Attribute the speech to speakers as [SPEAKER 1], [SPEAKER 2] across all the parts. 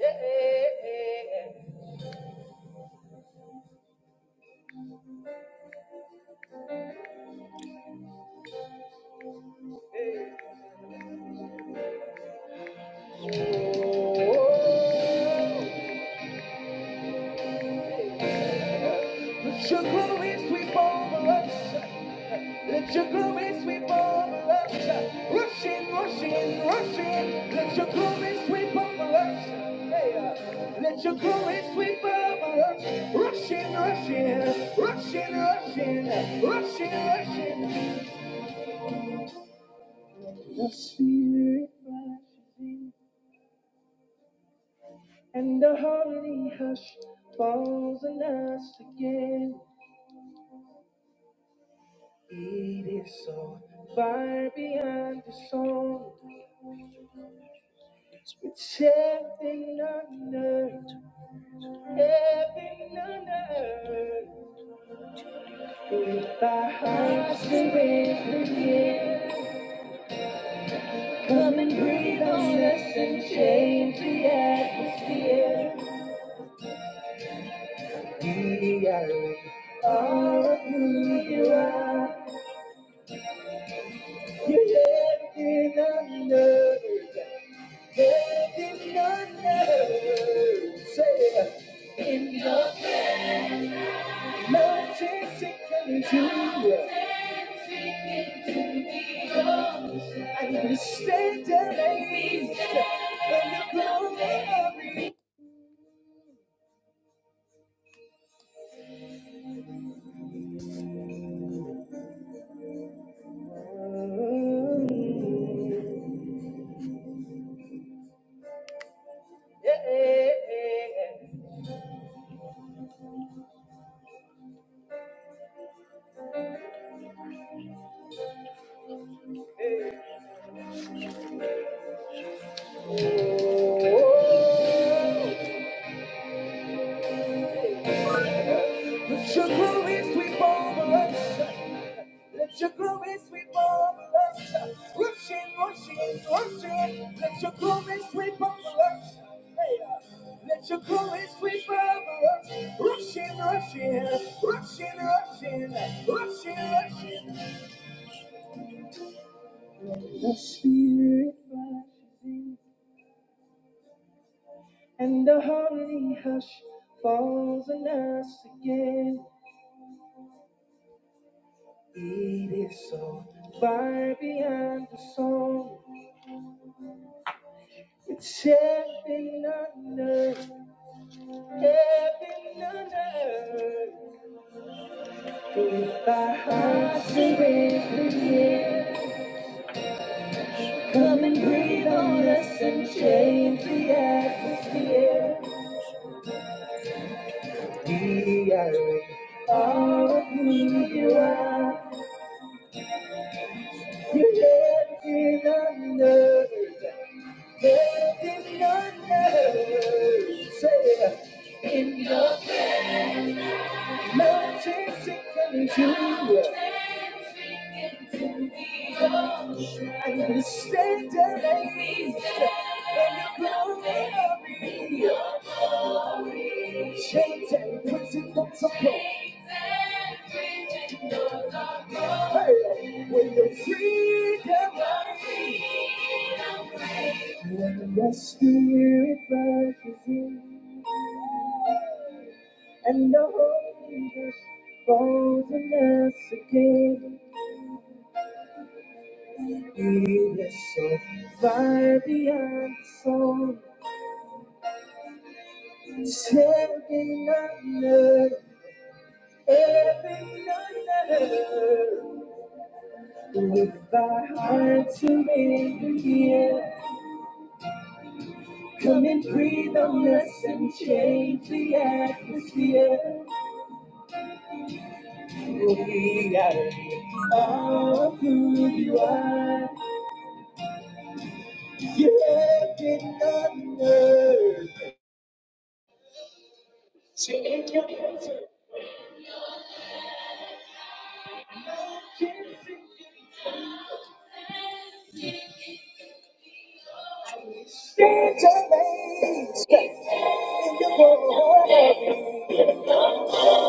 [SPEAKER 1] Let your glory sweep over us. Let your glory sweep over us. Rush in, rush in, rush in. Let your glory sweep over us. Hey, uh, Let your glory sweep over us. Rush in, rush in, rush in, rush in, rush in, rush in. The spirit rushes in, and the holy hush falls on us again. It is so far beyond the song. It's heaven on earth, heaven on earth. With our hearts surrendered here, come and breathe on us and change the atmosphere. We are all of who you are. You're heaven on earth, heaven on earth. Say it. Mountains to and we stand amazed in glory. Yeah. But your glory sweep over us. Let your glory sweep over us. Rushing, rushing, rushing. Let your glory sweep over us. Hey, uh, let your glory sweep over us. Rushing, rushing, rushing, rushing, rushing, rushing. The spirit rushes and the holy hush falls on us again. It is so far beyond the song. It's heaven on earth. Heaven and earth, if our hearts are surrender here, come and breathe on us and change the atmosphere. We are all of who you are. You're heaven and earth, heaven and earth. Say, mountains and countries, and the state of nations and principles. When the freedom rises, when the spirit rushes in and the Holy Ghost falls on us again, it is so far beyond the soul, setting under every other with our hearts to make it here. Come and breathe on us and change the atmosphere. We gotta are who you are. You're heaven on earth. Stand amazed in your glory.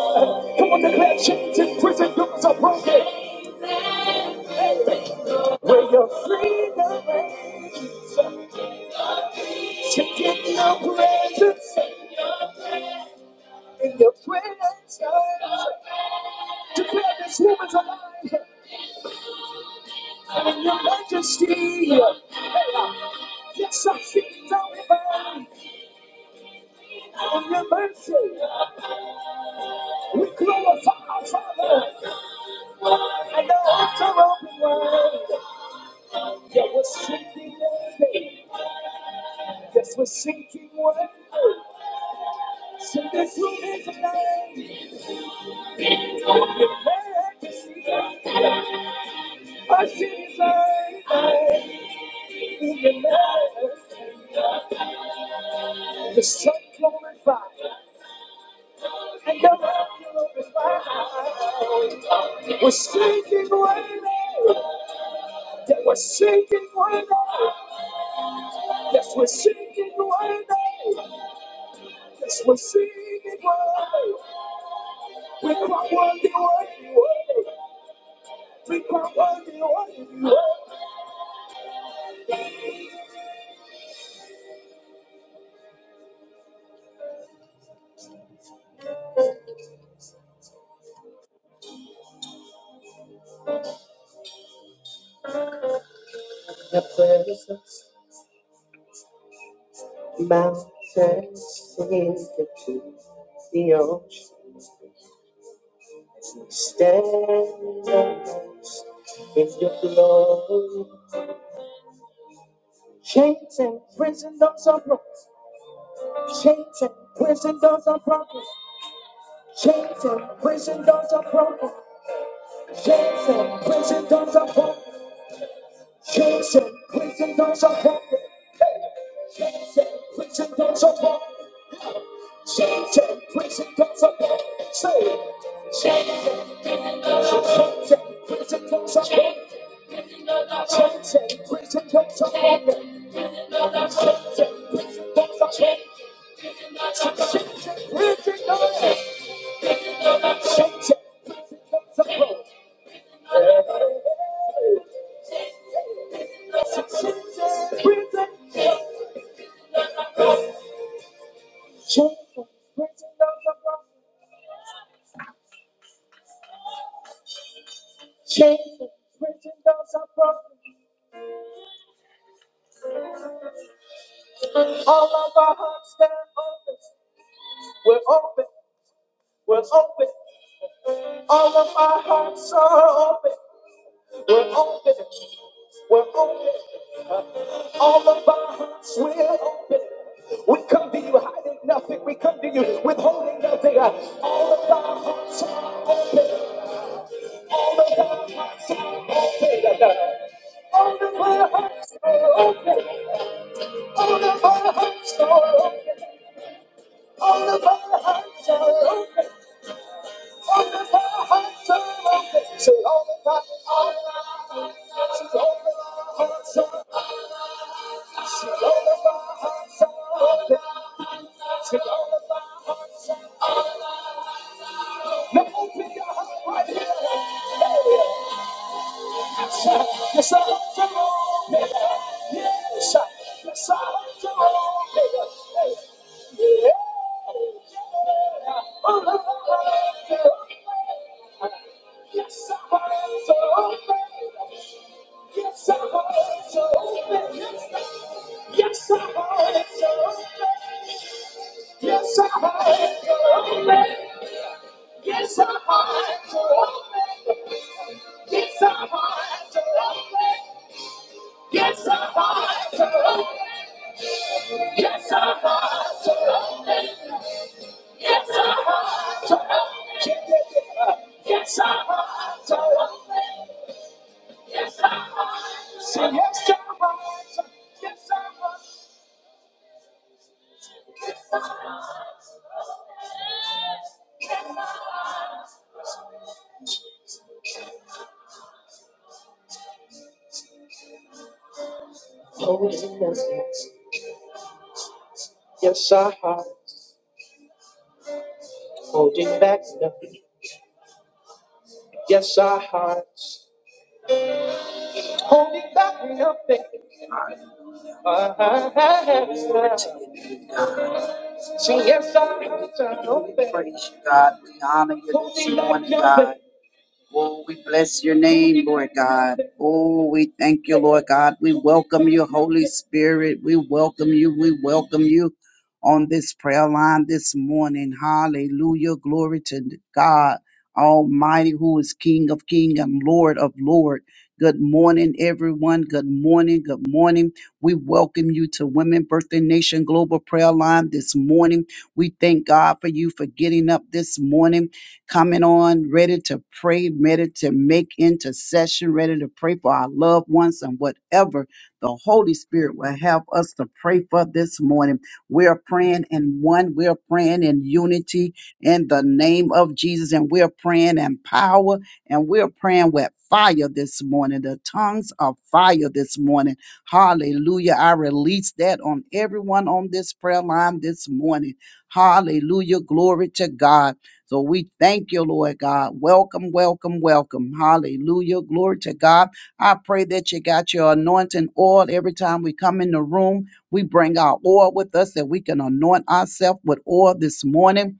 [SPEAKER 1] Come on, declare chains in prison doors are broken. Where your freedom reigns. To get your presence in your presence. Declare this woman's alive. and your majesty. Hey, uh, Yes, I feel it down here. And your mercy, we glorify our Father. And the altar open wide. Yeah, we're sinking worthy. Yes, we're sinking worthy. Sing this room is alive. Your majesty, I see it right. Your majesty, the sun glorified. And your love is mine. We're sinking right now. Yeah, we're sinking right now. Yes, we're sinking right now. Yes, we're sinking right now. We can't run the way. We can't run the way. The presence mountains seems to keep the ocean stands in your glory. Chains and prison doors are broken. Chains and prison doors are broken. Chains and prison doors are broken. Chains and prison doors are broken. Chains and prison doors are broken. Chains and prison doors are broken. Chains and prison doors are broken. Say it. Chains and doors are broken. Chains and prison doors are broken. Chains and prison doors are broken. Chains and prison doors are broken. Chains and prison doors are broken. Chains and prison doors are broken. Chains and prison doors are broken. Jesus, reaching does across. prophet. Jesus, preaching does a All of our hearts stand open. We're open. We're open. All of our hearts are open. We're open. We're open. All of our hearts, we're open. We come to you hiding nothing. We come to you withholding nothing. All of our hearts are open. Hearts are Open. All of our hearts are open. Now open your heart right here. Yes, sir. Yes, sir. Yes, I Yes, sir. Come on, baby. Hey. Yeah. Yeah. Oh, my God. Yes, sir. So, baby. Yes, sir. So, baby. Yes, sir. So, baby. Yes, I want your man. Yes, I want your man. Yes, I want your man. Yes, I want your man. Yes, our hearts are open. Yes, our hearts are open. Yes, our hearts are open. Yes, our hearts. Say yes, our hearts. Yes, our hearts. Yes, our hearts. Holding nothing. Yes, our hearts. Holding back nothing. Yes, our hearts. Holding back nothing. Ah, ah, ah, ah. Say yes, our hearts are open. Praise you, God. We honor you this morning, God. Oh, we bless your name, Lord God. Oh, we thank you, Lord God. We welcome you, Holy Spirit. We welcome you. We welcome you on this prayer line this morning. Hallelujah. Glory to God Almighty, who is King of King and Lord of Lord. Good morning, everyone. Good morning. Good morning. We welcome you to Women Birthday Nation Global Prayer Line this morning. We thank God for you for getting up this morning coming on, ready to pray, ready to make intercession, ready to pray for our loved ones and whatever the Holy Spirit will have us to pray for this morning. We're praying in one, we're praying in unity in the name of Jesus, and we're praying in power, and we're praying with fire this morning, the tongues of fire this morning. Hallelujah. I release that on everyone on this prayer line this morning. Hallelujah. Glory to God. So we thank you, Lord God. Welcome, welcome, welcome. Hallelujah. Glory to God. I pray that you got your anointing oil every time we come in the room. We bring our oil with us that we can anoint ourselves with oil this morning.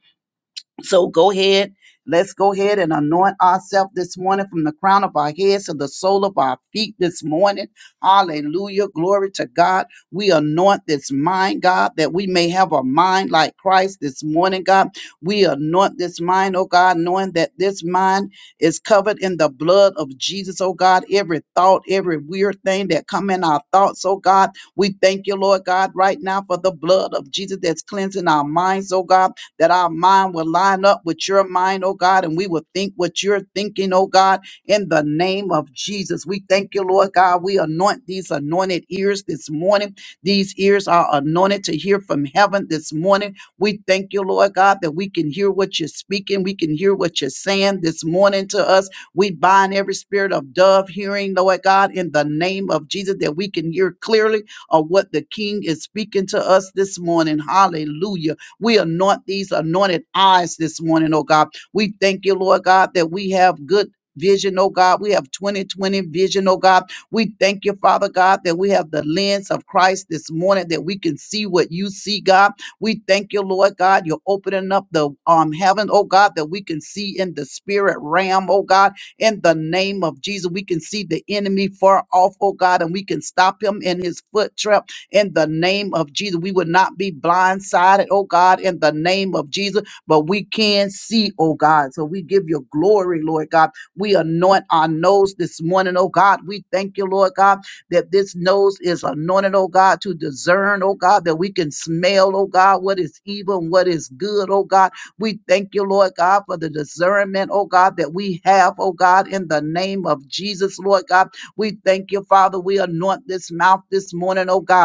[SPEAKER 1] So go ahead. Let's go ahead and anoint ourselves this morning from the crown of our heads to the sole of our feet this morning. Hallelujah. Glory to God. We anoint this mind, God, that we may have a mind like Christ this morning, God. We anoint this mind, oh God, knowing that this mind is covered in the blood of Jesus, oh God. Every thought, every weird thing that come in our thoughts, oh God. We thank you, Lord God, right now for the blood of Jesus that's cleansing our minds, oh God that our mind will line up with your mind, oh God, and we will think what you're thinking, oh God, in the name of Jesus. We thank you, Lord God. We anoint these anointed ears this morning. These ears are anointed to hear from heaven this morning. We thank you, Lord God, that we can hear what you're speaking. We can hear what you're saying this morning to us. We bind every spirit of dove hearing, Lord God, in the name of Jesus, that we can hear clearly of what the King is speaking to us this morning. Hallelujah. We anoint these anointed eyes this morning, oh God. We thank you, Lord God, that we have good. Vision, oh God. We have 2020 vision, oh God. We thank you, Father God, that we have the lens of Christ this morning, that we can see what you see, God. We thank you, Lord God. You're opening up the um heaven, oh God, that we can see in the spirit realm, oh God. In the name of Jesus, we can see the enemy far off, oh God, and we can stop him in his foot trap in the name of Jesus. We would not be blindsided, oh God, in the name of Jesus, but we can see, oh God. So we give you glory, Lord God. We anoint our nose this morning, oh God. We thank you, Lord God, that this nose is anointed, oh God, to discern, oh God, that we can smell, oh God, what is evil and what is good, oh God. We thank you, Lord God, for the discernment, oh God, that we have, oh God, in the name of Jesus, Lord God. We thank you, Father. We anoint this mouth this morning, oh God.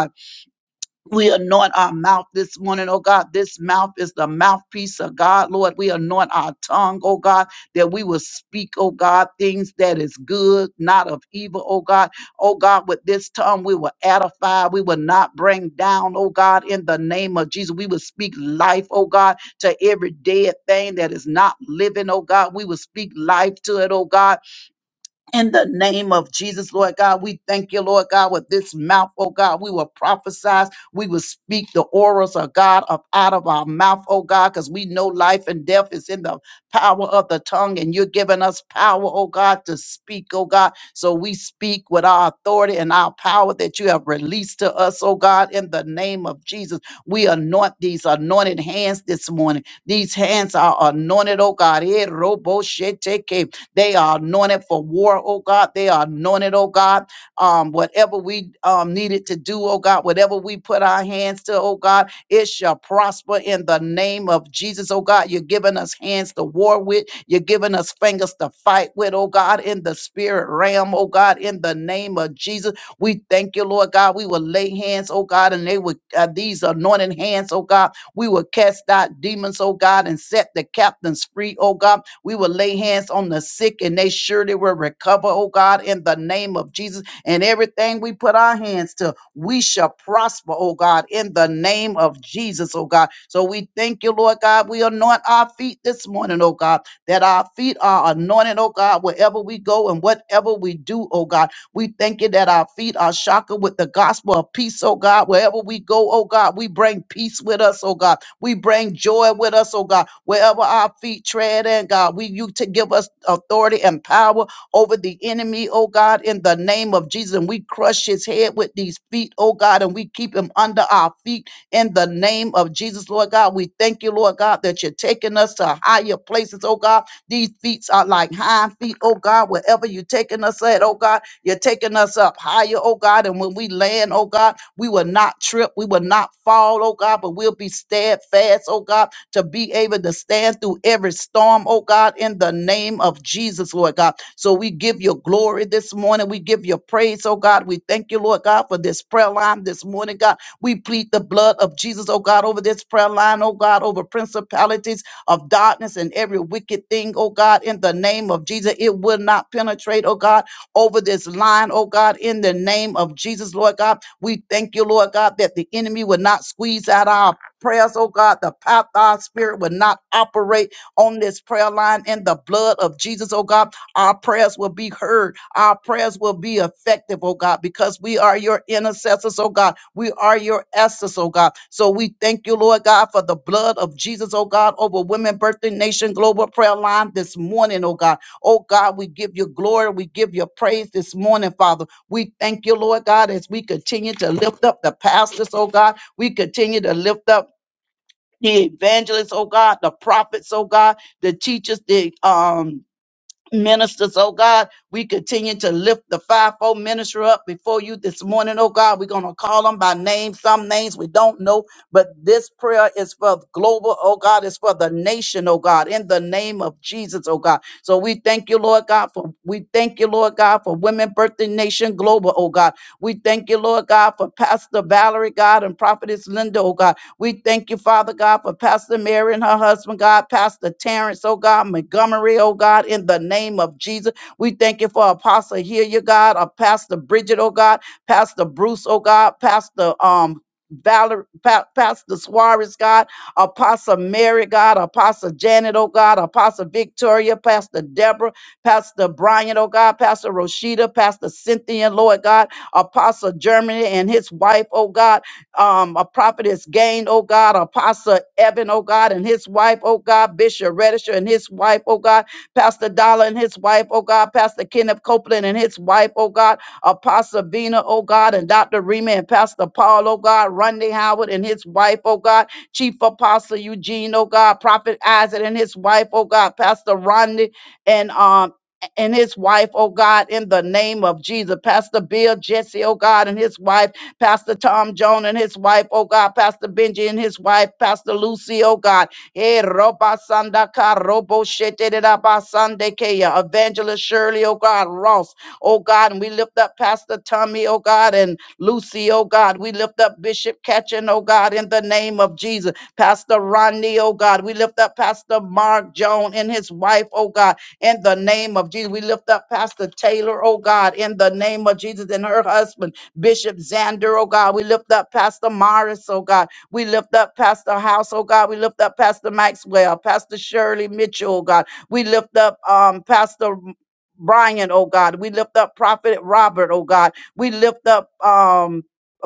[SPEAKER 1] We anoint our mouth this morning, oh God. This mouth is the mouthpiece of God, Lord. We anoint our tongue, oh God, that we will speak, oh God, things that is good, not of evil, oh God. Oh God, with this tongue we will edify, we will not bring down, oh God, in the name of Jesus. We will speak life, oh God, to every dead thing that is not living, oh God. We will speak life to it, oh God in the name of Jesus, Lord God, we thank you, Lord God, with this mouth, oh God. We will prophesy. We will speak the orals of God up out of our mouth, oh God, because we know life and death is in the power of the tongue, and you're giving us power, oh God, to speak, oh God. So we speak with our authority and our power that you have released to us, oh God, in the name of Jesus. We anoint these anointed hands this morning. These hands are anointed, oh God. Eh, robo sheteke. They are anointed for war, oh God. They are anointed, oh God. Um, whatever we um, needed to do, oh God, whatever we put our hands to, oh God, it shall prosper in the name of Jesus, oh God. You're giving us hands to war with. You're giving us fingers to fight with, oh God, in the spirit realm, oh God, in the name of Jesus. We thank you, Lord God. We will lay hands, oh God, and they would, uh, these anointed hands, oh God, we will cast out demons, oh God, and set the captains free, oh God we will lay hands on the sick and they surely will recover, oh God, in the name of Jesus. And everything we put our hands to, we shall prosper, oh God, in the name of Jesus, oh God. So we thank you, Lord God. We anoint our feet this morning, oh God, that our feet are anointed, oh God, wherever we go and whatever we do, oh God. We thank you that our feet are shackled with the gospel of peace, oh God. Wherever we go, oh God, we bring peace with us, oh God. We bring joy with us, oh God, wherever our feet tread in, God. We you to give us authority and power over the enemy, oh God, in the name of Jesus. And we crush his head with these feet, oh God, and we keep him under our feet in the name of Jesus, Lord God. We thank you, Lord God, that you're taking us to higher places, oh God. These feet are like hind feet, oh God, wherever you're taking us at, oh God, you're taking us up higher, oh God. And when we land, oh God, we will not trip. We will not fall, oh God, but we'll be steadfast, oh God, to be able to stand through every storm, oh God, in the name of Jesus, Lord God. So we give you glory this morning. We give you praise, oh God. We thank you, Lord God, for this prayer line this morning, God. We plead the blood of Jesus, oh God, over this prayer line, oh God, over principalities of darkness and every wicked thing, oh God, in the name of Jesus. It will not penetrate, oh God, over this line, oh God, in the name of Jesus, Lord God. We thank you, Lord God, that the enemy will not squeeze out our prayers, oh God. The path our spirit will not operate on this prayer line in the blood of Jesus, oh God. Our prayers will be heard. Our prayers will be effective, oh God, because we are your intercessors, oh God. We are your essence, oh God. So we thank you, Lord God, for the blood of Jesus, oh God, over Women Birthing Nation Global Prayer Line this morning, oh God. Oh God, we give you glory. We give you praise this morning, Father. We thank you, Lord God, as we continue to lift up the pastors, oh God. We continue to lift up the evangelists, oh God, the prophets, oh God, the teachers, the um ministers, oh God. We continue to lift the fivefold minister up before you this morning, oh God. We're going to call them by name, some names we don't know, but this prayer is for global, oh God, it's for the nation, oh God, in the name of Jesus, oh God. So we thank you, Lord God, for we thank you, Lord God, for Women birthing Nation Global, oh God. We thank you, Lord God, for Pastor Valerie, God, and Prophetess Linda, oh God. We thank you, Father God, for Pastor Mary and her husband, God, Pastor Terrence, oh God, Montgomery, oh God, in the name of Jesus. We thank you for Apostle Hilliard, God, or Pastor Bridget, oh God, Pastor Bruce, oh God, Pastor um Valerie, pa- Pastor Suarez, God, Apostle Mary, God, Apostle Janet, oh God, Apostle Victoria, Pastor Deborah, Pastor Brian, oh God, Pastor Rashida, Pastor Cynthia, Lord God, Apostle Germany and his wife, oh God, um, a prophetess Gain, oh God, Apostle Evan, oh God, and his wife, oh God, Bishop Redisher and his wife, oh God, Pastor Dollar and his wife, oh God, Pastor Kenneth Copeland and his wife, oh God, Apostle Vina, oh God, and Dr. Rima and Pastor Paul, oh God, Rundy Howard and his wife, oh God, Chief Apostle Eugene, oh God, Prophet Isaac and his wife, oh God, Pastor Rodney and um and his wife, oh God, in the name of Jesus. Pastor Bill Jesse, oh God, and his wife, Pastor Tom Joan and his wife, oh God, Pastor Benji and his wife, Pastor Lucy, oh God. Eh, roba sanda ka robo shete de da ba sande ke Evangelist Shirley, oh God, Ross, oh God, and we lift up Pastor Tommy, oh God, and Lucy, oh God. We lift up Bishop Ketchin, oh God, in the name of Jesus. Pastor Ronnie, oh God. We lift up Pastor Mark Joan and his wife, oh God in the name of Jesus. We lift up Pastor Taylor, oh God, in the name of Jesus, and her husband, Bishop Xander, oh God. We lift up Pastor Morris, oh God. We lift up Pastor House, oh God. We lift up Pastor Maxwell, Pastor Shirley Mitchell, oh God. We lift up um, Pastor Brian, oh God. We lift up Prophet Robert, oh God. We lift up um,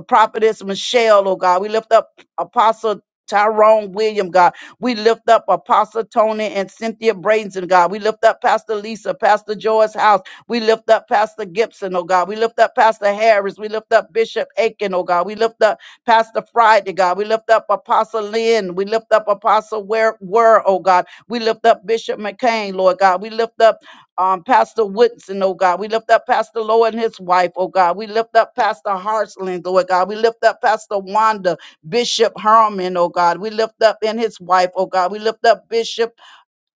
[SPEAKER 1] Prophetess Michelle, oh God. We lift up Apostle Tyrone William, God. We lift up Apostle Tony and Cynthia Brazen, God. We lift up Pastor Lisa, Pastor Joyce House. We lift up Pastor Gibson, oh God. We lift up Pastor Harris. We lift up Bishop Aiken, oh God. We lift up Pastor Friday, God. We lift up Apostle Lynn. We lift up Apostle Ware, Ware oh God. We lift up Bishop McCain, Lord God. We lift up um, Pastor Woodson, oh God. We lift up Pastor Lowe and his wife, oh God. We lift up Pastor Hartsling, Lord God. We lift up Pastor Wanda. Bishop Herman, oh God. We lift up in his wife, oh God. We lift up Bishop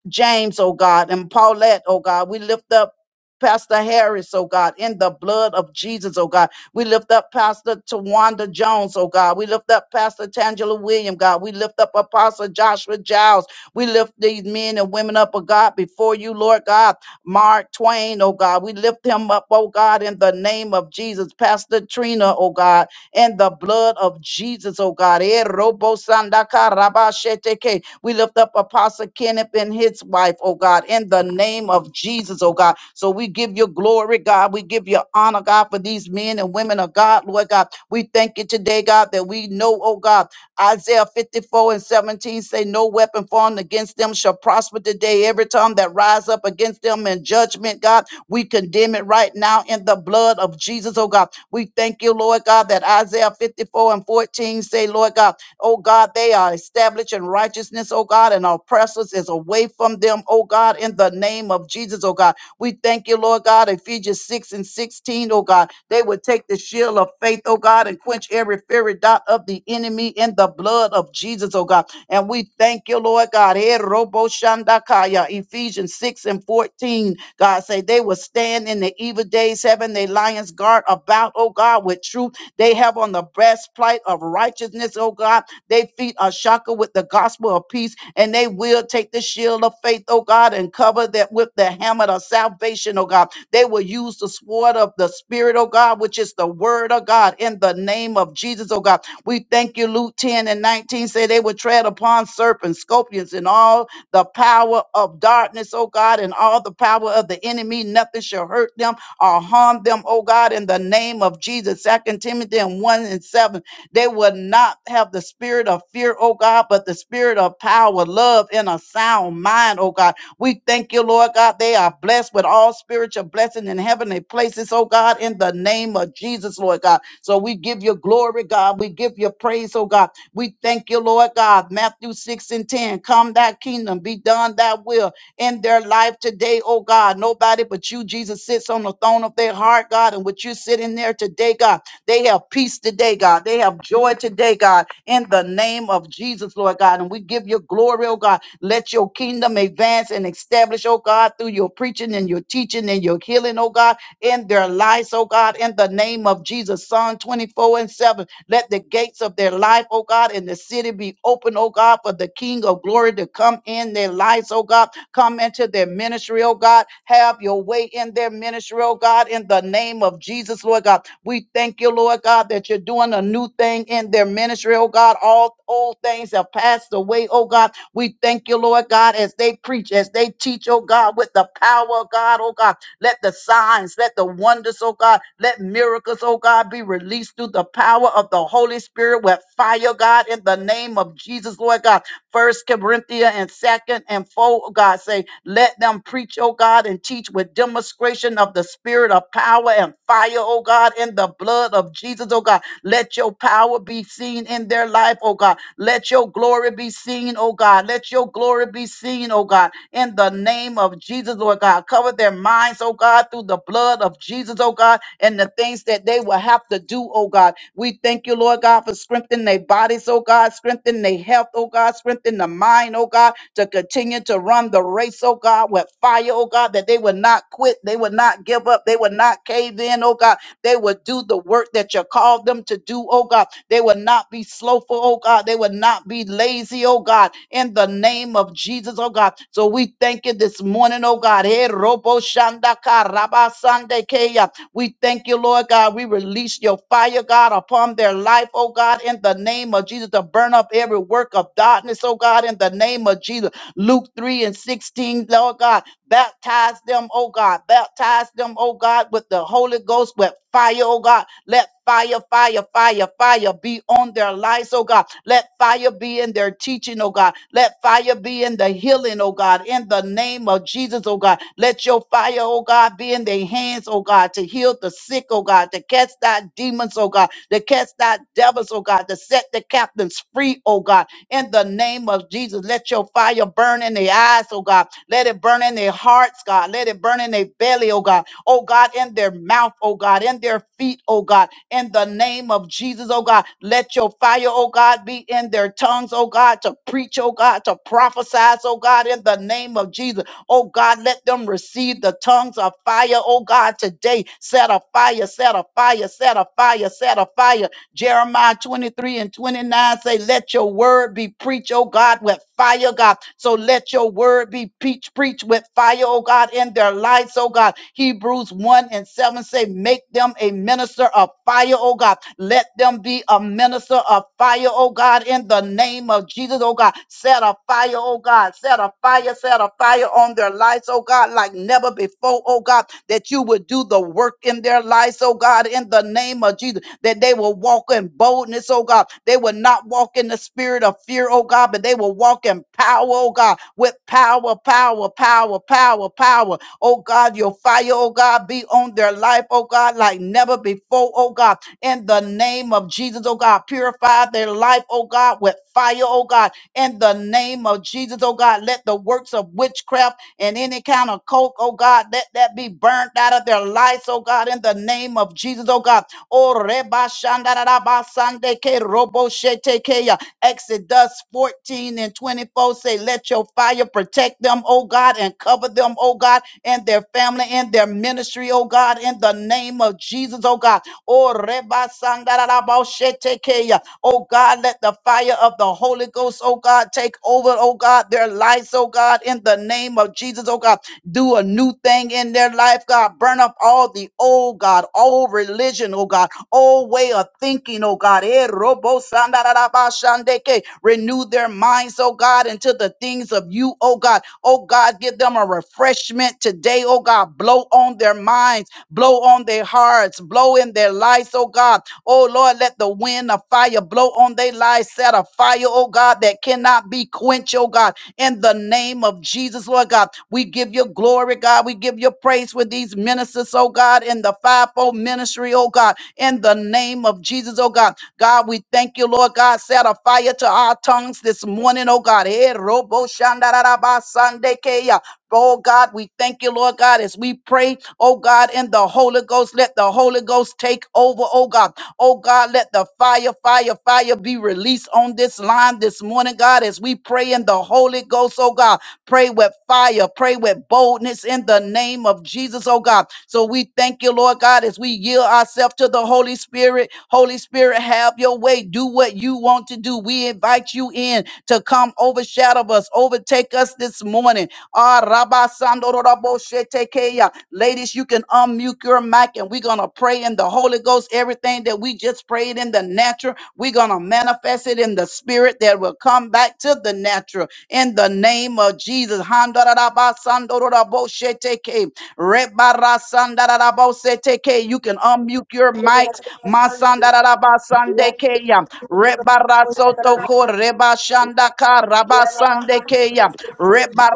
[SPEAKER 1] James, oh God, and Paulette, oh God. We lift up Pastor Harris, oh God, in the blood of Jesus, oh God. We lift up Pastor Tawanda Jones, oh God. We lift up Pastor Tangela William, God. We lift up Apostle Joshua Giles. We lift these men and women up, oh God, before you, Lord God. Mark Twain, oh God. We lift him up, oh God, in the name of Jesus. Pastor Trina, oh God, in the blood of Jesus, oh God. Eh, robo sandaka raba sheteke. We lift up Apostle Kenneth and his wife, oh God, in the name of Jesus, oh God. So we give you glory, God. We give you honor, God, for these men and women of God, Lord God. We thank you today, God, that we know, oh God Isaiah 54 and 17 say, No weapon formed against them shall prosper today. Every tongue that rise up against them in judgment, God, we condemn it right now in the blood of Jesus, oh God. We thank you, Lord God, that Isaiah 54 and 14 say, Lord God, oh God, they are established in righteousness, oh God, and our oppressors is away from them, oh God, in the name of Jesus, oh God. We thank you, Lord God, Ephesians 6 and 16, oh God. They would take the shield of faith, oh God, and quench every fiery dot of the enemy in the blood of Jesus, oh God. And we thank you, Lord God. Eh, robo shandakaya. Ephesians 6 and 14. God say they will stand in the evil days, having their lions guard about, oh God, with truth. They have on the breastplate of righteousness, oh God. Their feet are shackled with the gospel of peace, and they will take the shield of faith, oh God, and cover that with the hammer of salvation, oh God. They will use the sword of the spirit, oh God, which is the word of God in the name of Jesus, oh God we thank you, Luke 10 and 19 say they would tread upon serpents, scorpions, and all the power of darkness, oh God, and all the power of the enemy. Nothing shall hurt them or harm them, oh God, in the name of Jesus. Second Timothy 1 and 7. They will not have the spirit of fear, oh God, but the spirit of power, love, and a sound mind, oh God. We thank you, Lord God. They are blessed with all spiritual blessing in heavenly places, oh God, in the name of Jesus, Lord God. So we give you glory, God. We give you praise, oh God. We thank you, Lord God. Matthew 6 and 10. Come thy kingdom, be done thy will in their life today, oh God. Nobody but you, Jesus, sits on the throne of their heart, God. And with you sitting there today, God, they have peace today, God. They have joy today, God, in the name of Jesus, Lord God. And we give you glory, oh God. Let your kingdom advance and establish, oh God, through your preaching and your teaching and your healing, oh God, in their lives, oh God, in the name of Jesus. Psalm 24 and 7. Let the gates of their life, oh God, and the city be open, oh God, for the King of glory to come in their lives, oh God. Come into their ministry, oh God. Have your way in their ministry, oh God, in the name of Jesus, Lord God. We thank you, Lord God, that you're doing a new thing in their ministry, oh God. All old things have passed away, oh God. We thank you, Lord God, as they preach, as they teach, oh God, with the power of God, oh God. Let the signs, let the wonders, oh God, let miracles, oh God, be released through the power of the Holy Spirit with fire, God, in the name of Jesus, Lord God. First Corinthians and second and four, oh God say, let them preach, oh God, and teach with demonstration of the spirit of power and fire, oh God, in the blood of Jesus, oh God. Let your power be seen in their life, oh God. Let your glory be seen, oh God. Let your glory be seen, oh God, in the name of Jesus, Lord God. Cover their minds, oh God, through the blood of Jesus, oh God, and the things that they will have to do, oh God. We thank you, Lord God, for strengthening their bodies, oh God, Strengthen their health, oh God. Strengthen the mind, oh God, to continue to run the race, oh God, with fire, oh God, that they would not quit. They would not give up. They would not cave in, oh God. They would do the work that you called them to do, oh God. They would not be slowful, oh God. They would not be lazy, oh God, in the name of Jesus, oh God. So we thank you this morning, oh God. Eh, robo shanda ka raba sande keya. We thank you, Lord God. We release your fire, God, upon their life, oh God God, in the name of Jesus, to burn up every work of darkness, oh God, in the name of Jesus. Luke 3 and 16, Lord God, baptize them, oh God, baptize them, oh God, with the Holy Ghost, with fire, oh God. Let fire, fire, fire, fire be on their lives, oh God. Let fire be in their teaching, oh God. Let fire be in the healing, oh God, in the name of Jesus, oh God. Let your fire, oh God, be in their hands, oh God, to heal the sick, oh God, to cast out demons, oh God to cast out devils, oh God, to set the captains free, oh God, in the name of Jesus. Let your fire burn in their eyes, oh God. Let it burn in their hearts, God. Let it burn in their belly, oh God. Oh God, in their mouth, oh God, in their feet, oh God, in the name of Jesus, oh God. Let your fire, oh God, be in their tongues, oh God, to preach, oh God, to prophesy, oh God, in the name of Jesus. Oh God, let them receive the tongues of fire. Oh God, today set a fire, set a fire, set a fire, set a fire. Jeremiah 23 and 29 say, Let your word be preached, oh God, with fire, God. So let your word be preached, preached with fire, oh God, in their lives, oh God. Hebrews 1 and 7 say, Make them a minister of fire, oh God. Let them be a minister of fire, oh God, in the name of Jesus, oh God. Set a fire, oh God. Set a fire, set a fire on their lives, oh God, like never before, oh God, that you would do the work in their lives, oh God, in the name of Jesus that they will walk in boldness, oh God. They will not walk in the spirit of fear, oh God, but they will walk in power, oh God, with power, power, power, power, power. Oh God, your fire, oh God, be on their life, oh God, like never before, oh God in the name of Jesus, oh God. Purify their life, oh God, with fire, oh God, in the name of Jesus, oh God. Let the works of witchcraft and any kind of coke, oh God, let that be burnt out of their lives, oh God, in the name of Jesus, oh God. O reba shandaraba sande ke robo shete ke ya. Exodus 14 and 24 say, Let your fire protect them, O God, and cover them, O God, and their family and their ministry, O God, in the name of Jesus, O God. O reba sandaraba shete ke ya. Oh God, let the fire of the Holy Ghost, oh God, take over, oh God, their lives, oh God, in the name of Jesus, oh God do a new thing in their life, God. Burn up all the old, God, all religion, oh God, all way of thinking, oh God. Eh, robo sandarabashandeke. Renew their minds, oh God, into the things of you, oh God. Oh God, give them a refreshment today, oh God. Blow on their minds, blow on their hearts, blow in their lives, oh God. Oh Lord, let the wind of fire blow on their lives. Set a fire, oh God, that cannot be quenched, oh God. In the name of Jesus, Lord God, we give you glory, God. We give you praise with these ministers, oh God, in the fivefold ministry, oh God. In the name of Jesus, oh God. God, we thank you, Lord God. Set a fire to our tongues this morning, oh God. Eh, robo shandarabasandeke. Oh God, we thank you, Lord God, as we pray, oh God, in the Holy Ghost, let the Holy Ghost take over, oh God. Oh God, let the fire, fire, fire be released on this line this morning, God, as we pray in the Holy Ghost, oh God. Pray with fire, pray with boldness in the name of Jesus, oh God. So we thank you, Lord God, as we yield ourselves to the Holy Spirit. Holy Spirit, have your way. Do what you want to do. We invite you in to come overshadow us, overtake us this morning. Ah, rabasandoroboshetekeya. Ladies, you can unmute your mic and we're going to pray in the Holy Ghost. Everything that we just prayed in the natural, we're going to manifest it in the spirit that will come back to the natural in the name of Jesus. Handarabasandorobosheteke, rebarasandarabosheteke. You can unmute your mics. Masandarabasandekeya, rebarasotoko, rebashandaka, rabasandekeya,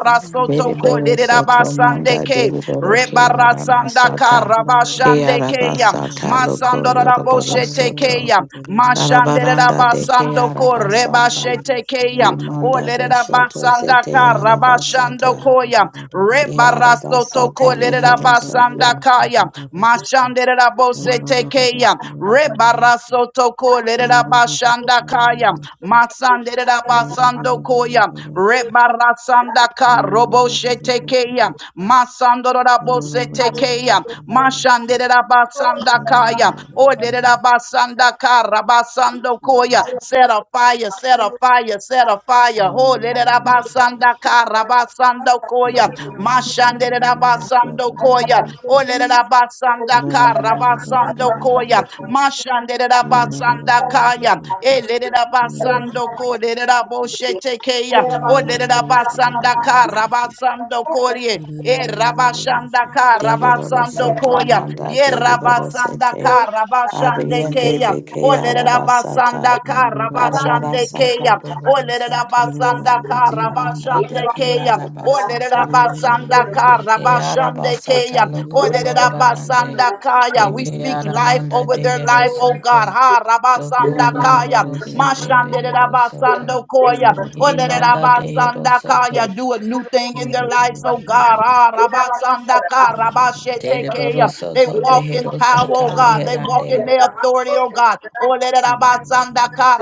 [SPEAKER 2] Thank
[SPEAKER 3] Mere boro soto manda
[SPEAKER 1] lererabasandeke,
[SPEAKER 3] dere boro ke ara
[SPEAKER 1] rebarasandaka,
[SPEAKER 3] masata. Ke ara
[SPEAKER 1] rabashandekeya,
[SPEAKER 3] basata loko yoroboro soto.
[SPEAKER 1] masandoroboshetekeya,
[SPEAKER 3] Darabaranda de ke ara
[SPEAKER 1] mashanderabasandoko,
[SPEAKER 3] basata.
[SPEAKER 1] rebashete Tekeya, O
[SPEAKER 3] Imanda
[SPEAKER 1] Lerera
[SPEAKER 3] boshoto
[SPEAKER 1] Basanda
[SPEAKER 3] zete ara
[SPEAKER 1] Karabashando
[SPEAKER 3] basata.
[SPEAKER 1] Koya,
[SPEAKER 3] Ke ara
[SPEAKER 1] Rebarasto
[SPEAKER 3] basata
[SPEAKER 1] Toko Lerera
[SPEAKER 3] mehero soto.
[SPEAKER 1] Basanda Kaya, Mashandera Bose Tekeya, Rebarasto Toko Lerera Bashanda Kaya, Masandera Basando Koya, Rebarasanda Karobo Shetekeya, Masandora Bose Tekeya,
[SPEAKER 2] you.
[SPEAKER 1] Mashandera Basanda
[SPEAKER 2] Russia,
[SPEAKER 1] Kaya, O Lerera Basanda Karabasando Koya, set a fire, set a fire, set a fire. Ho, let it abasanda karabasando koya. Mashande let it abasando koya. Oh, let it abasanda karabasando koya. Mashande let it abasanda kaya. Eh, let it abasando ko, let it aboshete keya. Oh, let it abasanda karabasando koya. E rabashanda
[SPEAKER 3] Dere boro
[SPEAKER 1] karabasando
[SPEAKER 3] soto
[SPEAKER 1] koya.
[SPEAKER 3] manda
[SPEAKER 1] Ye
[SPEAKER 3] dere boro
[SPEAKER 1] rabasanda
[SPEAKER 3] sete.
[SPEAKER 1] karabashande
[SPEAKER 3] Abiyande
[SPEAKER 1] keya.
[SPEAKER 3] beke ara
[SPEAKER 1] Olerabasanda
[SPEAKER 3] basata. Darabara
[SPEAKER 1] karabashande
[SPEAKER 3] sata
[SPEAKER 1] keya.
[SPEAKER 3] bohoro soto.
[SPEAKER 1] Olerabasanda
[SPEAKER 3] Zibanda de
[SPEAKER 1] karabashande
[SPEAKER 3] ke
[SPEAKER 1] keya.
[SPEAKER 3] ara basata.
[SPEAKER 1] Olerabasanda
[SPEAKER 3] De que
[SPEAKER 1] karabashande
[SPEAKER 3] arabasata
[SPEAKER 1] keya.
[SPEAKER 3] loco lorobarande.
[SPEAKER 1] Olerabasanda kaya.
[SPEAKER 3] E
[SPEAKER 1] We
[SPEAKER 3] que
[SPEAKER 1] speak life
[SPEAKER 3] aramanda
[SPEAKER 1] over
[SPEAKER 3] de
[SPEAKER 1] their life, oh
[SPEAKER 3] herosoto.
[SPEAKER 1] God. Ha
[SPEAKER 3] Doco
[SPEAKER 1] rabasanda kaya.
[SPEAKER 3] lorobarosete
[SPEAKER 1] Mashande
[SPEAKER 3] beherosoto.
[SPEAKER 1] rabasando koya.
[SPEAKER 3] Imanda de
[SPEAKER 1] Olerabasanda kaya.
[SPEAKER 3] herosoto.
[SPEAKER 1] Do a new thing in their lives, oh God. Ha rabasanda karabashete keya. They
[SPEAKER 3] Deriborosoto
[SPEAKER 1] walk in power, oh
[SPEAKER 3] beherosata
[SPEAKER 1] God. They walk walk in
[SPEAKER 3] leherande.
[SPEAKER 1] their authority, oh God. Oh, let it abasandaka,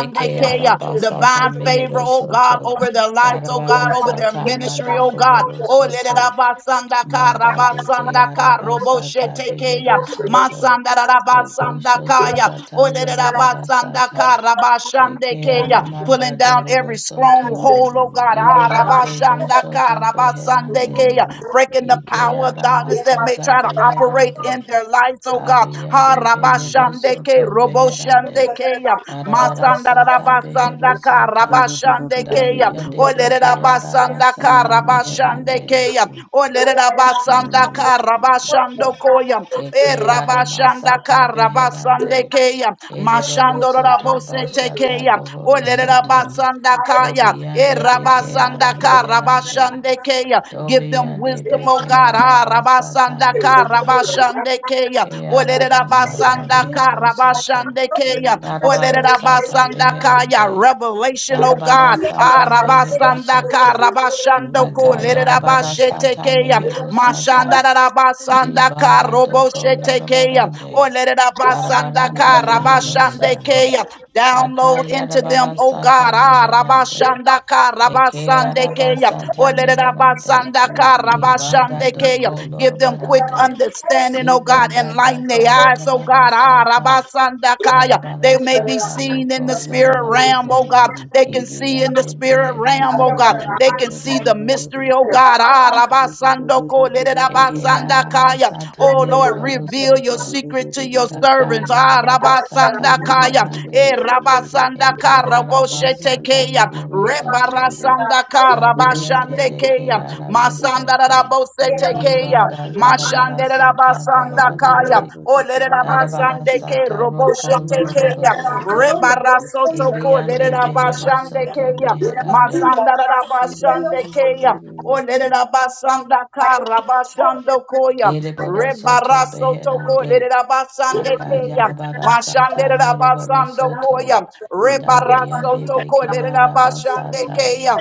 [SPEAKER 3] E que arabasata
[SPEAKER 1] Divine favor, oh
[SPEAKER 3] meherosoto.
[SPEAKER 1] God, over their lives, oh God, over their
[SPEAKER 3] Darabarasata manda
[SPEAKER 1] ministry, oh God. Oh, let it
[SPEAKER 3] bohorosoto.
[SPEAKER 1] abasandaka,
[SPEAKER 3] Manda de que
[SPEAKER 1] rabasandaka,
[SPEAKER 3] arabasata
[SPEAKER 1] roboshetekeya.
[SPEAKER 3] behero soto do boshoto
[SPEAKER 1] Masandarabasandakaya. Oh,
[SPEAKER 3] zata
[SPEAKER 1] let it abasandaka,
[SPEAKER 3] yarabarasata eke
[SPEAKER 1] rabashandekeya. Pulling
[SPEAKER 2] Mm.
[SPEAKER 3] aramanda
[SPEAKER 1] down every
[SPEAKER 3] dohoro soto
[SPEAKER 1] stronghold, oh God. Ah,
[SPEAKER 3] ibiande
[SPEAKER 1] rabashandaka,
[SPEAKER 3] boshoto beherande
[SPEAKER 1] rabasandekeya. Breaking the
[SPEAKER 3] ike
[SPEAKER 1] power of darkness that may
[SPEAKER 3] aramasata
[SPEAKER 1] try to operate in
[SPEAKER 3] beherande
[SPEAKER 1] their lives, oh God. Ha
[SPEAKER 3] abiende behero
[SPEAKER 1] rabashandeke
[SPEAKER 3] soto beherande
[SPEAKER 1] roboshandekeya
[SPEAKER 3] arabarasata behero
[SPEAKER 1] masandarabasandaka
[SPEAKER 3] sata
[SPEAKER 1] rabashandekeya
[SPEAKER 3] dabiende beke
[SPEAKER 1] olerabasandaka
[SPEAKER 3] arabasata meherande
[SPEAKER 1] rabashandekeya olerabasandaka rabashandokoya e
[SPEAKER 3] Eke
[SPEAKER 1] rabashandaka
[SPEAKER 3] aramasata beherande.
[SPEAKER 1] rabasandekeya
[SPEAKER 3] Ereboro soto bashata
[SPEAKER 1] mashandorabosetekeya
[SPEAKER 3] bohoro soto.
[SPEAKER 1] olerabasandakaya e
[SPEAKER 3] Dobiyande deke ara
[SPEAKER 1] rabasandaka
[SPEAKER 3] meherande.
[SPEAKER 1] rabashandekeya give them
[SPEAKER 3] Dobiyande
[SPEAKER 1] wisdom oh
[SPEAKER 3] beke
[SPEAKER 1] God ha
[SPEAKER 3] arabasata
[SPEAKER 1] basanda
[SPEAKER 3] meherande.
[SPEAKER 1] karabashande keya.
[SPEAKER 3] Ke
[SPEAKER 1] Olerera
[SPEAKER 2] Thank
[SPEAKER 3] arabasata
[SPEAKER 1] basanda
[SPEAKER 3] behero soto.
[SPEAKER 1] karabashande keya.
[SPEAKER 3] Darabara
[SPEAKER 1] Olerera
[SPEAKER 3] sata
[SPEAKER 1] basanda kaya.
[SPEAKER 3] beherande.
[SPEAKER 1] Revelation, oh
[SPEAKER 3] Darabara
[SPEAKER 1] God.
[SPEAKER 3] sata behero
[SPEAKER 1] Arabasanda
[SPEAKER 3] soto.
[SPEAKER 1] karabashando ko.
[SPEAKER 3] Daka
[SPEAKER 1] Lerera
[SPEAKER 3] yarabara
[SPEAKER 1] bashete
[SPEAKER 3] sata
[SPEAKER 1] keya.
[SPEAKER 3] mehero
[SPEAKER 1] Mashanda
[SPEAKER 3] sata.
[SPEAKER 1] rabasanda
[SPEAKER 3] Zibanda doko
[SPEAKER 1] karoboshete keya.
[SPEAKER 3] lorobarande.
[SPEAKER 1] Olerera basanda
[SPEAKER 3] Arabaranda behero
[SPEAKER 1] karabashande
[SPEAKER 3] soto.
[SPEAKER 1] keya. Download into them,
[SPEAKER 3] Akayarabara
[SPEAKER 1] oh God.
[SPEAKER 3] sata meherande.
[SPEAKER 1] Arabashanda
[SPEAKER 3] Eke
[SPEAKER 1] karabasande keya.
[SPEAKER 3] arabasata
[SPEAKER 1] Olerera
[SPEAKER 3] meherande.
[SPEAKER 1] basanda
[SPEAKER 3] Ibanda
[SPEAKER 1] Rabashandeke.
[SPEAKER 3] doko
[SPEAKER 1] Give them quick
[SPEAKER 3] lorobarande.
[SPEAKER 1] understanding, oh God.
[SPEAKER 3] Ibanda
[SPEAKER 1] Enlighten
[SPEAKER 3] daka
[SPEAKER 1] their eyes, oh
[SPEAKER 3] yarabara
[SPEAKER 1] God. Ah,
[SPEAKER 3] sata.
[SPEAKER 1] Rabasandakaya. They
[SPEAKER 3] Darabara
[SPEAKER 1] may be
[SPEAKER 3] sata
[SPEAKER 1] seen in the
[SPEAKER 3] loko
[SPEAKER 1] spirit realm, oh
[SPEAKER 3] yorobarande.
[SPEAKER 1] God. They can see in the
[SPEAKER 3] Ibiyande
[SPEAKER 1] spirit
[SPEAKER 3] behero
[SPEAKER 1] realm, oh God.
[SPEAKER 3] soto.
[SPEAKER 1] They can see the mystery, oh God. Ah, Rabasandoko,
[SPEAKER 3] Eke
[SPEAKER 1] Lerabasandakaya.
[SPEAKER 3] aramasata
[SPEAKER 1] Oh Lord,
[SPEAKER 3] mereboro
[SPEAKER 1] reveal your
[SPEAKER 3] soto.
[SPEAKER 1] secret to your
[SPEAKER 3] Daka
[SPEAKER 1] servants. Ah,
[SPEAKER 3] yarabara sata
[SPEAKER 1] Rabasandakaya.
[SPEAKER 3] meherande.
[SPEAKER 1] Eh,
[SPEAKER 3] Eke
[SPEAKER 1] Rabasandaka,
[SPEAKER 3] arabasata
[SPEAKER 1] Raboshetekeya.
[SPEAKER 3] mohoro soto.
[SPEAKER 1] Rebarasandaka,
[SPEAKER 3] Dabiende deke
[SPEAKER 1] tekeya.
[SPEAKER 3] arabesete.
[SPEAKER 1] Masandarabosetekeya.
[SPEAKER 3] Ibanda
[SPEAKER 2] you.
[SPEAKER 3] darabarasata
[SPEAKER 2] Thank
[SPEAKER 1] Mashanderabasandakaya.
[SPEAKER 3] borobarande.
[SPEAKER 2] you.
[SPEAKER 1] Olerabasandeke
[SPEAKER 3] Darabarasata roko
[SPEAKER 1] roboshetekeya.
[SPEAKER 3] loroborosata.
[SPEAKER 1] Rebarasotoko
[SPEAKER 3] Ibiande behero soto
[SPEAKER 1] lerabashandekeya.
[SPEAKER 3] beherande.
[SPEAKER 1] Masandarabashandekeya. Olerabasandaka rabashandokoya.
[SPEAKER 3] Ereboro soto
[SPEAKER 1] Rebarasotoko
[SPEAKER 3] beherande.
[SPEAKER 1] lerabashandekeya.
[SPEAKER 3] Akayarabarasata mereboro
[SPEAKER 1] Mashandererabasandokoya.
[SPEAKER 3] soto. Dabiende
[SPEAKER 1] Rebarasotoko
[SPEAKER 3] beke arabasata.
[SPEAKER 1] lerabashandekeya.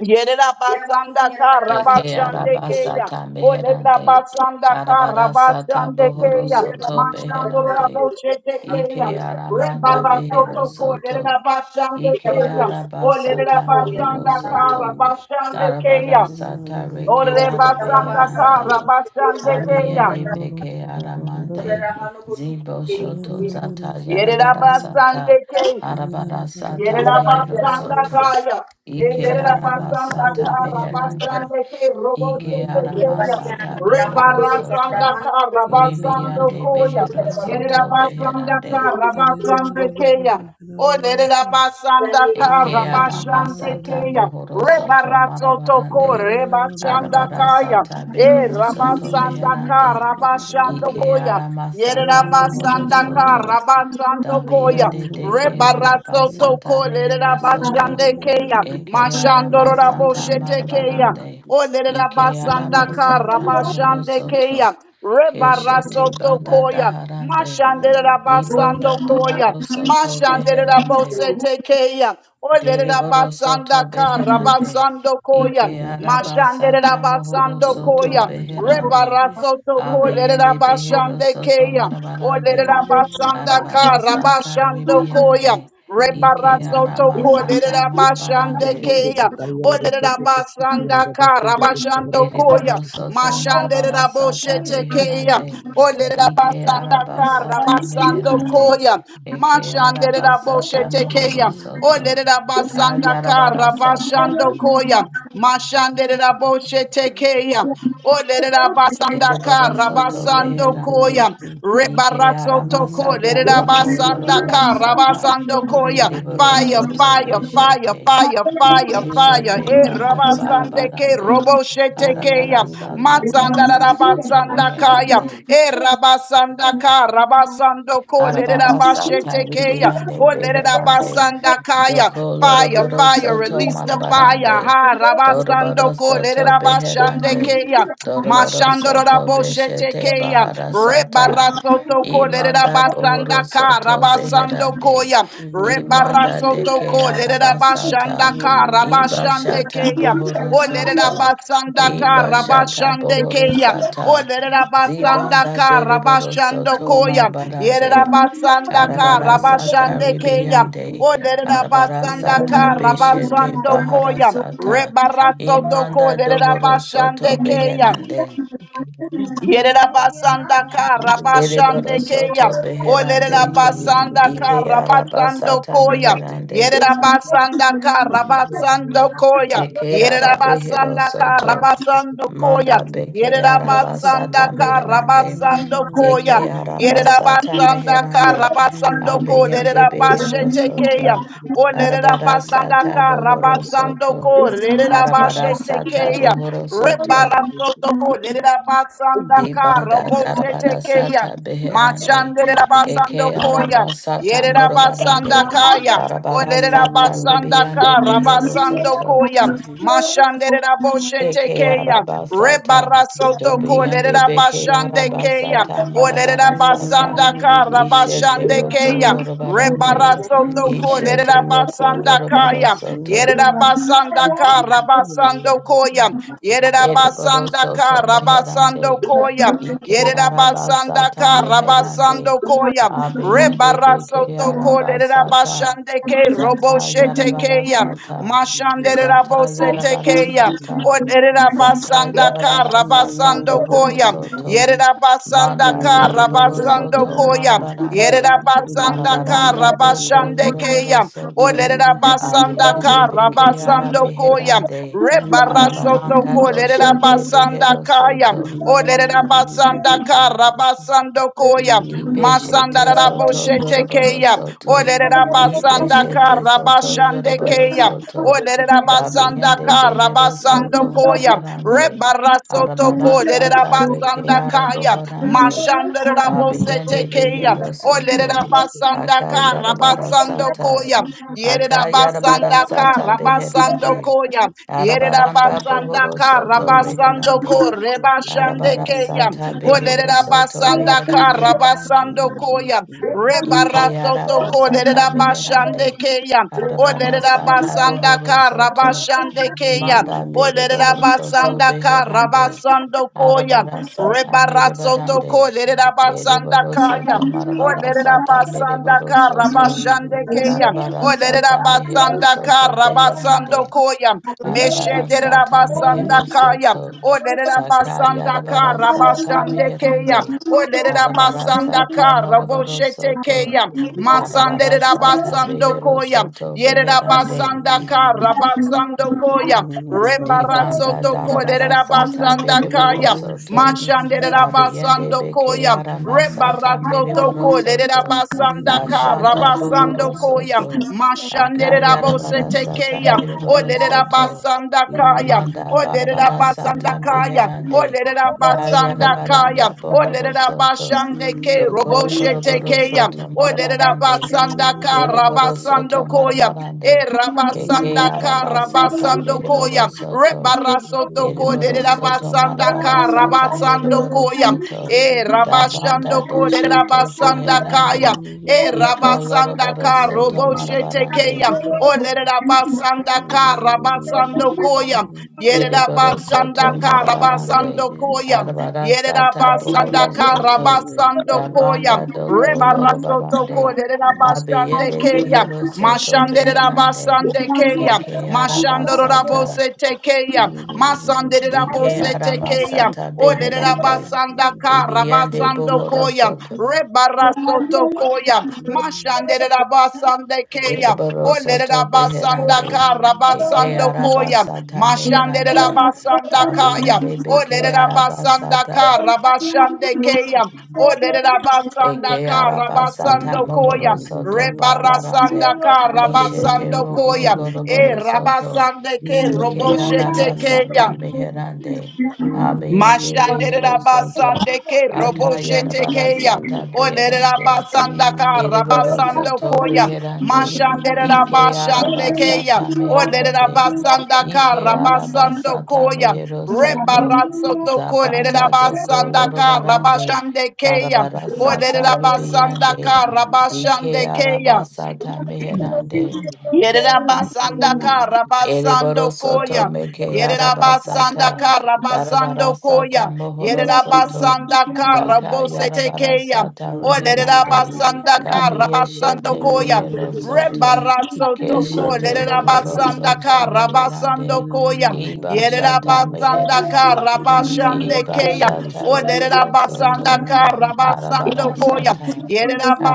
[SPEAKER 1] Yerera basanda kara
[SPEAKER 3] Eke
[SPEAKER 1] basande keya.
[SPEAKER 3] arabasata
[SPEAKER 1] Olerera
[SPEAKER 3] meherande.
[SPEAKER 1] basanda kara
[SPEAKER 3] Arabarasata
[SPEAKER 1] basande
[SPEAKER 3] bohoro
[SPEAKER 1] keya.
[SPEAKER 3] soto
[SPEAKER 1] Maşandorora
[SPEAKER 3] beherande.
[SPEAKER 1] boşete
[SPEAKER 3] Ike
[SPEAKER 1] keya.
[SPEAKER 3] aramanda
[SPEAKER 1] Rebara
[SPEAKER 3] behero
[SPEAKER 1] soto
[SPEAKER 3] soto.
[SPEAKER 1] kolerera basande
[SPEAKER 3] Ike
[SPEAKER 1] keya. Olerera
[SPEAKER 3] arabasata mohoro
[SPEAKER 1] basanda kara
[SPEAKER 3] soto.
[SPEAKER 1] basande keya.
[SPEAKER 3] Darabarasata reke
[SPEAKER 1] Ore basanda kara
[SPEAKER 3] arabeherande.
[SPEAKER 1] basande keya.
[SPEAKER 3] Abeyende beke aramande. Zibo shoto zata
[SPEAKER 1] Yerera
[SPEAKER 3] yarabarasata.
[SPEAKER 1] basande keya.
[SPEAKER 3] Arabarasata mehero
[SPEAKER 1] Yerabasanda
[SPEAKER 3] soto.
[SPEAKER 1] Kaya,
[SPEAKER 3] Ike
[SPEAKER 2] Russia,
[SPEAKER 1] Yerabasanda
[SPEAKER 3] arabasata
[SPEAKER 1] Kara,
[SPEAKER 3] meherande.
[SPEAKER 1] Basanda Ke,
[SPEAKER 3] Ike
[SPEAKER 1] Robosete Yeya,
[SPEAKER 3] aramasata bohoro
[SPEAKER 1] Rebara sanda
[SPEAKER 3] soto.
[SPEAKER 1] Kara, Basanda
[SPEAKER 3] Ribiande
[SPEAKER 1] Koya,
[SPEAKER 3] behero soto
[SPEAKER 1] Yerabasanda
[SPEAKER 3] beherande.
[SPEAKER 1] Kara, Basanda Keya, O Yerabasanda
[SPEAKER 3] Eke
[SPEAKER 1] Kara, Basanda
[SPEAKER 3] aramasata
[SPEAKER 1] Keya,
[SPEAKER 3] bohoro soto
[SPEAKER 1] Rebarazotoko
[SPEAKER 3] marabarande.
[SPEAKER 1] rebashandakaya.
[SPEAKER 3] Arabarasata
[SPEAKER 1] E
[SPEAKER 3] behero soto
[SPEAKER 1] rabasandaka
[SPEAKER 3] meherande. Ike
[SPEAKER 1] rabashandokoya.
[SPEAKER 3] aramasata bohoro
[SPEAKER 1] Yerabasandaka
[SPEAKER 3] soto.
[SPEAKER 1] rabasandokoya.
[SPEAKER 3] Dabiande deke
[SPEAKER 1] Rebarazotoko
[SPEAKER 3] arabasata mehero soto.
[SPEAKER 1] lerabashandekeya.
[SPEAKER 3] Eke aramasata
[SPEAKER 1] Mashandoraboshetekeya.
[SPEAKER 3] marabarande. Ike
[SPEAKER 1] Olerabasanda
[SPEAKER 3] arabasata mohoro
[SPEAKER 1] karabashande
[SPEAKER 3] soto.
[SPEAKER 1] keya.
[SPEAKER 2] Thank
[SPEAKER 3] Keshete
[SPEAKER 1] Rebarasoto
[SPEAKER 3] banda
[SPEAKER 1] koya.
[SPEAKER 3] daharande. Di
[SPEAKER 1] Mashanderabasando
[SPEAKER 3] banda
[SPEAKER 1] koya.
[SPEAKER 3] dohoro soto beherande.
[SPEAKER 1] Mashanderabosete keya.
[SPEAKER 3] Deriboro
[SPEAKER 1] Olerabasanda
[SPEAKER 3] soto beherande.
[SPEAKER 1] karabasando koya.
[SPEAKER 3] Ike araba sata mohoro
[SPEAKER 1] Mashanderabasando
[SPEAKER 3] soto
[SPEAKER 1] koya.
[SPEAKER 3] beherande.
[SPEAKER 1] Rebarasoto
[SPEAKER 3] Abeyende behero
[SPEAKER 1] kolerabashande
[SPEAKER 3] soto
[SPEAKER 1] keya.
[SPEAKER 3] marabarande.
[SPEAKER 1] Olerabasanda
[SPEAKER 3] Arabara sata
[SPEAKER 1] karabashando koya.
[SPEAKER 3] ribiande. Ike
[SPEAKER 1] Rebarasoto
[SPEAKER 3] arama
[SPEAKER 1] ko
[SPEAKER 3] sata
[SPEAKER 1] Korera
[SPEAKER 4] The
[SPEAKER 1] Bashande
[SPEAKER 3] marabarande.
[SPEAKER 1] Kea,
[SPEAKER 4] que traía la voz de
[SPEAKER 1] Orera
[SPEAKER 4] que sí, que era
[SPEAKER 1] Basanda
[SPEAKER 4] voz de
[SPEAKER 1] Kara
[SPEAKER 4] que estaba
[SPEAKER 1] Bashando
[SPEAKER 4] bajo de mi
[SPEAKER 1] Koya,
[SPEAKER 3] Ereboro
[SPEAKER 4] sitio,
[SPEAKER 3] soto marabara
[SPEAKER 1] Mashandera
[SPEAKER 3] sata
[SPEAKER 1] Boshete
[SPEAKER 4] que
[SPEAKER 1] Kea,
[SPEAKER 4] traía la
[SPEAKER 3] beherande.
[SPEAKER 4] voz
[SPEAKER 1] Orera
[SPEAKER 4] de que se
[SPEAKER 3] Ike
[SPEAKER 4] le dio
[SPEAKER 1] Basanda
[SPEAKER 4] voz de
[SPEAKER 1] Kara
[SPEAKER 3] arabasata
[SPEAKER 1] Basando
[SPEAKER 3] meherande.
[SPEAKER 1] Koya,
[SPEAKER 3] Eke
[SPEAKER 1] Mashandera
[SPEAKER 4] que
[SPEAKER 3] arabasata
[SPEAKER 4] sí,
[SPEAKER 1] Boshete
[SPEAKER 3] mohoro
[SPEAKER 1] Kea.
[SPEAKER 3] soto.
[SPEAKER 1] Olerera basanda
[SPEAKER 3] Kayarabara
[SPEAKER 1] kara
[SPEAKER 4] que
[SPEAKER 3] sata.
[SPEAKER 1] bashando
[SPEAKER 4] traía la voz de
[SPEAKER 1] koya. Mashanderera boshe tekeya. Olerera basanda
[SPEAKER 3] Ereboro
[SPEAKER 1] kara
[SPEAKER 3] soto
[SPEAKER 1] basando koya.
[SPEAKER 3] beherande. Ike
[SPEAKER 1] Rebarazo toko.
[SPEAKER 3] aramasata
[SPEAKER 1] Lerera
[SPEAKER 3] loko
[SPEAKER 1] basanda
[SPEAKER 3] yoroboro
[SPEAKER 1] kara
[SPEAKER 3] sata.
[SPEAKER 1] basando koya.
[SPEAKER 3] Dereboro
[SPEAKER 1] Fire,
[SPEAKER 3] soto
[SPEAKER 1] fire, fire,
[SPEAKER 3] beshete.
[SPEAKER 1] fire, fire,
[SPEAKER 3] Ike
[SPEAKER 1] fire.
[SPEAKER 3] shete
[SPEAKER 1] Eh,
[SPEAKER 3] banda
[SPEAKER 1] rabasande ke
[SPEAKER 3] barabarande.
[SPEAKER 1] robo
[SPEAKER 3] Arabara
[SPEAKER 1] shetekeya.
[SPEAKER 3] sata
[SPEAKER 1] Masanda
[SPEAKER 3] bohoro soto
[SPEAKER 1] Rabasanda Kaya,
[SPEAKER 3] reherande.
[SPEAKER 1] E Rabasanda Ka, Rabasando Ko,
[SPEAKER 3] Arabara sata
[SPEAKER 1] Lerabashete Kaya,
[SPEAKER 3] ribiande
[SPEAKER 1] O
[SPEAKER 3] beherande.
[SPEAKER 1] Lerabasanda Kaya,
[SPEAKER 3] Doko
[SPEAKER 1] Fire,
[SPEAKER 3] loroboro
[SPEAKER 1] fire,
[SPEAKER 3] soto
[SPEAKER 1] release the fire.
[SPEAKER 3] marabarande.
[SPEAKER 1] Ha, Rabasando
[SPEAKER 3] Doroboro
[SPEAKER 1] Ko,
[SPEAKER 3] soto
[SPEAKER 1] Lerabashande
[SPEAKER 3] beherande.
[SPEAKER 1] Kaya,
[SPEAKER 3] Doroboro
[SPEAKER 1] Mashando
[SPEAKER 3] soto
[SPEAKER 1] Raboshete
[SPEAKER 3] beshete
[SPEAKER 1] Kaya,
[SPEAKER 3] bahara sata.
[SPEAKER 1] Rebarasoto Ko,
[SPEAKER 3] Imanda
[SPEAKER 1] Lerabasanda
[SPEAKER 3] bohoro
[SPEAKER 1] Ka,
[SPEAKER 3] soto
[SPEAKER 1] Rabasando
[SPEAKER 3] beherande.
[SPEAKER 1] Koya,
[SPEAKER 3] Imanda de
[SPEAKER 1] barasoto
[SPEAKER 3] ke
[SPEAKER 1] ko lerera bashanda
[SPEAKER 3] arabasata.
[SPEAKER 1] ka rabashande
[SPEAKER 3] Ibashata
[SPEAKER 1] keya
[SPEAKER 3] bohoro
[SPEAKER 1] o lerera
[SPEAKER 3] soto.
[SPEAKER 1] basanda ka
[SPEAKER 2] you.
[SPEAKER 3] Ibashata
[SPEAKER 1] rabashande
[SPEAKER 3] bohoro
[SPEAKER 1] keya o
[SPEAKER 3] sata.
[SPEAKER 1] lerera basanda
[SPEAKER 3] Zibanda
[SPEAKER 1] ka
[SPEAKER 3] de
[SPEAKER 1] rabashando
[SPEAKER 3] soto
[SPEAKER 1] koya
[SPEAKER 2] Thank you.
[SPEAKER 5] Let
[SPEAKER 1] yerera
[SPEAKER 3] marabarande.
[SPEAKER 5] me
[SPEAKER 1] basanda ka
[SPEAKER 3] Arabarasata
[SPEAKER 1] rabashande keya
[SPEAKER 3] ribiande,
[SPEAKER 1] o lerera basanda
[SPEAKER 3] arabarasata
[SPEAKER 1] kara
[SPEAKER 3] beshete
[SPEAKER 1] rabashando koya
[SPEAKER 3] baharasata,
[SPEAKER 1] rebarasoto ko
[SPEAKER 3] imanda
[SPEAKER 1] lerera
[SPEAKER 3] dohorosoto
[SPEAKER 1] bashande keya
[SPEAKER 3] beherande,
[SPEAKER 4] que
[SPEAKER 1] Yerabasanda
[SPEAKER 4] estaba en mi sitio, que sí,
[SPEAKER 3] ereboro
[SPEAKER 1] Karabashande Keyam.
[SPEAKER 3] soto beherande,
[SPEAKER 4] traía la voz de
[SPEAKER 1] Olerabasanda
[SPEAKER 3] ike
[SPEAKER 4] que sí, era voz de
[SPEAKER 1] Karabasando
[SPEAKER 3] arabasata
[SPEAKER 4] que se
[SPEAKER 1] Koya.
[SPEAKER 4] le dio voz de
[SPEAKER 3] meherande,
[SPEAKER 4] que sí,
[SPEAKER 1] Yerabasanda
[SPEAKER 4] que traía la
[SPEAKER 1] Karabasando
[SPEAKER 4] voz de
[SPEAKER 1] Koya.
[SPEAKER 4] que sí,
[SPEAKER 3] eke
[SPEAKER 4] era voz de
[SPEAKER 3] arabeherosoto.
[SPEAKER 1] Yerabasanda
[SPEAKER 4] que se le dio voz de que sí,
[SPEAKER 1] Karabasando
[SPEAKER 4] que se le dio
[SPEAKER 1] Koya.
[SPEAKER 3] manda
[SPEAKER 4] voz de
[SPEAKER 3] beke
[SPEAKER 4] que sí,
[SPEAKER 1] Yerabasanda
[SPEAKER 4] traía
[SPEAKER 3] arabasata
[SPEAKER 4] la voz de que
[SPEAKER 3] meherande,
[SPEAKER 4] sí, era voz de que sí, que sí, era voz de que sí, que sí,
[SPEAKER 1] Karabasando Koya.
[SPEAKER 3] Eke
[SPEAKER 4] sí,
[SPEAKER 3] arabasata
[SPEAKER 1] Yerabasanda
[SPEAKER 3] meherande.
[SPEAKER 1] Karabasando Koya.
[SPEAKER 3] Abiyende behero
[SPEAKER 1] Yerabashete Keyam.
[SPEAKER 3] soto.
[SPEAKER 4] sí,
[SPEAKER 1] Olerabasanda
[SPEAKER 3] Arabarasata
[SPEAKER 4] Thank
[SPEAKER 3] bohoro
[SPEAKER 1] Karabasando
[SPEAKER 3] soto.
[SPEAKER 1] Koya. Yerabashete
[SPEAKER 3] Arabarasata
[SPEAKER 1] Keyam.
[SPEAKER 3] bohoro soto.
[SPEAKER 1] Soto
[SPEAKER 5] see
[SPEAKER 1] Lerida Basanda Kara
[SPEAKER 3] Dibanda
[SPEAKER 1] Bochete Kayan
[SPEAKER 3] darabarasata beherande.
[SPEAKER 1] Machandera Basando
[SPEAKER 3] Eke
[SPEAKER 1] Koyan
[SPEAKER 3] arabasata
[SPEAKER 1] Yerida Basanda
[SPEAKER 3] morobarande.
[SPEAKER 5] you.
[SPEAKER 1] o Olerida
[SPEAKER 3] Arabarasata
[SPEAKER 1] Basanda
[SPEAKER 5] I'm
[SPEAKER 3] ribiyande
[SPEAKER 1] Kara
[SPEAKER 3] behero
[SPEAKER 1] Basando
[SPEAKER 3] soto.
[SPEAKER 1] Koyan
[SPEAKER 5] gonna
[SPEAKER 1] Machandera Bochete
[SPEAKER 3] Eke
[SPEAKER 1] Kayan
[SPEAKER 3] arabasata
[SPEAKER 1] Rebara Soto
[SPEAKER 3] dobi ande
[SPEAKER 1] Kolerida
[SPEAKER 3] beke
[SPEAKER 1] Basande Kayan
[SPEAKER 3] arabasata
[SPEAKER 1] Olerida
[SPEAKER 3] marabarasata
[SPEAKER 1] Basanda Kara
[SPEAKER 3] ishete
[SPEAKER 1] Basande
[SPEAKER 3] roko
[SPEAKER 1] Kayan Rebara
[SPEAKER 3] lorobarande
[SPEAKER 1] Soto
[SPEAKER 3] ishete
[SPEAKER 1] Kolerida
[SPEAKER 3] roko
[SPEAKER 1] Basanda
[SPEAKER 3] lorobarosoto
[SPEAKER 1] Rabasando Koya,
[SPEAKER 3] Ereboro
[SPEAKER 1] Yerabasanda Ka,
[SPEAKER 3] soto
[SPEAKER 1] Rabasando
[SPEAKER 3] meherande.
[SPEAKER 4] you.
[SPEAKER 1] Koya,
[SPEAKER 3] Ike
[SPEAKER 4] Thank
[SPEAKER 1] Yerabasanda
[SPEAKER 3] arabasata
[SPEAKER 1] Ka, Rabasando
[SPEAKER 3] meherande.
[SPEAKER 1] Koya,
[SPEAKER 3] abiyande beke
[SPEAKER 1] Rebarasoto Ko,
[SPEAKER 3] arabasata.
[SPEAKER 1] Yerabashande Ke,
[SPEAKER 3] Zata
[SPEAKER 1] Roboshete Keya,
[SPEAKER 3] yarabarasata.
[SPEAKER 1] Mashande
[SPEAKER 3] Zata
[SPEAKER 1] Rabosete Keya,
[SPEAKER 3] yarabarasata.
[SPEAKER 1] Ot
[SPEAKER 3] Zata
[SPEAKER 1] Yerabasanda Ka,
[SPEAKER 5] make
[SPEAKER 3] yarabarasata
[SPEAKER 5] you
[SPEAKER 1] Rabasando
[SPEAKER 5] mine.
[SPEAKER 3] bohoro
[SPEAKER 1] Koya,
[SPEAKER 3] soto.
[SPEAKER 1] Yerabasanda
[SPEAKER 3] Manda
[SPEAKER 1] Ka,
[SPEAKER 3] bereboro
[SPEAKER 5] I'm
[SPEAKER 1] Rabasando
[SPEAKER 3] soto
[SPEAKER 1] Koya,
[SPEAKER 5] gonna
[SPEAKER 3] marabarande.
[SPEAKER 2] Thank
[SPEAKER 1] Yerabasanda
[SPEAKER 3] Marabaranda boko
[SPEAKER 1] Karabashande
[SPEAKER 3] loroboro
[SPEAKER 1] Kayam. O
[SPEAKER 3] soto.
[SPEAKER 1] Lerabasanda
[SPEAKER 3] abiyande beke
[SPEAKER 1] Karabasando Koyam.
[SPEAKER 3] arabeherande.
[SPEAKER 1] Rebarasoto
[SPEAKER 3] Arabaranda
[SPEAKER 1] Ko
[SPEAKER 5] make
[SPEAKER 3] doshete
[SPEAKER 5] you
[SPEAKER 1] Lerabasanda
[SPEAKER 3] behero
[SPEAKER 1] Kayam.
[SPEAKER 3] soto.
[SPEAKER 1] O Lerabasanda
[SPEAKER 5] mine.
[SPEAKER 1] Karabasando
[SPEAKER 5] Thank
[SPEAKER 1] Koyam. Masanda
[SPEAKER 3] Ibeshete zoto
[SPEAKER 1] Raboshete
[SPEAKER 3] yoroboro
[SPEAKER 1] Kayam. O
[SPEAKER 3] soto.
[SPEAKER 4] you.
[SPEAKER 1] Lerabasanda
[SPEAKER 3] Ibeshete zoto
[SPEAKER 1] Karabashande
[SPEAKER 4] Thank
[SPEAKER 3] yoroboro
[SPEAKER 1] Kayam.
[SPEAKER 4] you.
[SPEAKER 1] O
[SPEAKER 3] soto.
[SPEAKER 1] Lerabasanda
[SPEAKER 3] Dabiende behero
[SPEAKER 1] Karabasando
[SPEAKER 3] soto
[SPEAKER 2] you.
[SPEAKER 1] Koyam.
[SPEAKER 3] maharande.
[SPEAKER 1] Rebarasoto Ko
[SPEAKER 3] Arabarasata reke
[SPEAKER 1] Lerabasanda Kayam.
[SPEAKER 3] araboharande.
[SPEAKER 1] Mashanda
[SPEAKER 3] Abiende
[SPEAKER 1] Tekeya,
[SPEAKER 3] behero
[SPEAKER 1] Olerera
[SPEAKER 3] soto.
[SPEAKER 1] Basanda Ka, Rabasando
[SPEAKER 3] Akayarabarasata.
[SPEAKER 1] Koya, Yerera Basanda Ka,
[SPEAKER 3] Akayarabarasata
[SPEAKER 1] Rabasando
[SPEAKER 3] beherande.
[SPEAKER 1] Koya, Yerera
[SPEAKER 3] Arabaranda
[SPEAKER 1] Basanda
[SPEAKER 3] bohoro
[SPEAKER 1] Ka,
[SPEAKER 3] soto
[SPEAKER 1] Rabasando
[SPEAKER 3] reherande.
[SPEAKER 1] Ko, Rebashande
[SPEAKER 3] Arabara
[SPEAKER 1] Keya,
[SPEAKER 3] sata behero
[SPEAKER 1] Olerera
[SPEAKER 3] soto
[SPEAKER 1] Basanda Ka,
[SPEAKER 3] reherande.
[SPEAKER 5] you.
[SPEAKER 1] Rabasando Koya,
[SPEAKER 3] Ike
[SPEAKER 1] Rebarasoto Ko,
[SPEAKER 3] arabasata
[SPEAKER 1] Lerera Bashande
[SPEAKER 3] meherande.
[SPEAKER 1] Keya, Olerera
[SPEAKER 3] Arabarasata
[SPEAKER 1] Basanda
[SPEAKER 3] bohoro
[SPEAKER 1] Ka,
[SPEAKER 3] soto.
[SPEAKER 1] Rabashande Keya,
[SPEAKER 3] Manda
[SPEAKER 1] Olerera
[SPEAKER 3] bereboro soto
[SPEAKER 1] Basanda Ka,
[SPEAKER 3] beherande.
[SPEAKER 1] Rabasando Koya,
[SPEAKER 3] Arabarasata
[SPEAKER 1] Rebarasoto Ko
[SPEAKER 3] merebarande.
[SPEAKER 1] lerera basanda
[SPEAKER 3] Ereboro
[SPEAKER 1] kaya.
[SPEAKER 3] soto
[SPEAKER 1] O lerera
[SPEAKER 3] marabarasata
[SPEAKER 1] basanda
[SPEAKER 3] mereboro
[SPEAKER 1] kara
[SPEAKER 3] soto.
[SPEAKER 1] basande keya. O
[SPEAKER 3] Karabara
[SPEAKER 1] lerera
[SPEAKER 3] sata mehero
[SPEAKER 1] basanda
[SPEAKER 3] soto
[SPEAKER 1] kara basando
[SPEAKER 3] beherande.
[SPEAKER 1] koya. Meshe lerera
[SPEAKER 3] Arabarasata
[SPEAKER 1] basanda
[SPEAKER 3] mehero
[SPEAKER 1] kaya.
[SPEAKER 3] soto.
[SPEAKER 1] O lerera basanda kara
[SPEAKER 3] Dakayarabarasata
[SPEAKER 1] basande keya.
[SPEAKER 3] Mihirande.
[SPEAKER 1] O lerera basanda
[SPEAKER 3] Arabarasata
[SPEAKER 1] kara boshete
[SPEAKER 3] Moroborosoto.
[SPEAKER 1] keya. Masande lerera
[SPEAKER 3] Darabarasata
[SPEAKER 1] basando koya.
[SPEAKER 3] Behirosoto
[SPEAKER 1] Yerera
[SPEAKER 3] Behirande.
[SPEAKER 1] basanda
[SPEAKER 4] We have a lot of things to do,
[SPEAKER 1] koya.
[SPEAKER 4] we would say that
[SPEAKER 2] Rosha,
[SPEAKER 4] the study of the
[SPEAKER 3] Dibanda
[SPEAKER 1] Rebarasoto ko
[SPEAKER 4] history of the
[SPEAKER 1] lerera
[SPEAKER 4] history.
[SPEAKER 3] Darabarasata
[SPEAKER 4] This would make
[SPEAKER 1] kaya.
[SPEAKER 4] me that
[SPEAKER 3] Beriborosoto.
[SPEAKER 4] it's the
[SPEAKER 3] Dabiende
[SPEAKER 1] Mashanderabasando
[SPEAKER 4] Thank you. can
[SPEAKER 1] koyam.
[SPEAKER 3] Bekeara Masata
[SPEAKER 1] Rebarasoto
[SPEAKER 3] Meriborosoto.
[SPEAKER 1] kolerabasanda
[SPEAKER 3] Ashata
[SPEAKER 1] karabasando koyam.
[SPEAKER 3] Bohorosoto.
[SPEAKER 1] Mashanderabose
[SPEAKER 3] Akayarabarasata
[SPEAKER 1] tekeyam.
[SPEAKER 3] Meriborosoto.
[SPEAKER 1] Olerabasanda kayam.
[SPEAKER 3] Manda barabara
[SPEAKER 1] Olerabasanda
[SPEAKER 3] sata
[SPEAKER 1] kayam.
[SPEAKER 3] beherande.
[SPEAKER 1] Olerabasanda kayam.
[SPEAKER 3] Kayarabaranda bohoro soto.
[SPEAKER 1] Olerabashande ke
[SPEAKER 3] Doko
[SPEAKER 1] roboshe
[SPEAKER 3] loroboro
[SPEAKER 1] tekeyam.
[SPEAKER 3] soto marabarande.
[SPEAKER 1] Olerabasanda
[SPEAKER 3] Ereboro
[SPEAKER 1] karabasando
[SPEAKER 3] soto
[SPEAKER 1] koyam. E
[SPEAKER 3] marabarande. Eke
[SPEAKER 1] rabasanda
[SPEAKER 3] arabasata
[SPEAKER 1] karabasando
[SPEAKER 3] mereboro
[SPEAKER 1] koyam.
[SPEAKER 3] soto.
[SPEAKER 1] Rebarasoto
[SPEAKER 3] Ereboro soto
[SPEAKER 1] koyera rabasanda
[SPEAKER 3] marabara
[SPEAKER 1] ka
[SPEAKER 3] sata
[SPEAKER 1] rabasando
[SPEAKER 3] mereboro
[SPEAKER 1] koya
[SPEAKER 3] soto.
[SPEAKER 1] e
[SPEAKER 2] Mm-hmm.
[SPEAKER 3] Da banda
[SPEAKER 1] rabashando ko de
[SPEAKER 3] doshete zeherande.
[SPEAKER 1] e
[SPEAKER 3] Iko
[SPEAKER 1] rabasanda
[SPEAKER 3] loroboro
[SPEAKER 1] ka
[SPEAKER 3] soto marabarande.
[SPEAKER 1] o le
[SPEAKER 5] Thank
[SPEAKER 1] rabasando
[SPEAKER 5] you.
[SPEAKER 1] koya yere
[SPEAKER 3] Ereboro soto
[SPEAKER 1] rabasanda
[SPEAKER 3] marabarande.
[SPEAKER 1] rabasando koya
[SPEAKER 3] Arabara
[SPEAKER 1] yere
[SPEAKER 3] sata
[SPEAKER 1] rabasanda
[SPEAKER 3] bohoro
[SPEAKER 1] ka
[SPEAKER 3] soto.
[SPEAKER 1] rabasando
[SPEAKER 3] Da
[SPEAKER 1] koya
[SPEAKER 3] banda doko
[SPEAKER 1] reba rasoto ko
[SPEAKER 3] lorobarande. Abiyende behero soto
[SPEAKER 1] mashande
[SPEAKER 3] beherande.
[SPEAKER 1] rabasande keya
[SPEAKER 3] Eke
[SPEAKER 1] mashando
[SPEAKER 3] arabasata.
[SPEAKER 1] rabose tekeya masande
[SPEAKER 3] Ike
[SPEAKER 1] Rabosetekeyam,
[SPEAKER 3] aramasata beherande.
[SPEAKER 1] Olerabasanda
[SPEAKER 3] ibiende
[SPEAKER 1] Karabasando
[SPEAKER 3] bohoro
[SPEAKER 1] koyam,
[SPEAKER 3] soto.
[SPEAKER 1] Rebarasoto koyam, Raboshetekeyam.
[SPEAKER 3] Ereboro soto beherande.
[SPEAKER 1] Olerabasandaka
[SPEAKER 3] Eke
[SPEAKER 1] Rabasandokoyam. Rebarasotokoyam.
[SPEAKER 3] arabasata meherande.
[SPEAKER 1] Mashanderabasandekeyam.
[SPEAKER 3] Abiyende beke
[SPEAKER 1] Olerabasandaka
[SPEAKER 3] arabasata.
[SPEAKER 1] Rabasandokoyam. Mashanderabasandakayam. Olerabasandaka Rabashandekeyam.
[SPEAKER 3] Eke
[SPEAKER 1] Olerabasandaka
[SPEAKER 3] arabasata mohoro
[SPEAKER 1] Rabasandokoyam.
[SPEAKER 3] soto barabarande.
[SPEAKER 1] Rebarasandaka
[SPEAKER 5] Thank you.
[SPEAKER 3] Ishete roko
[SPEAKER 1] koyam, E
[SPEAKER 3] loroboro
[SPEAKER 1] Rabasande
[SPEAKER 3] soto.
[SPEAKER 2] Thank
[SPEAKER 1] Rabasandeke
[SPEAKER 5] Thank
[SPEAKER 3] Ike
[SPEAKER 2] you.
[SPEAKER 1] Roboshetekeyam.
[SPEAKER 3] arabasata meherande.
[SPEAKER 4] look at the history of the history and the
[SPEAKER 3] Abiyende
[SPEAKER 4] history
[SPEAKER 3] behero soto.
[SPEAKER 1] Mashanderabasande ke roboshete keya.
[SPEAKER 3] Akayarabarasata
[SPEAKER 1] Olere
[SPEAKER 3] beherande.
[SPEAKER 4] of
[SPEAKER 1] Rabasanda ka rabasando
[SPEAKER 3] Eriboroso to
[SPEAKER 1] koya.
[SPEAKER 3] beherande. Ike
[SPEAKER 1] Mashanderabashande keya.
[SPEAKER 3] arabasata
[SPEAKER 1] Olere
[SPEAKER 3] meherande.
[SPEAKER 1] Rabasanda ka
[SPEAKER 3] Ike
[SPEAKER 4] the
[SPEAKER 1] rabasando
[SPEAKER 4] history.
[SPEAKER 3] arabasata
[SPEAKER 1] koya.
[SPEAKER 4] If
[SPEAKER 3] meheroso
[SPEAKER 4] you know the
[SPEAKER 3] to.
[SPEAKER 4] history of
[SPEAKER 1] Rebarasoto
[SPEAKER 4] the history and
[SPEAKER 3] Zabanda
[SPEAKER 4] the
[SPEAKER 3] doko
[SPEAKER 4] history of
[SPEAKER 1] kolerabasanda
[SPEAKER 4] the
[SPEAKER 1] ka
[SPEAKER 4] history,
[SPEAKER 3] lorobarande.
[SPEAKER 1] rabashande keya.
[SPEAKER 4] you can do the
[SPEAKER 1] Olere
[SPEAKER 3] Darabarasata
[SPEAKER 4] history of the
[SPEAKER 1] Rabasanda
[SPEAKER 4] history.
[SPEAKER 3] ribiande.
[SPEAKER 1] ka
[SPEAKER 4] So it's a
[SPEAKER 3] Dike
[SPEAKER 4] really
[SPEAKER 1] rabashande
[SPEAKER 4] good
[SPEAKER 1] keya.
[SPEAKER 4] history.
[SPEAKER 3] arabasata
[SPEAKER 4] If
[SPEAKER 3] meherande.
[SPEAKER 4] somebody who understands the history
[SPEAKER 1] Yerabasanda
[SPEAKER 4] of the history,
[SPEAKER 3] Ereboro
[SPEAKER 1] Karabasando
[SPEAKER 3] soto
[SPEAKER 4] then
[SPEAKER 1] Koya.
[SPEAKER 4] you
[SPEAKER 3] meke
[SPEAKER 4] can do the
[SPEAKER 1] Yerabasanda
[SPEAKER 3] arabasata.
[SPEAKER 4] history of the history.
[SPEAKER 3] Darabara
[SPEAKER 1] Karabasando
[SPEAKER 3] sata
[SPEAKER 1] Koya.
[SPEAKER 3] mohoro
[SPEAKER 1] Yerera
[SPEAKER 3] soto.
[SPEAKER 4] Thank
[SPEAKER 1] basanda
[SPEAKER 5] you.
[SPEAKER 1] kara
[SPEAKER 3] Daka
[SPEAKER 1] Karabose
[SPEAKER 3] yarabara
[SPEAKER 1] Tekeya.
[SPEAKER 3] sata
[SPEAKER 1] O
[SPEAKER 3] reherande.
[SPEAKER 1] kara basando
[SPEAKER 3] Kabiyeshete
[SPEAKER 1] Koya.
[SPEAKER 3] behero soto.
[SPEAKER 1] Rebaraso Toko
[SPEAKER 3] Keshete rohoro
[SPEAKER 1] Lerabasanda
[SPEAKER 3] soto
[SPEAKER 1] Karabasando
[SPEAKER 3] meherande.
[SPEAKER 1] Koya.
[SPEAKER 3] Iba
[SPEAKER 1] Yerera
[SPEAKER 3] shata
[SPEAKER 1] basanda
[SPEAKER 3] meherande.
[SPEAKER 1] kara Karabashande
[SPEAKER 3] Iba
[SPEAKER 1] Keya.
[SPEAKER 3] shata
[SPEAKER 1] O
[SPEAKER 3] rehero
[SPEAKER 1] Lerabasanda
[SPEAKER 3] soto.
[SPEAKER 1] Karabasando
[SPEAKER 3] Arabara
[SPEAKER 1] Koya.
[SPEAKER 3] sata.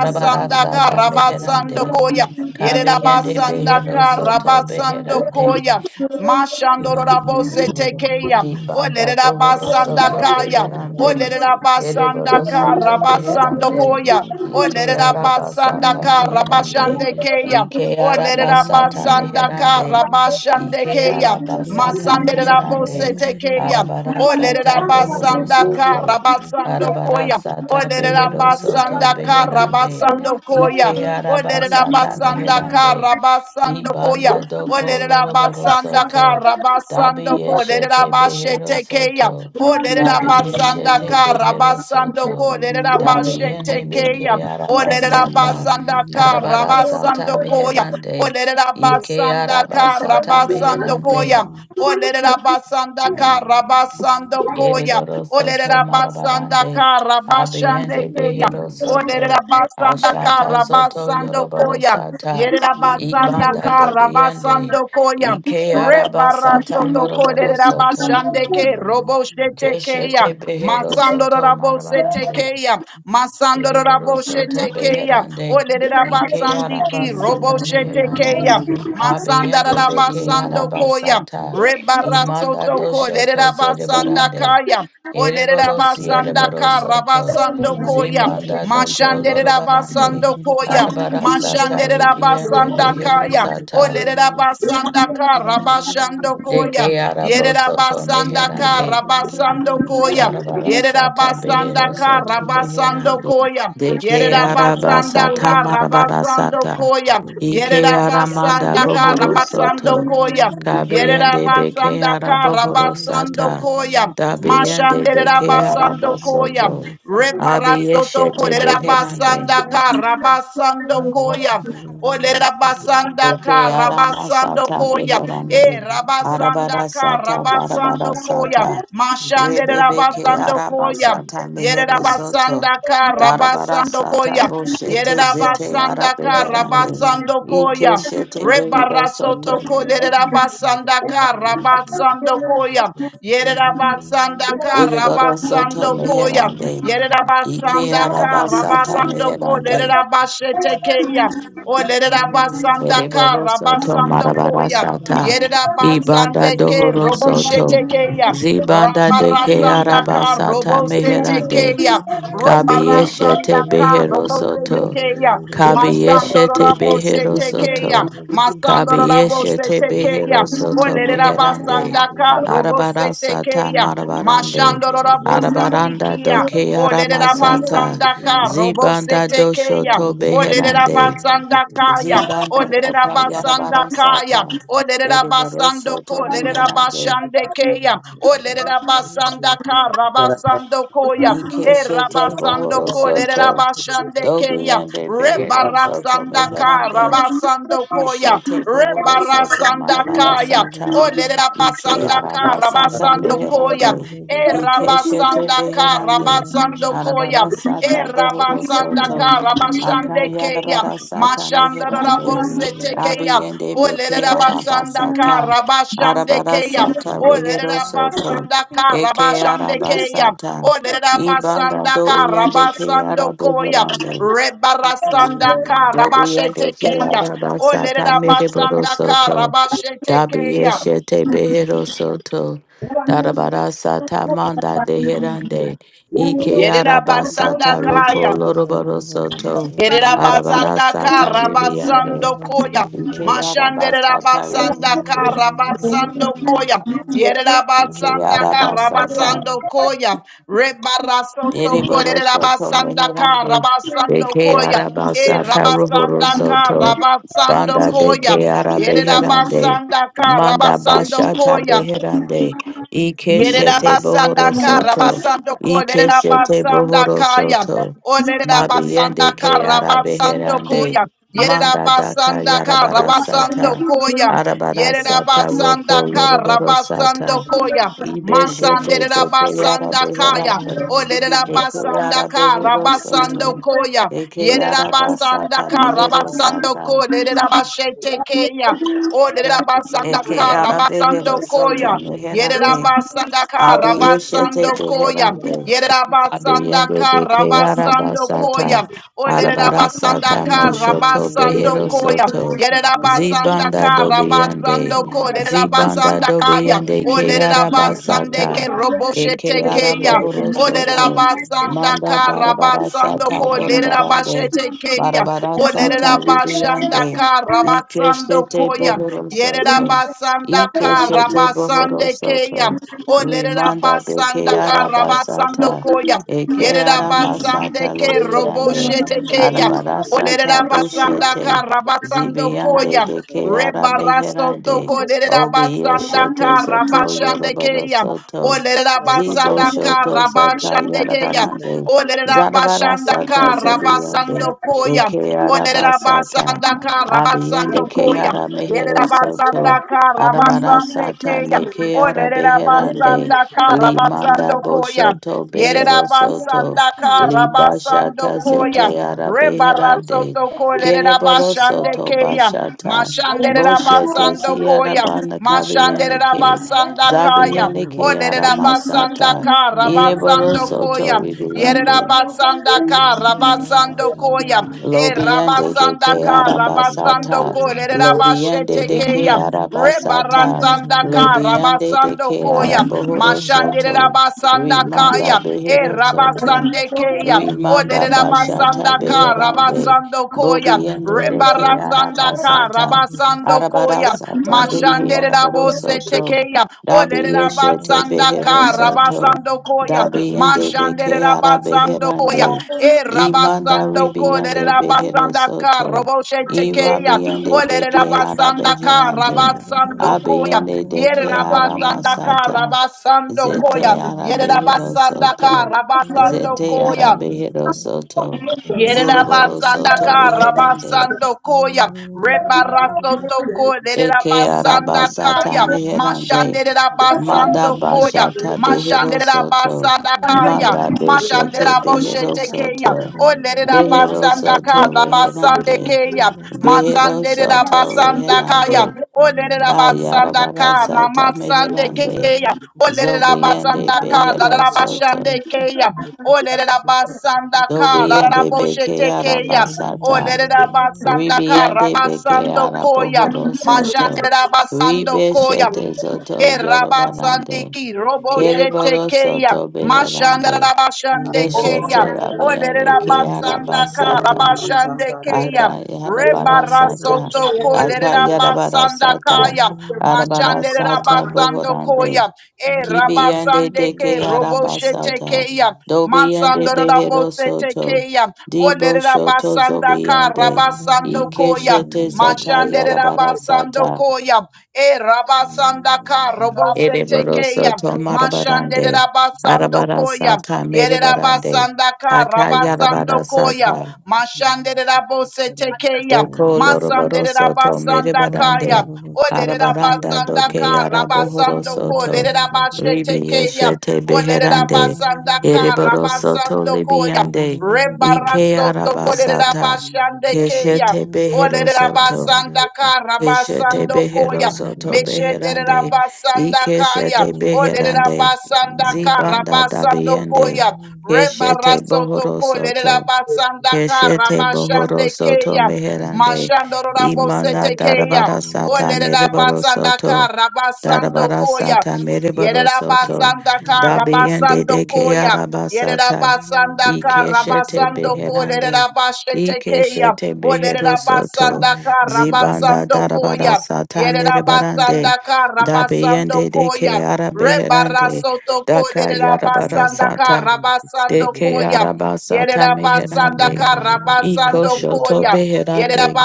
[SPEAKER 2] Russia,
[SPEAKER 1] Karabasando
[SPEAKER 3] meherande.
[SPEAKER 1] koya.
[SPEAKER 3] Kabiyende
[SPEAKER 1] Yerabasanda
[SPEAKER 3] behero soto
[SPEAKER 1] karabasando
[SPEAKER 3] beherande.
[SPEAKER 1] koya. Mashando rabose tekeya.
[SPEAKER 3] Di
[SPEAKER 1] O
[SPEAKER 3] banda bohoro
[SPEAKER 1] lerabasanda
[SPEAKER 3] soto
[SPEAKER 1] kaya.
[SPEAKER 3] beherande.
[SPEAKER 1] O lerabasanda
[SPEAKER 3] Ereborosoto
[SPEAKER 1] karabasando
[SPEAKER 3] beherande.
[SPEAKER 1] koya. O
[SPEAKER 3] Ike
[SPEAKER 1] lerabasanda
[SPEAKER 3] arabasata meherande.
[SPEAKER 1] karabashande keya.
[SPEAKER 3] Ike arabasata
[SPEAKER 1] Olerabasandaka ka,
[SPEAKER 3] meherande. Ike arabasata
[SPEAKER 5] Thank
[SPEAKER 3] meherande.
[SPEAKER 5] you.
[SPEAKER 1] masanderabosetekeya
[SPEAKER 3] Arabarasata
[SPEAKER 1] olerabasandaka
[SPEAKER 3] bohorosoto.
[SPEAKER 1] rabasandokoya
[SPEAKER 3] Arabarasata beherosoto
[SPEAKER 1] olerabasandaka
[SPEAKER 3] beherande.
[SPEAKER 1] rabasandokoya
[SPEAKER 3] Ike arabasata
[SPEAKER 1] olerabasandaka
[SPEAKER 3] meherande.
[SPEAKER 1] rabasandokoya
[SPEAKER 3] Ibanda doko
[SPEAKER 1] Olerera basanda
[SPEAKER 3] loroborosoto.
[SPEAKER 1] kara basando
[SPEAKER 3] Dabi
[SPEAKER 1] ko lerera
[SPEAKER 3] yeshete
[SPEAKER 1] bashete keya.
[SPEAKER 3] beherosoto.
[SPEAKER 1] Olerera basanda
[SPEAKER 3] Dabiyeshete
[SPEAKER 1] kara
[SPEAKER 3] behero
[SPEAKER 1] basando ko
[SPEAKER 3] soto.
[SPEAKER 1] lerera bashete
[SPEAKER 3] Dabiyende beke
[SPEAKER 1] keya. Olerera
[SPEAKER 3] arabasata.
[SPEAKER 1] basanda kara
[SPEAKER 3] Arabarasata
[SPEAKER 1] basando koya.
[SPEAKER 3] meherande.
[SPEAKER 1] Olerera
[SPEAKER 3] Ike
[SPEAKER 1] basanda kara
[SPEAKER 3] arabasata
[SPEAKER 1] basando koya.
[SPEAKER 3] meherande.
[SPEAKER 1] Olerera basanda kara basando koya.
[SPEAKER 3] Ereboro soto
[SPEAKER 1] Olerera basanda
[SPEAKER 3] marabarande.
[SPEAKER 1] kara basande
[SPEAKER 3] Abiyende
[SPEAKER 1] keya.
[SPEAKER 3] behero
[SPEAKER 1] Olerera
[SPEAKER 3] soto.
[SPEAKER 1] basanda
[SPEAKER 3] Ashata
[SPEAKER 1] kara
[SPEAKER 3] zoto
[SPEAKER 1] basando
[SPEAKER 3] yoroboro
[SPEAKER 1] koya.
[SPEAKER 3] sata.
[SPEAKER 1] Yerera basanda
[SPEAKER 3] Ibanda
[SPEAKER 1] kara
[SPEAKER 3] dobiyende.
[SPEAKER 1] basando koya.
[SPEAKER 3] Ike
[SPEAKER 1] Rebara
[SPEAKER 3] arabasata
[SPEAKER 1] soto
[SPEAKER 3] moroboro
[SPEAKER 1] kolerera
[SPEAKER 3] soto.
[SPEAKER 1] basande ke robo shete keya.
[SPEAKER 3] Keshete behero
[SPEAKER 1] Masando
[SPEAKER 3] soto
[SPEAKER 1] rabo sete
[SPEAKER 5] Thank
[SPEAKER 3] marabarande.
[SPEAKER 5] you.
[SPEAKER 1] keya. Masando
[SPEAKER 3] Kiriboro
[SPEAKER 1] rabo
[SPEAKER 5] I'm
[SPEAKER 1] shete
[SPEAKER 3] soto
[SPEAKER 1] keya.
[SPEAKER 3] beherande.
[SPEAKER 1] Olerera
[SPEAKER 3] Ike
[SPEAKER 1] basandi ki robo
[SPEAKER 3] arabasata
[SPEAKER 1] shete keya.
[SPEAKER 3] meherande. Abiyende beke
[SPEAKER 1] Masandarabasando koya.
[SPEAKER 3] arabasata.
[SPEAKER 2] Thank
[SPEAKER 3] Imanda
[SPEAKER 1] Rebarasoto ko.
[SPEAKER 3] doshoto
[SPEAKER 1] Lerabasanda
[SPEAKER 3] zerebarande.
[SPEAKER 1] kaya. O
[SPEAKER 3] Ereboro
[SPEAKER 1] lerabasanda
[SPEAKER 3] siereboro soto.
[SPEAKER 1] karabasando koya.
[SPEAKER 3] Zibanda doko
[SPEAKER 4] you.
[SPEAKER 3] lorobarande.
[SPEAKER 1] Mashanderabasando koya.
[SPEAKER 3] Arabarasata ribiyande
[SPEAKER 1] Mashanderabasanda
[SPEAKER 4] Thank
[SPEAKER 3] behero
[SPEAKER 1] kaya. O
[SPEAKER 3] sata.
[SPEAKER 1] lerabasanda karabasando koya.
[SPEAKER 3] Deke arabo
[SPEAKER 1] Yerabasanda
[SPEAKER 3] meherande.
[SPEAKER 1] karabasando koya.
[SPEAKER 3] Darabara sata
[SPEAKER 2] Thank
[SPEAKER 1] Yerabasanda
[SPEAKER 3] behero soto
[SPEAKER 1] karabasando
[SPEAKER 3] beherande.
[SPEAKER 1] koya.
[SPEAKER 3] Deke araba sata
[SPEAKER 1] Yerabasandaka
[SPEAKER 3] marabara
[SPEAKER 1] Rabasando
[SPEAKER 3] sata.
[SPEAKER 1] Koyam.
[SPEAKER 3] Ike aramanda
[SPEAKER 1] Yerabasandaka
[SPEAKER 3] bohoro
[SPEAKER 1] Rabasando
[SPEAKER 3] soto.
[SPEAKER 1] Koyam.
[SPEAKER 3] Kabiyende beke
[SPEAKER 1] Yerabasandaka
[SPEAKER 3] arabohoro
[SPEAKER 1] Rabasando
[SPEAKER 3] sata.
[SPEAKER 1] Koyam.
[SPEAKER 2] you.
[SPEAKER 3] Dabiyende deke araba
[SPEAKER 1] Mashanderabasando Koyam.
[SPEAKER 3] soto.
[SPEAKER 1] Rebarasoto
[SPEAKER 3] Abiyeshete beherande.
[SPEAKER 1] Koyerabasandaka Rabasando Koyam.
[SPEAKER 3] Eke
[SPEAKER 1] Olerabasandaka
[SPEAKER 3] arama
[SPEAKER 1] Rabasando
[SPEAKER 3] sata
[SPEAKER 1] Koyam.
[SPEAKER 3] beherande.
[SPEAKER 1] E
[SPEAKER 3] Arabara
[SPEAKER 1] Rabasandaka
[SPEAKER 3] sata barabara
[SPEAKER 1] Rabasando Koyam.
[SPEAKER 3] sata. Rebebe ke
[SPEAKER 1] Mashanderabasando
[SPEAKER 3] araba
[SPEAKER 1] Koyam.
[SPEAKER 3] sata mehero soto.
[SPEAKER 1] Yerabasandaka
[SPEAKER 3] Darabara sata
[SPEAKER 1] Rabasandokoya.
[SPEAKER 3] boshete zete
[SPEAKER 1] Yerabasandaka
[SPEAKER 3] arabeherande.
[SPEAKER 1] Rabasandokoya.
[SPEAKER 3] Ike shete
[SPEAKER 4] you.
[SPEAKER 3] behero soto.
[SPEAKER 1] Rebarasotoko
[SPEAKER 4] Thank
[SPEAKER 1] Yerabasandaka Rabasandokoya. Yerabasandaka
[SPEAKER 5] gonna make you mine.
[SPEAKER 3] Ereboro soto
[SPEAKER 1] Rabasandokoya.
[SPEAKER 3] meherande.
[SPEAKER 2] Thank
[SPEAKER 3] Ike
[SPEAKER 2] you.
[SPEAKER 1] Yerabasandaka
[SPEAKER 3] araba sata
[SPEAKER 1] Rabasandoko
[SPEAKER 3] meherande.
[SPEAKER 1] Yerabashetekeya. O Yerabasandaka
[SPEAKER 3] Ereboro soto marabara
[SPEAKER 1] Rabasandokoya
[SPEAKER 3] sata. Ibanda
[SPEAKER 1] basanda ke ke
[SPEAKER 3] dohoro
[SPEAKER 1] ke
[SPEAKER 3] soto.
[SPEAKER 1] ke ke yam.
[SPEAKER 3] Zibanda de ke
[SPEAKER 1] Rabarasanda
[SPEAKER 3] araba
[SPEAKER 1] ka
[SPEAKER 3] sata
[SPEAKER 1] robo sete ke
[SPEAKER 3] meherande.
[SPEAKER 1] yam. Robarasanda
[SPEAKER 3] Kabiyeshete
[SPEAKER 1] ka
[SPEAKER 3] behero
[SPEAKER 1] robo sete
[SPEAKER 3] soto.
[SPEAKER 1] ke yam, Masando
[SPEAKER 3] Kabiyeshete
[SPEAKER 1] robo
[SPEAKER 3] behero
[SPEAKER 1] sete ke yam,
[SPEAKER 3] soto.
[SPEAKER 1] Masando robo
[SPEAKER 3] Kabiyeshete
[SPEAKER 1] sete ke
[SPEAKER 3] behero
[SPEAKER 1] yam,
[SPEAKER 3] soto
[SPEAKER 1] Olerida
[SPEAKER 3] meherande.
[SPEAKER 1] basanda ka robo
[SPEAKER 4] you.
[SPEAKER 3] Arabara
[SPEAKER 1] sete ke
[SPEAKER 3] sata
[SPEAKER 1] yam,
[SPEAKER 4] Thank
[SPEAKER 3] marabarande.
[SPEAKER 1] Mashando robo sandi
[SPEAKER 3] Arabaranda
[SPEAKER 1] ki yam,
[SPEAKER 3] doke
[SPEAKER 1] ka ka ka yam,
[SPEAKER 3] aramasata.
[SPEAKER 1] roboshetekeya. Rabarasandaka robosetekeya. Robarasandaka robosetekeya. Masandororabosetekeya. Masandororabosetekeya. Olererabasandaka robosetekeya.
[SPEAKER 3] Zibanda
[SPEAKER 1] Mashandororabosandikia. ke yam.
[SPEAKER 3] doshoto beherande.
[SPEAKER 1] Olerabasandakaya.
[SPEAKER 3] Zibanda daka yarabara
[SPEAKER 1] Olerabasandakaya.
[SPEAKER 3] sata. Eriboro soto
[SPEAKER 1] Olerabasandoko.
[SPEAKER 3] meherande.
[SPEAKER 1] Lerabashandekeya. Olerabasandaka.
[SPEAKER 6] Thank
[SPEAKER 1] Rabasandokoya. E
[SPEAKER 3] Ikeshete bohoro
[SPEAKER 1] rabasandoko.
[SPEAKER 3] soto.
[SPEAKER 1] Lerabashandekeya.
[SPEAKER 3] Dobiende behero soto
[SPEAKER 1] Rebarasandaka.
[SPEAKER 3] meherande.
[SPEAKER 1] Rabasandokoya.
[SPEAKER 3] Ishete bohoro soto
[SPEAKER 2] Thank
[SPEAKER 3] marabara
[SPEAKER 1] Rebarasandakaya.
[SPEAKER 3] sata. Ike
[SPEAKER 1] Olerabasandaka.
[SPEAKER 3] araba sata
[SPEAKER 1] Rabasandokoya.
[SPEAKER 3] meherande. Ike
[SPEAKER 1] E
[SPEAKER 3] shete
[SPEAKER 1] Ka
[SPEAKER 3] beherande.
[SPEAKER 1] rabasando koya,
[SPEAKER 3] Arabara
[SPEAKER 1] e
[SPEAKER 3] sata bohoro
[SPEAKER 1] rabasanda ka
[SPEAKER 3] soto.
[SPEAKER 1] rabashande
[SPEAKER 3] Akaya
[SPEAKER 1] keya,
[SPEAKER 3] arabara sata
[SPEAKER 1] mashanda
[SPEAKER 3] meherande.
[SPEAKER 1] rabose tekeya,
[SPEAKER 3] Abiyende
[SPEAKER 1] ole
[SPEAKER 3] beke araba
[SPEAKER 1] rabasanda ka
[SPEAKER 3] sata.
[SPEAKER 1] rabashande
[SPEAKER 3] Arabara
[SPEAKER 1] keya,
[SPEAKER 3] sata
[SPEAKER 1] ole
[SPEAKER 3] behero soto.
[SPEAKER 1] rabasanda ka
[SPEAKER 3] Eke
[SPEAKER 1] rabashande
[SPEAKER 3] araba
[SPEAKER 1] keya,
[SPEAKER 3] sata.
[SPEAKER 1] ole
[SPEAKER 3] Ibanda
[SPEAKER 1] rabasanda ka
[SPEAKER 3] dobiyende ke
[SPEAKER 1] rabasando koya,
[SPEAKER 3] arabeherande.
[SPEAKER 1] rebarasanda ka
[SPEAKER 3] Dobiande
[SPEAKER 1] rabashete keya,
[SPEAKER 3] Kiara
[SPEAKER 1] ole
[SPEAKER 3] Basata Medeboro
[SPEAKER 1] rabasanda ka
[SPEAKER 3] Soto.
[SPEAKER 1] rabashete keya.
[SPEAKER 3] Dabieshete Behero Soto. Darabara Sata Manda Deherande. Ike
[SPEAKER 1] Yerera basanda
[SPEAKER 3] Arabasata
[SPEAKER 1] kaya.
[SPEAKER 3] Loko Loroboro Soto. Arabara
[SPEAKER 1] Yerabasanda
[SPEAKER 3] Sata Ribiande.
[SPEAKER 1] Karabasando Koya.
[SPEAKER 3] Ike Arabasata
[SPEAKER 1] Mashanderabasanda
[SPEAKER 3] Reherande.
[SPEAKER 1] Karabasando Koya.
[SPEAKER 5] Thank
[SPEAKER 2] you.
[SPEAKER 5] you.
[SPEAKER 3] Ike
[SPEAKER 1] Yerabasanda
[SPEAKER 3] Arabasata.
[SPEAKER 1] Karabasando Koya.
[SPEAKER 3] Dede
[SPEAKER 1] Rebarasoto
[SPEAKER 3] soto
[SPEAKER 1] Korabasanda
[SPEAKER 3] meherande.
[SPEAKER 1] Karabasando
[SPEAKER 3] Deke
[SPEAKER 1] Koya. E
[SPEAKER 3] arabasata sata
[SPEAKER 1] Rabasanda
[SPEAKER 3] soto.
[SPEAKER 1] Karabasando
[SPEAKER 3] Banda deke
[SPEAKER 1] Koya.
[SPEAKER 3] arabeherande,
[SPEAKER 1] Yerabasanda
[SPEAKER 3] Manda
[SPEAKER 1] Karabasando
[SPEAKER 3] bashata
[SPEAKER 1] Koya.
[SPEAKER 3] beherande. Ike
[SPEAKER 1] Yerera
[SPEAKER 3] shete
[SPEAKER 1] basanda
[SPEAKER 3] bohoro
[SPEAKER 1] kara
[SPEAKER 3] soto.
[SPEAKER 1] basando
[SPEAKER 3] Ike
[SPEAKER 1] Yerabasanda
[SPEAKER 3] shete
[SPEAKER 1] Karabasando Kolerabasanda
[SPEAKER 3] bohoro
[SPEAKER 1] Kaya.
[SPEAKER 3] soto.
[SPEAKER 4] you.
[SPEAKER 1] Olerabasanda
[SPEAKER 3] Mabiyende ke
[SPEAKER 4] Thank
[SPEAKER 1] Karabasando
[SPEAKER 3] arabeherande,
[SPEAKER 1] Koya.
[SPEAKER 3] Manda daka
[SPEAKER 1] Yerabasanda
[SPEAKER 3] yarabara
[SPEAKER 1] Karabasando
[SPEAKER 3] sata.
[SPEAKER 1] Koya.
[SPEAKER 3] Arabara sata
[SPEAKER 1] Yerabasanda
[SPEAKER 3] roko loroboro
[SPEAKER 1] Karabasando
[SPEAKER 3] sata.
[SPEAKER 1] Koya.
[SPEAKER 3] Ibe
[SPEAKER 2] Thank you.
[SPEAKER 3] shete zete
[SPEAKER 1] Masanderabasanda
[SPEAKER 3] yarabe
[SPEAKER 1] Kaya.
[SPEAKER 3] Eke
[SPEAKER 1] Olerabasanda
[SPEAKER 3] ara behero
[SPEAKER 1] Karabasando
[SPEAKER 3] soto.
[SPEAKER 1] Koya.
[SPEAKER 3] Eke ara
[SPEAKER 1] Yerabasanda
[SPEAKER 3] basata mehero
[SPEAKER 1] Karabasando
[SPEAKER 3] sata.
[SPEAKER 1] Kolerabashete Kaya. Orera basanda
[SPEAKER 3] Eke
[SPEAKER 1] kara
[SPEAKER 3] ara behero
[SPEAKER 1] basando
[SPEAKER 3] soto
[SPEAKER 1] koya. Yerera
[SPEAKER 3] meherande.
[SPEAKER 1] basanda kara
[SPEAKER 3] Abiyeshete
[SPEAKER 1] basando koya.
[SPEAKER 3] beherande.
[SPEAKER 1] Yerera basanda
[SPEAKER 3] Abiende
[SPEAKER 1] kara
[SPEAKER 3] beke
[SPEAKER 1] basando
[SPEAKER 3] arabasata
[SPEAKER 1] koya. Orera basanda
[SPEAKER 3] arabarasata
[SPEAKER 1] kara
[SPEAKER 3] moshoto
[SPEAKER 1] basando
[SPEAKER 3] behero
[SPEAKER 1] koya.
[SPEAKER 3] soto
[SPEAKER 1] Yerera
[SPEAKER 4] you.
[SPEAKER 1] basanda
[SPEAKER 3] zibanda
[SPEAKER 1] kara
[SPEAKER 3] dobiende
[SPEAKER 1] basando
[SPEAKER 4] Thank
[SPEAKER 1] koya. Yerera
[SPEAKER 3] zibanda
[SPEAKER 1] basanda kaya.
[SPEAKER 3] dobiende ke
[SPEAKER 1] Orera basande
[SPEAKER 3] arabasata
[SPEAKER 1] ke
[SPEAKER 3] eke
[SPEAKER 1] roboshete keya.
[SPEAKER 3] arabohoro
[SPEAKER 1] Orera
[SPEAKER 3] soto
[SPEAKER 1] basanda
[SPEAKER 3] manda
[SPEAKER 1] kara basando
[SPEAKER 3] barabarasata borobarande
[SPEAKER 1] koya tekeya.
[SPEAKER 3] barabarasata
[SPEAKER 1] Olerera bashanda
[SPEAKER 3] ribiande
[SPEAKER 1] ka rabasando
[SPEAKER 3] ikeshete
[SPEAKER 1] koya.
[SPEAKER 3] bohoro
[SPEAKER 1] Yerera
[SPEAKER 3] soto
[SPEAKER 1] basanda ka
[SPEAKER 5] Thank you.
[SPEAKER 3] ikeshete bohoro
[SPEAKER 1] rabasande
[SPEAKER 3] soto
[SPEAKER 1] keya. Olerera
[SPEAKER 3] rimanda beke
[SPEAKER 1] basanda ka rabasando
[SPEAKER 3] arabasata
[SPEAKER 1] koya.
[SPEAKER 3] Eke
[SPEAKER 1] Yerera basande
[SPEAKER 3] aramasata
[SPEAKER 1] ke robo
[SPEAKER 5] Amen.
[SPEAKER 3] lobiande
[SPEAKER 1] shetekeya.
[SPEAKER 3] arabarasata
[SPEAKER 1] Olerabasanda
[SPEAKER 3] boshete
[SPEAKER 1] karabasando koya.
[SPEAKER 3] zibiande deke
[SPEAKER 1] Rebaraso toko
[SPEAKER 3] arabeherande
[SPEAKER 1] lerabasanda
[SPEAKER 3] obieshete
[SPEAKER 4] you.
[SPEAKER 3] zoto
[SPEAKER 1] karabashande
[SPEAKER 4] Thank
[SPEAKER 1] keya.
[SPEAKER 3] yoroborosoto zibo
[SPEAKER 1] Olerabasanda
[SPEAKER 3] shoto sata
[SPEAKER 1] karabashande keya.
[SPEAKER 3] yarabarande
[SPEAKER 1] Olerabashanda
[SPEAKER 3] zarabarasata
[SPEAKER 1] karabasando
[SPEAKER 3] zobiyande
[SPEAKER 1] koya.
[SPEAKER 3] eke arabasata
[SPEAKER 1] Olerabasanda
[SPEAKER 3] abiyande
[SPEAKER 1] karabasando
[SPEAKER 3] ke
[SPEAKER 1] koya. Yerera
[SPEAKER 3] arameherosoto
[SPEAKER 1] basanda kara karabasande
[SPEAKER 3] arabarasata
[SPEAKER 1] keya.
[SPEAKER 3] meke
[SPEAKER 1] Olerera
[SPEAKER 3] arabeherande
[SPEAKER 1] basanda kara
[SPEAKER 3] Limanda
[SPEAKER 1] basando koya.
[SPEAKER 3] Boshoto
[SPEAKER 1] Yerera
[SPEAKER 3] Behero Soto
[SPEAKER 1] basanda kara basando
[SPEAKER 3] Libashata Zete
[SPEAKER 1] koya.
[SPEAKER 3] Ara
[SPEAKER 1] Rebaraso
[SPEAKER 3] Beherande
[SPEAKER 1] to kolerera
[SPEAKER 3] Kereboro
[SPEAKER 1] basande
[SPEAKER 3] Soto
[SPEAKER 1] keya.
[SPEAKER 3] Bashata
[SPEAKER 1] Mashanderera
[SPEAKER 3] Boshete
[SPEAKER 1] basando
[SPEAKER 3] Ziara
[SPEAKER 1] koya.
[SPEAKER 3] Banda
[SPEAKER 1] Mashanderera
[SPEAKER 3] Kabiyeneke
[SPEAKER 1] basanda kaya.
[SPEAKER 3] Zabiyeneke Ara
[SPEAKER 1] Olerera basanda
[SPEAKER 3] Masata
[SPEAKER 1] kara
[SPEAKER 3] Ireboro
[SPEAKER 1] basando
[SPEAKER 3] Soto
[SPEAKER 1] koya. Yerera basanda Rabasando koya. E
[SPEAKER 3] Lobiende de
[SPEAKER 1] rabasanda
[SPEAKER 3] ke
[SPEAKER 1] ka rabasando
[SPEAKER 3] arabasata.
[SPEAKER 1] ko le
[SPEAKER 3] Lobiende
[SPEAKER 1] rabashete
[SPEAKER 3] de ke
[SPEAKER 1] keya.
[SPEAKER 2] Thank
[SPEAKER 3] arabasata.
[SPEAKER 2] you.
[SPEAKER 1] Rebarasanda ka
[SPEAKER 3] Lobiende de
[SPEAKER 1] rabasando
[SPEAKER 3] ke
[SPEAKER 1] koya.
[SPEAKER 3] arabohoro
[SPEAKER 1] Mashande le
[SPEAKER 3] soto.
[SPEAKER 1] rabasanda
[SPEAKER 3] Rimanda
[SPEAKER 1] kaya. E
[SPEAKER 3] behero soto.
[SPEAKER 1] rabasande keya. O le
[SPEAKER 3] Rimanda bashata
[SPEAKER 1] rabasanda ka
[SPEAKER 3] beherande.
[SPEAKER 1] rabasando koya.
[SPEAKER 3] Bobiende de ke
[SPEAKER 1] Rebarasanda ka
[SPEAKER 3] arabasata.
[SPEAKER 1] rabasando koya.
[SPEAKER 3] Arabarasata
[SPEAKER 1] Mashande
[SPEAKER 3] beheraboro
[SPEAKER 1] Yerabose
[SPEAKER 3] soto.
[SPEAKER 1] Tekeya.
[SPEAKER 3] Dabi
[SPEAKER 1] Olerera
[SPEAKER 3] yeshete
[SPEAKER 1] rabasanda
[SPEAKER 3] behero
[SPEAKER 1] ka
[SPEAKER 3] soto.
[SPEAKER 1] rabasando koya.
[SPEAKER 3] Dabi yende beke
[SPEAKER 1] Mashanderera rabasando
[SPEAKER 3] arabeherande.
[SPEAKER 1] koya. E
[SPEAKER 3] Imanda
[SPEAKER 1] rabasando ko
[SPEAKER 3] ribiande
[SPEAKER 1] lerera
[SPEAKER 3] behero
[SPEAKER 1] rabasanda ka
[SPEAKER 3] soto.
[SPEAKER 1] roboshe tekeya.
[SPEAKER 3] Irabiande
[SPEAKER 1] Olerera
[SPEAKER 3] beke ara
[SPEAKER 1] rabasanda ka
[SPEAKER 3] beherande.
[SPEAKER 1] rabasando koya.
[SPEAKER 3] Abiende de
[SPEAKER 1] yere
[SPEAKER 3] ke ara
[SPEAKER 1] rabasanda ka
[SPEAKER 3] masata.
[SPEAKER 1] rabasando
[SPEAKER 3] Zete
[SPEAKER 1] koya.
[SPEAKER 3] ara
[SPEAKER 1] yere
[SPEAKER 3] behero
[SPEAKER 1] rabasanda ka
[SPEAKER 3] soto.
[SPEAKER 2] Thank
[SPEAKER 1] rabasando
[SPEAKER 3] Zete ara
[SPEAKER 1] koya.
[SPEAKER 3] behero soto. Zoroboro soto
[SPEAKER 1] Yerabasandaka
[SPEAKER 3] beherande.
[SPEAKER 1] Rabasando Koya Rebarasoto Ko
[SPEAKER 3] Eke ara
[SPEAKER 1] Lerabasanda
[SPEAKER 3] basata
[SPEAKER 1] Kaya
[SPEAKER 3] meherande. Manda
[SPEAKER 1] Mashanderabasando Koya
[SPEAKER 3] bashata behero soto.
[SPEAKER 1] Mashanderabasanda Kaya
[SPEAKER 3] Manda beshete behero
[SPEAKER 1] Mashanderaboshete Kaya
[SPEAKER 3] soto.
[SPEAKER 1] O
[SPEAKER 3] Behero
[SPEAKER 1] Lerabasanda
[SPEAKER 3] soto
[SPEAKER 1] Kaya Rabasande
[SPEAKER 3] reherande.
[SPEAKER 1] Kaya
[SPEAKER 3] Behero
[SPEAKER 1] Masandere
[SPEAKER 3] soto
[SPEAKER 1] Rabasanda Kaya,
[SPEAKER 3] reherande.
[SPEAKER 1] Olere Rabasanda
[SPEAKER 3] Kayarabara
[SPEAKER 1] Ka,
[SPEAKER 3] sata
[SPEAKER 1] Namasande
[SPEAKER 3] meherande.
[SPEAKER 1] Kaya, Olere
[SPEAKER 3] Zobiende
[SPEAKER 1] Rabasanda Ka,
[SPEAKER 3] behero
[SPEAKER 4] you.
[SPEAKER 1] Rabashande
[SPEAKER 3] soto.
[SPEAKER 4] Thank
[SPEAKER 1] Kaya, Olere Rabasanda Ka,
[SPEAKER 3] Dobiende beke
[SPEAKER 1] Raboshete Kaya,
[SPEAKER 3] arabasata.
[SPEAKER 1] Olere Rabasanda Ka,
[SPEAKER 3] Ribiende beke
[SPEAKER 1] Rabasando Koya,
[SPEAKER 3] arabohoro soto.
[SPEAKER 1] Mashandere Rabasando Koya,
[SPEAKER 3] Ribeshete soto
[SPEAKER 1] E
[SPEAKER 3] yorobarande.
[SPEAKER 1] rabasandiki roboshete
[SPEAKER 3] Kereboro
[SPEAKER 1] keya.
[SPEAKER 3] soto
[SPEAKER 1] Mashanda
[SPEAKER 3] beherande.
[SPEAKER 1] rabashande
[SPEAKER 3] Keshete
[SPEAKER 1] keya. Olere
[SPEAKER 3] rabiende ke
[SPEAKER 1] rabasanda ka
[SPEAKER 3] arabasata.
[SPEAKER 1] rabashande
[SPEAKER 2] you.
[SPEAKER 1] keya.
[SPEAKER 2] Thank you.
[SPEAKER 3] Akayarabarasata.
[SPEAKER 1] Rebarasoto ko lere rabasanda
[SPEAKER 3] Akayarabarasata.
[SPEAKER 1] kaya,
[SPEAKER 3] Arabarasata bohorande. Kibiyande deke
[SPEAKER 1] Erabasandiki
[SPEAKER 3] arabasata.
[SPEAKER 1] roboshetekeya
[SPEAKER 3] Dobiyande behero soto.
[SPEAKER 1] mashandarabashandekeya
[SPEAKER 3] Debo shoto
[SPEAKER 1] olerabasandaka rabashandekeya
[SPEAKER 3] zobiyande.
[SPEAKER 1] rebarasotoko lerabasandakaya mashanderabasandokoya erabasandeke roboshetekeya masandarabosetekeya rabasando rabasandokoya
[SPEAKER 3] Ikeshete zata
[SPEAKER 1] Mashandere
[SPEAKER 4] you.
[SPEAKER 1] rabasando
[SPEAKER 3] yarabarasata.
[SPEAKER 1] koya, e rabasanda ka robose
[SPEAKER 3] Ereboro
[SPEAKER 1] tekeya,
[SPEAKER 3] soto
[SPEAKER 1] mashandere
[SPEAKER 3] marabarande.
[SPEAKER 1] rabasando koya,
[SPEAKER 3] Arabarasata
[SPEAKER 1] yere
[SPEAKER 3] merebarande.
[SPEAKER 1] rabasanda ka rabasando koya,
[SPEAKER 3] Akayarabarasata.
[SPEAKER 1] mashandere rabose tekeya,
[SPEAKER 3] Doko loroboro
[SPEAKER 1] masandere
[SPEAKER 3] soto mere
[SPEAKER 1] rabasanda
[SPEAKER 3] barande.
[SPEAKER 1] kaya, olere
[SPEAKER 3] Arabaranda
[SPEAKER 1] rabasanda ka
[SPEAKER 3] doke arabohoro
[SPEAKER 1] rabasando ko,
[SPEAKER 3] soto.
[SPEAKER 1] lere rabashe
[SPEAKER 3] Ribi
[SPEAKER 1] tekeya,
[SPEAKER 3] eshete
[SPEAKER 1] olere
[SPEAKER 3] beherande.
[SPEAKER 1] rabasanda ka
[SPEAKER 3] Ereboro soto
[SPEAKER 1] rabasando koya,
[SPEAKER 3] libiande. Ike
[SPEAKER 1] rebarasoto kolere
[SPEAKER 3] arabasata.
[SPEAKER 1] rabashande keya,
[SPEAKER 3] Keshete behero soto.
[SPEAKER 1] Oderabasanda
[SPEAKER 4] Thank
[SPEAKER 3] Keshete
[SPEAKER 1] karabasando
[SPEAKER 3] behero
[SPEAKER 1] koya.
[SPEAKER 3] soto
[SPEAKER 1] Meshe
[SPEAKER 3] beherande.
[SPEAKER 1] derabasanda kaya.
[SPEAKER 2] Thank
[SPEAKER 3] Ikeshete
[SPEAKER 2] you.
[SPEAKER 3] beherande.
[SPEAKER 1] Oderabasanda
[SPEAKER 3] Zibanda
[SPEAKER 1] karabasando
[SPEAKER 3] dabiende.
[SPEAKER 1] koya.
[SPEAKER 3] Keshete
[SPEAKER 1] Rebarasoto
[SPEAKER 3] bohoro
[SPEAKER 1] ko
[SPEAKER 3] soto.
[SPEAKER 1] derabasanda
[SPEAKER 3] Keshete
[SPEAKER 1] karabashande
[SPEAKER 3] bohoro soto
[SPEAKER 1] keya.
[SPEAKER 3] meherande.
[SPEAKER 1] Mashando Rabose
[SPEAKER 3] Imana
[SPEAKER 1] Oderabasandakarabasandokoya. Meshederabasandakaya.
[SPEAKER 3] darabara
[SPEAKER 1] Oderabasandakarabasandokoya. Rebarasotokolerabasandakarabasandekeya. Mashandororabosetekeya.
[SPEAKER 3] sata mereboro soto. Darabara
[SPEAKER 1] Olerabasandakarabasandokoya.
[SPEAKER 3] sata mereboro soto. Dabiende de
[SPEAKER 1] Yerabasandakarabasandokoya.
[SPEAKER 3] kearabasata.
[SPEAKER 1] Yerabasandaka
[SPEAKER 3] Ikeshete
[SPEAKER 1] Rabasandoko
[SPEAKER 3] beherande.
[SPEAKER 1] Lerabashetekeya
[SPEAKER 3] Ikeshete behero soto.
[SPEAKER 1] Olerabasandaka
[SPEAKER 3] Zibanda darabara
[SPEAKER 1] Rabasandokoya
[SPEAKER 3] sata merebarande.
[SPEAKER 1] Yerabasandaka
[SPEAKER 3] Dabiende de
[SPEAKER 1] Rabasandokoya
[SPEAKER 3] kearabeherande.
[SPEAKER 1] Rebarasotoko
[SPEAKER 3] Daka yarabara
[SPEAKER 1] Lerabasandaka
[SPEAKER 3] sata de que
[SPEAKER 1] Rabasandokoya
[SPEAKER 3] arabasata
[SPEAKER 1] Yerabasandaka
[SPEAKER 3] meherande, y
[SPEAKER 1] Rabasando
[SPEAKER 3] coshoto
[SPEAKER 1] koya.
[SPEAKER 4] you.
[SPEAKER 3] beherande,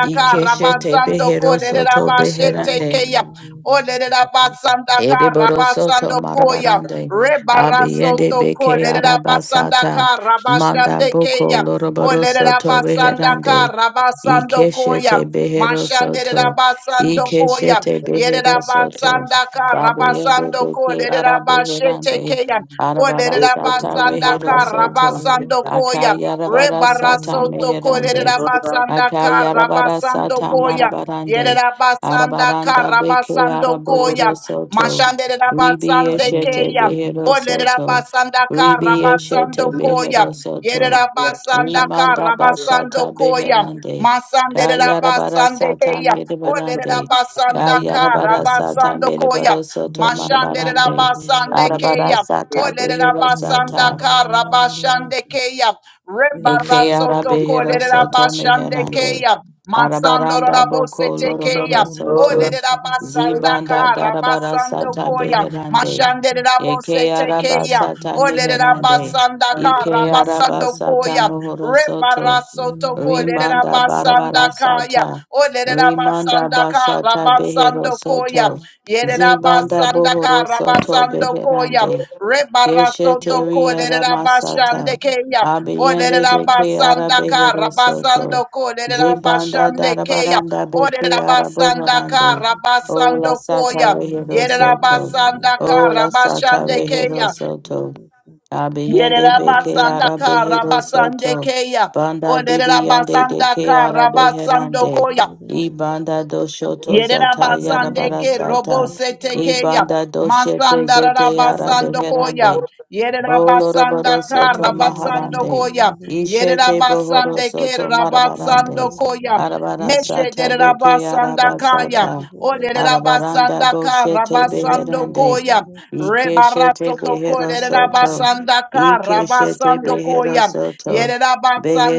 [SPEAKER 3] y quechete
[SPEAKER 1] Rabasando
[SPEAKER 3] beherosoto beherande,
[SPEAKER 1] Kolerabashetekeya. Olerabasandaka
[SPEAKER 3] Ereboro soto
[SPEAKER 1] Rabasando Koya.
[SPEAKER 3] marabarande, abiende
[SPEAKER 1] Rebarasoto
[SPEAKER 3] beke
[SPEAKER 1] Kolerabasandaka
[SPEAKER 3] arabasata, manda boko
[SPEAKER 1] Rabashandekeya.
[SPEAKER 3] loroboro soto
[SPEAKER 1] Olerabasandaka
[SPEAKER 3] beherande,
[SPEAKER 1] Rabasando Koya.
[SPEAKER 3] ikeshete behero soto,
[SPEAKER 1] Mashanderabasando Koya.
[SPEAKER 3] ikeshete behero soto,
[SPEAKER 1] Yerabasandaka
[SPEAKER 3] abiende
[SPEAKER 1] Rabasando
[SPEAKER 3] beke arabeherande,
[SPEAKER 1] Kolerabashetekeya. Olerera
[SPEAKER 3] arabarasata
[SPEAKER 1] basanda
[SPEAKER 3] behero
[SPEAKER 1] kara
[SPEAKER 3] soto,
[SPEAKER 1] basando koya.
[SPEAKER 3] akayarabarasata
[SPEAKER 1] Rebarasoto
[SPEAKER 3] meherande,
[SPEAKER 1] kolerera basanda kara
[SPEAKER 3] Akayarabara
[SPEAKER 1] basando
[SPEAKER 3] sata
[SPEAKER 1] koya.
[SPEAKER 3] marabarande.
[SPEAKER 1] Yerera basanda
[SPEAKER 3] Arabaranda
[SPEAKER 1] kara
[SPEAKER 3] beke
[SPEAKER 1] basando koya.
[SPEAKER 3] arabohoro soto.
[SPEAKER 1] Mashanderera
[SPEAKER 3] Ribi
[SPEAKER 1] basande
[SPEAKER 3] eshete
[SPEAKER 1] keya.
[SPEAKER 3] behero
[SPEAKER 1] Olerera
[SPEAKER 3] soto.
[SPEAKER 1] basanda kara
[SPEAKER 3] Ribi
[SPEAKER 1] basando
[SPEAKER 3] eshete
[SPEAKER 1] koya.
[SPEAKER 3] behero soto.
[SPEAKER 1] Yerera basanda
[SPEAKER 3] Rimanda
[SPEAKER 1] kara basando
[SPEAKER 3] bashata
[SPEAKER 1] koya.
[SPEAKER 3] beherande.
[SPEAKER 1] Masanderera
[SPEAKER 3] Kayarabara
[SPEAKER 1] basande
[SPEAKER 3] sata
[SPEAKER 1] keya. Olerera
[SPEAKER 3] mirabarande.
[SPEAKER 1] basanda kara
[SPEAKER 3] Kayarabara sata
[SPEAKER 1] basando koya.
[SPEAKER 3] mirabaro
[SPEAKER 2] Thank
[SPEAKER 3] soto
[SPEAKER 1] Mashandere
[SPEAKER 3] marabarande.
[SPEAKER 1] Rabasande
[SPEAKER 3] Arabara
[SPEAKER 1] Keya,
[SPEAKER 3] sata
[SPEAKER 1] Olere
[SPEAKER 3] behero sata.
[SPEAKER 1] Rabasanda Karabashande Keya,
[SPEAKER 3] Eke
[SPEAKER 1] Rebarasoto
[SPEAKER 3] arabehero
[SPEAKER 1] Kolere
[SPEAKER 3] soto
[SPEAKER 1] Rabashande
[SPEAKER 3] meherande.
[SPEAKER 1] Keya, Masando
[SPEAKER 3] Arabaranda
[SPEAKER 1] Rabose
[SPEAKER 3] boko
[SPEAKER 1] Tekeya,
[SPEAKER 3] loroboro soto.
[SPEAKER 1] Olere Rabasanda
[SPEAKER 3] Zibanda darabara
[SPEAKER 1] Karabasando
[SPEAKER 3] sata
[SPEAKER 1] Koya,
[SPEAKER 3] beherande.
[SPEAKER 1] Mashandere Rabose
[SPEAKER 3] Eke
[SPEAKER 1] Tekeya,
[SPEAKER 3] arabasata
[SPEAKER 1] Olere
[SPEAKER 3] meherande.
[SPEAKER 1] Rabasanda
[SPEAKER 3] Ike
[SPEAKER 1] Karabasando
[SPEAKER 3] arabasata
[SPEAKER 1] Koya,
[SPEAKER 3] mohoro soto.
[SPEAKER 1] Rebarasoto
[SPEAKER 3] Rimanda barabara
[SPEAKER 1] basanda kaya.
[SPEAKER 3] sata.
[SPEAKER 1] Olerera
[SPEAKER 3] Rimanda
[SPEAKER 1] basanda ka
[SPEAKER 3] bashata behero
[SPEAKER 1] rabasando koya.
[SPEAKER 3] soto.
[SPEAKER 1] Yerera
[SPEAKER 3] Zibanda
[SPEAKER 1] basanda ka
[SPEAKER 3] bohoro soto
[SPEAKER 1] rabasando koya.
[SPEAKER 3] beherande.
[SPEAKER 1] Rebarasoto
[SPEAKER 3] Kesheteria
[SPEAKER 1] kolerera basande
[SPEAKER 3] Ramasata
[SPEAKER 1] keya.
[SPEAKER 3] Abiyende
[SPEAKER 1] Olerera
[SPEAKER 3] de Keara
[SPEAKER 1] basanda ka
[SPEAKER 3] Behero Soto
[SPEAKER 1] rabasando kolerera
[SPEAKER 3] Zibanda
[SPEAKER 1] basande keya.
[SPEAKER 3] Darabaranda
[SPEAKER 2] you.
[SPEAKER 3] Beke
[SPEAKER 1] Olerera
[SPEAKER 2] Thank
[SPEAKER 1] basanda ka
[SPEAKER 3] Araboharande O La
[SPEAKER 1] rabasando
[SPEAKER 3] Sata
[SPEAKER 1] koya.
[SPEAKER 3] Rehero Soto
[SPEAKER 1] Yerabasanda
[SPEAKER 3] O La Sata
[SPEAKER 1] Karabashande
[SPEAKER 3] Rehero
[SPEAKER 1] Kea.
[SPEAKER 3] Soto Abiyende Beke
[SPEAKER 1] Yererabasanda
[SPEAKER 3] Ara
[SPEAKER 1] ka
[SPEAKER 3] Behero
[SPEAKER 1] kaya.
[SPEAKER 3] Soto
[SPEAKER 1] keya.
[SPEAKER 3] Banda Dibiyande de
[SPEAKER 1] Olererabasanda ka
[SPEAKER 3] Keara
[SPEAKER 1] rabasando
[SPEAKER 3] Beherande
[SPEAKER 1] koya
[SPEAKER 3] Ibanda Doshoto Zata
[SPEAKER 1] ke, ke robo
[SPEAKER 3] Yarabarasata
[SPEAKER 1] sete ke, ya.
[SPEAKER 3] Ibanda Doshete
[SPEAKER 1] Masanda rara
[SPEAKER 3] Zete Ara
[SPEAKER 1] basando koya.
[SPEAKER 3] Beherande
[SPEAKER 1] koya. koya.
[SPEAKER 3] Oloroboro
[SPEAKER 1] ka,
[SPEAKER 3] soto
[SPEAKER 1] rabasando
[SPEAKER 3] maharande.
[SPEAKER 1] koya yerera
[SPEAKER 3] Ishete bohoro
[SPEAKER 1] basande ke
[SPEAKER 3] soto
[SPEAKER 1] rabasando
[SPEAKER 3] marabarande.
[SPEAKER 1] koya
[SPEAKER 3] Arabara
[SPEAKER 1] meshe
[SPEAKER 3] sata
[SPEAKER 1] derera
[SPEAKER 3] beke
[SPEAKER 1] basanda kaya
[SPEAKER 3] arabasata.
[SPEAKER 1] O
[SPEAKER 3] Arabaranda
[SPEAKER 1] Yerabasandeke
[SPEAKER 3] boshete beherande.
[SPEAKER 1] robosetekeya
[SPEAKER 3] Ikeshete
[SPEAKER 1] masandararabasandokoya
[SPEAKER 3] behero soto.
[SPEAKER 1] yerabasandaka
[SPEAKER 3] Ikeshete behero
[SPEAKER 1] rabasandokoya yerabasandeke rabasandokoya ka, rabasando
[SPEAKER 3] soto.
[SPEAKER 1] koya.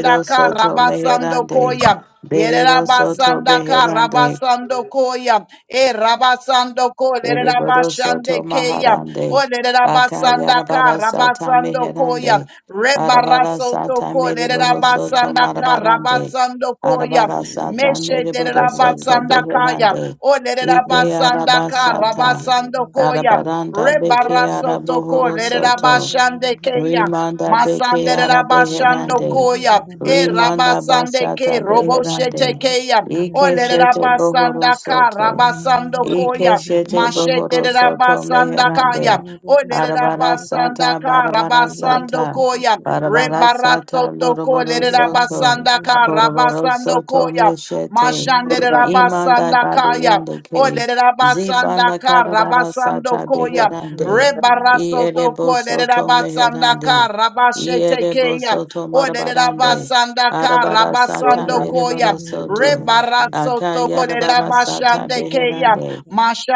[SPEAKER 1] rebarasotoko lerabasandaka ka,
[SPEAKER 3] soto
[SPEAKER 1] rabasando
[SPEAKER 3] meherande.
[SPEAKER 1] koya.
[SPEAKER 3] Behero soto
[SPEAKER 1] Yerabasanda ka
[SPEAKER 3] beherande.
[SPEAKER 1] rabasando koya. E rabasando ko
[SPEAKER 3] Ereboro
[SPEAKER 1] lerabashande
[SPEAKER 3] soto
[SPEAKER 1] keya.
[SPEAKER 2] you.
[SPEAKER 1] O
[SPEAKER 3] maharande.
[SPEAKER 1] lerabasanda ka
[SPEAKER 3] Akayarabara sata
[SPEAKER 1] rabasando koya.
[SPEAKER 3] meherande. Arabara
[SPEAKER 1] Rebarasoto
[SPEAKER 3] sata
[SPEAKER 1] ko
[SPEAKER 3] mereboro soto
[SPEAKER 1] lerabasanda
[SPEAKER 2] Thank
[SPEAKER 1] ka
[SPEAKER 3] marabarande.
[SPEAKER 1] rabasando koya.
[SPEAKER 3] Arabara sata
[SPEAKER 1] Meshe
[SPEAKER 3] mereboro soto
[SPEAKER 1] lerabasanda kaya.
[SPEAKER 3] beherande.
[SPEAKER 1] O
[SPEAKER 3] Ike
[SPEAKER 1] lerabasanda ka
[SPEAKER 3] arabasata.
[SPEAKER 1] rabasando koya.
[SPEAKER 3] Arabaranda beke
[SPEAKER 1] Rebarasoto ko
[SPEAKER 3] arabohoro soto.
[SPEAKER 1] lerabashande keya.
[SPEAKER 3] Rimanda beke
[SPEAKER 1] Masande rabashando
[SPEAKER 3] arabeherande.
[SPEAKER 1] koya. E
[SPEAKER 3] Rimanda
[SPEAKER 1] rabasande
[SPEAKER 3] bashata
[SPEAKER 1] ke roboshete
[SPEAKER 3] beherande.
[SPEAKER 1] keya. O
[SPEAKER 3] Ike shete bohoro
[SPEAKER 1] lerabasanda ka
[SPEAKER 3] soto.
[SPEAKER 1] rabasando koya.
[SPEAKER 3] Ikeshete
[SPEAKER 1] Mashete
[SPEAKER 3] bohoro soto
[SPEAKER 1] rabasanda
[SPEAKER 3] meherande.
[SPEAKER 1] kaya. O
[SPEAKER 3] Arabara
[SPEAKER 1] lerabasanda
[SPEAKER 3] sata
[SPEAKER 1] ka
[SPEAKER 3] barabara
[SPEAKER 1] rabasando
[SPEAKER 3] sata.
[SPEAKER 1] koya.
[SPEAKER 3] Barabara sata
[SPEAKER 1] Rebarasoto ko
[SPEAKER 3] loroboro soto.
[SPEAKER 1] lerabasanda ka
[SPEAKER 3] Koroboro
[SPEAKER 1] rabasando
[SPEAKER 3] soto
[SPEAKER 1] koya.
[SPEAKER 3] meshete.
[SPEAKER 1] Mashandere
[SPEAKER 3] Imanda
[SPEAKER 1] Rabasanda Kaya,
[SPEAKER 3] dabiyende ke.
[SPEAKER 1] Odere Rabasanda
[SPEAKER 3] Zibanda
[SPEAKER 1] Ka,
[SPEAKER 3] karabara
[SPEAKER 1] Rabasando
[SPEAKER 3] sata
[SPEAKER 1] Koya,
[SPEAKER 3] beherande.
[SPEAKER 6] you.
[SPEAKER 2] you.
[SPEAKER 1] Rebarasoto
[SPEAKER 3] Ierebo
[SPEAKER 1] Kodere
[SPEAKER 3] soto
[SPEAKER 1] Rabasanda Ka,
[SPEAKER 3] meherande.
[SPEAKER 1] Rabashete
[SPEAKER 3] Ierebo
[SPEAKER 1] Kaya,
[SPEAKER 3] soto
[SPEAKER 1] Odere
[SPEAKER 3] marabarande.
[SPEAKER 1] Rabasanda Ka,
[SPEAKER 3] Arabara
[SPEAKER 2] Get
[SPEAKER 6] Thank
[SPEAKER 2] it
[SPEAKER 3] sata
[SPEAKER 1] Rabasando Koya,
[SPEAKER 3] mereboro soto.
[SPEAKER 2] out
[SPEAKER 1] Rebarasoto Kodere
[SPEAKER 3] Akayarabara sata
[SPEAKER 1] Rabashande Kaya,
[SPEAKER 3] beherande.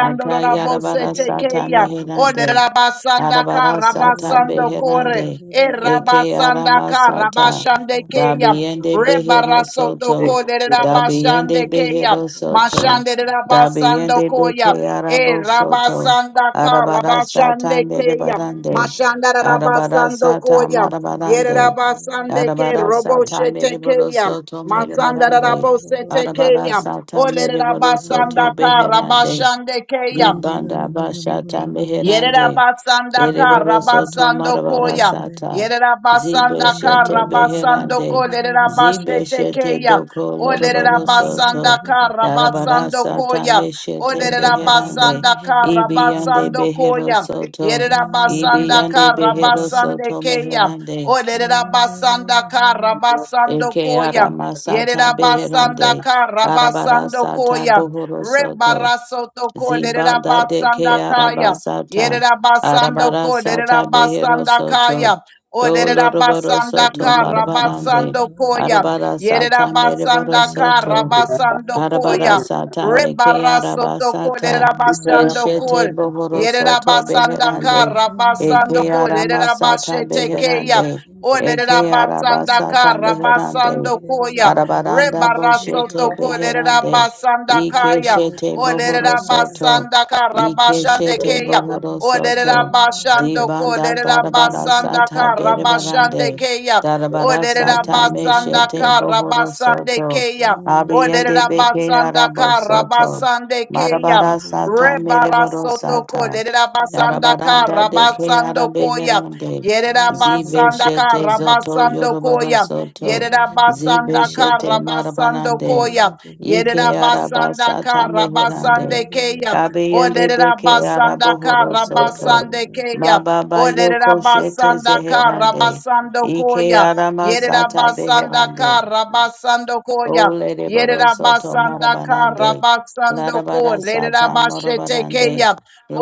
[SPEAKER 3] Aka Akayarabara
[SPEAKER 1] Rabosete
[SPEAKER 3] sata
[SPEAKER 1] Kaya, Odere
[SPEAKER 3] meherande.
[SPEAKER 1] Rabasanda Ka,
[SPEAKER 3] Arabara sata
[SPEAKER 1] Rabasando Kore,
[SPEAKER 3] beherande.
[SPEAKER 1] E
[SPEAKER 3] Eke
[SPEAKER 1] Rabasanda
[SPEAKER 3] arama
[SPEAKER 1] Ka,
[SPEAKER 3] sata.
[SPEAKER 1] Rabashande Kaya,
[SPEAKER 3] Dabiende behero
[SPEAKER 1] Rebarasoto
[SPEAKER 3] soto.
[SPEAKER 1] kolera
[SPEAKER 3] Dabiende
[SPEAKER 1] bashande keya,
[SPEAKER 3] behero soto.
[SPEAKER 1] mashande basando
[SPEAKER 3] Dabiende beke
[SPEAKER 1] koya, e
[SPEAKER 3] arabo soto.
[SPEAKER 1] rabasanda ka
[SPEAKER 3] Arabara sata
[SPEAKER 1] rabashande keya,
[SPEAKER 3] merebarande.
[SPEAKER 1] mashanda rera
[SPEAKER 3] Arabara
[SPEAKER 1] basando
[SPEAKER 3] sata
[SPEAKER 1] koya, yerera
[SPEAKER 3] marabarande.
[SPEAKER 1] basande ke
[SPEAKER 3] Arabara
[SPEAKER 1] robo
[SPEAKER 3] sata
[SPEAKER 1] shete
[SPEAKER 3] mereboro
[SPEAKER 1] keya,
[SPEAKER 3] soto
[SPEAKER 1] masanda rera
[SPEAKER 3] merebarande.
[SPEAKER 1] bose
[SPEAKER 3] Arabara
[SPEAKER 1] tekeya,
[SPEAKER 3] sata
[SPEAKER 1] olera
[SPEAKER 3] mereboro soto
[SPEAKER 1] basanda ka
[SPEAKER 3] beherande.
[SPEAKER 1] keya,
[SPEAKER 3] Libanda bashata
[SPEAKER 1] Yerera
[SPEAKER 3] meherande.
[SPEAKER 1] basanda kara
[SPEAKER 3] Ereboroso
[SPEAKER 2] of
[SPEAKER 1] basando
[SPEAKER 3] tomarabara
[SPEAKER 1] koya.
[SPEAKER 2] the
[SPEAKER 3] sata.
[SPEAKER 1] Yerera basanda
[SPEAKER 2] Get
[SPEAKER 3] Zibeshete
[SPEAKER 1] kara basando
[SPEAKER 3] beherande.
[SPEAKER 1] ko lerera basete
[SPEAKER 3] Zibeshete
[SPEAKER 1] keya.
[SPEAKER 3] doko
[SPEAKER 1] O lerera
[SPEAKER 3] loroboroso to.
[SPEAKER 1] basanda kara
[SPEAKER 3] Darabara
[SPEAKER 1] basando
[SPEAKER 3] sata
[SPEAKER 1] koya. O
[SPEAKER 3] meshete
[SPEAKER 1] lerera
[SPEAKER 3] beherande.
[SPEAKER 1] basanda kara
[SPEAKER 3] Ibiyande
[SPEAKER 1] basando koya.
[SPEAKER 3] beheroso to.
[SPEAKER 1] Yerera basanda
[SPEAKER 3] Ibiyande
[SPEAKER 1] kara
[SPEAKER 3] beheroso
[SPEAKER 1] basande
[SPEAKER 3] to
[SPEAKER 1] keya. O
[SPEAKER 3] meherande.
[SPEAKER 1] lerera basanda kara basando
[SPEAKER 3] Eke ara
[SPEAKER 1] koya.
[SPEAKER 3] masata
[SPEAKER 1] Yerera basanda
[SPEAKER 3] beherande.
[SPEAKER 1] kara
[SPEAKER 3] Arabara
[SPEAKER 1] basando
[SPEAKER 3] sata
[SPEAKER 1] koya.
[SPEAKER 3] bohoroso to.
[SPEAKER 1] Rebarasoto ko lerera
[SPEAKER 3] Zibanda de ke
[SPEAKER 1] basanda kaya.
[SPEAKER 3] arabasata,
[SPEAKER 1] Yerabasando ko,
[SPEAKER 3] arabarasata behero
[SPEAKER 1] Yerabasanda kaya.
[SPEAKER 3] soto,
[SPEAKER 1] O
[SPEAKER 3] doloroboro
[SPEAKER 1] Yerabasanda
[SPEAKER 3] soto
[SPEAKER 1] ka,
[SPEAKER 3] marabarande,
[SPEAKER 1] Rabasando koya.
[SPEAKER 3] arabarasata mereboro
[SPEAKER 1] Yerabasanda ka,
[SPEAKER 3] soto,
[SPEAKER 1] Rabasando koya.
[SPEAKER 3] Arabarasata meke
[SPEAKER 1] Rebarasoto ko,
[SPEAKER 3] arabasata
[SPEAKER 1] Yerabasando
[SPEAKER 3] eshete
[SPEAKER 1] ko.
[SPEAKER 3] bohoro soto
[SPEAKER 1] Yerabasanda
[SPEAKER 3] beherande eke
[SPEAKER 1] Karabasando Ko
[SPEAKER 3] aramasata
[SPEAKER 1] Lerabashete Keya.
[SPEAKER 3] beherande
[SPEAKER 1] O
[SPEAKER 3] eke
[SPEAKER 1] Lerabasanda
[SPEAKER 3] arabasata beherande
[SPEAKER 1] Karabasando Koya.
[SPEAKER 3] arabaranda boshete
[SPEAKER 1] Rebarasoto Ko
[SPEAKER 2] it,
[SPEAKER 3] beherande
[SPEAKER 1] Lerabasanda
[SPEAKER 3] ike
[SPEAKER 2] Thank
[SPEAKER 1] Kaya.
[SPEAKER 3] shete
[SPEAKER 1] O
[SPEAKER 3] bohoro soto
[SPEAKER 1] Lerabasanda
[SPEAKER 3] ike
[SPEAKER 1] Karabashande
[SPEAKER 3] shete
[SPEAKER 1] Keya.
[SPEAKER 3] bohoro
[SPEAKER 1] O
[SPEAKER 3] soto
[SPEAKER 1] Lerabashando Ko
[SPEAKER 3] dibanda
[SPEAKER 1] Lerabasanda
[SPEAKER 3] darabarasata
[SPEAKER 1] Karabashande
[SPEAKER 3] berebarande
[SPEAKER 1] Keya. O
[SPEAKER 3] darabarasata
[SPEAKER 1] Lerabasanda
[SPEAKER 3] meshete bohoro
[SPEAKER 1] Karabasande
[SPEAKER 3] soto
[SPEAKER 1] Keya.
[SPEAKER 3] Abriende
[SPEAKER 1] Olerera
[SPEAKER 3] beke
[SPEAKER 1] basanda
[SPEAKER 3] arabo
[SPEAKER 1] kara
[SPEAKER 3] soto.
[SPEAKER 1] basande keya.
[SPEAKER 3] Marabara sata
[SPEAKER 1] Rebara
[SPEAKER 3] mereboro
[SPEAKER 1] soto ko
[SPEAKER 3] sata.
[SPEAKER 1] lerera basanda
[SPEAKER 3] Yarabaranda
[SPEAKER 1] kara
[SPEAKER 3] deke
[SPEAKER 1] basando koya.
[SPEAKER 3] arabeherande.
[SPEAKER 1] Yerera
[SPEAKER 3] Zibe
[SPEAKER 1] basanda
[SPEAKER 3] shete
[SPEAKER 1] kara
[SPEAKER 3] zoto
[SPEAKER 1] basando
[SPEAKER 3] yoroboro
[SPEAKER 1] koya.
[SPEAKER 3] soto.
[SPEAKER 1] Yerera basanda
[SPEAKER 3] Zibe
[SPEAKER 1] kara
[SPEAKER 3] shete
[SPEAKER 1] basando
[SPEAKER 3] marabanande.
[SPEAKER 1] koya. Yerera
[SPEAKER 3] Ike araba
[SPEAKER 1] basanda
[SPEAKER 3] sata
[SPEAKER 1] kara basande
[SPEAKER 3] meherande.
[SPEAKER 1] keya.
[SPEAKER 3] Kabiende
[SPEAKER 1] Olerera
[SPEAKER 3] beke
[SPEAKER 1] basanda
[SPEAKER 3] arabohoro
[SPEAKER 1] kara
[SPEAKER 3] soto.
[SPEAKER 1] basande
[SPEAKER 2] you.
[SPEAKER 1] keya.
[SPEAKER 3] Mababa
[SPEAKER 1] Olerera
[SPEAKER 3] yoko
[SPEAKER 2] Thank
[SPEAKER 3] shete
[SPEAKER 1] basanda kara
[SPEAKER 3] zeherande.
[SPEAKER 1] basando
[SPEAKER 3] Ike
[SPEAKER 1] koya.
[SPEAKER 3] arama
[SPEAKER 1] Yerera
[SPEAKER 3] sata
[SPEAKER 1] basanda
[SPEAKER 3] beherande.
[SPEAKER 1] kara basando koya.
[SPEAKER 3] Ole de boro soto
[SPEAKER 1] Yerabasanda
[SPEAKER 3] marabarande.
[SPEAKER 1] Karabasando Ko,
[SPEAKER 3] Larabara sata
[SPEAKER 1] Lerabashete
[SPEAKER 3] morabarande.
[SPEAKER 1] Kaya,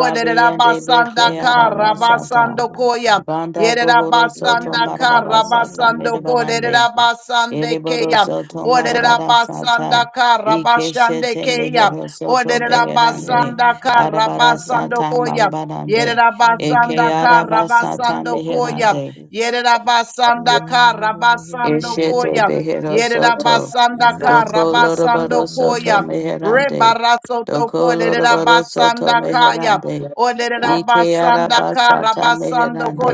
[SPEAKER 1] O Lerabasanda
[SPEAKER 3] beke arama sata.
[SPEAKER 1] Karabasando Koya,
[SPEAKER 3] Banda bohoro soto
[SPEAKER 1] Yerabasanda
[SPEAKER 3] marabara sata
[SPEAKER 1] Karabasando Ko,
[SPEAKER 3] medebarande.
[SPEAKER 1] Lerabasande
[SPEAKER 3] Ereboro
[SPEAKER 1] Kaya,
[SPEAKER 3] soto
[SPEAKER 1] O
[SPEAKER 3] marabara
[SPEAKER 1] Lerabasanda
[SPEAKER 3] sata. Ike
[SPEAKER 1] Karabashande
[SPEAKER 3] shete
[SPEAKER 1] Kaya,
[SPEAKER 3] mehero
[SPEAKER 1] O
[SPEAKER 3] soto beherande.
[SPEAKER 1] Lerabasanda
[SPEAKER 3] Arabara
[SPEAKER 1] Karabasando
[SPEAKER 3] sata
[SPEAKER 1] Koya,
[SPEAKER 3] marabarande.
[SPEAKER 1] Yerabasanda
[SPEAKER 3] Eke araba sata
[SPEAKER 1] Karabasando Koya,
[SPEAKER 3] meherande.
[SPEAKER 1] Yerabasanda Karabasando
[SPEAKER 3] Eshete
[SPEAKER 1] Koya,
[SPEAKER 3] behero soto.
[SPEAKER 1] Yerabasanda
[SPEAKER 3] Doko
[SPEAKER 1] Karabasando
[SPEAKER 3] lorobaro soto
[SPEAKER 1] Koya.
[SPEAKER 3] meherande.
[SPEAKER 1] Rebarasoto
[SPEAKER 3] Doko lorobaro soto
[SPEAKER 1] Kolerabasanda Kaya.
[SPEAKER 3] meherande. Ike
[SPEAKER 1] Olerabasanda
[SPEAKER 3] arabasata
[SPEAKER 1] Karabasando
[SPEAKER 3] meherande.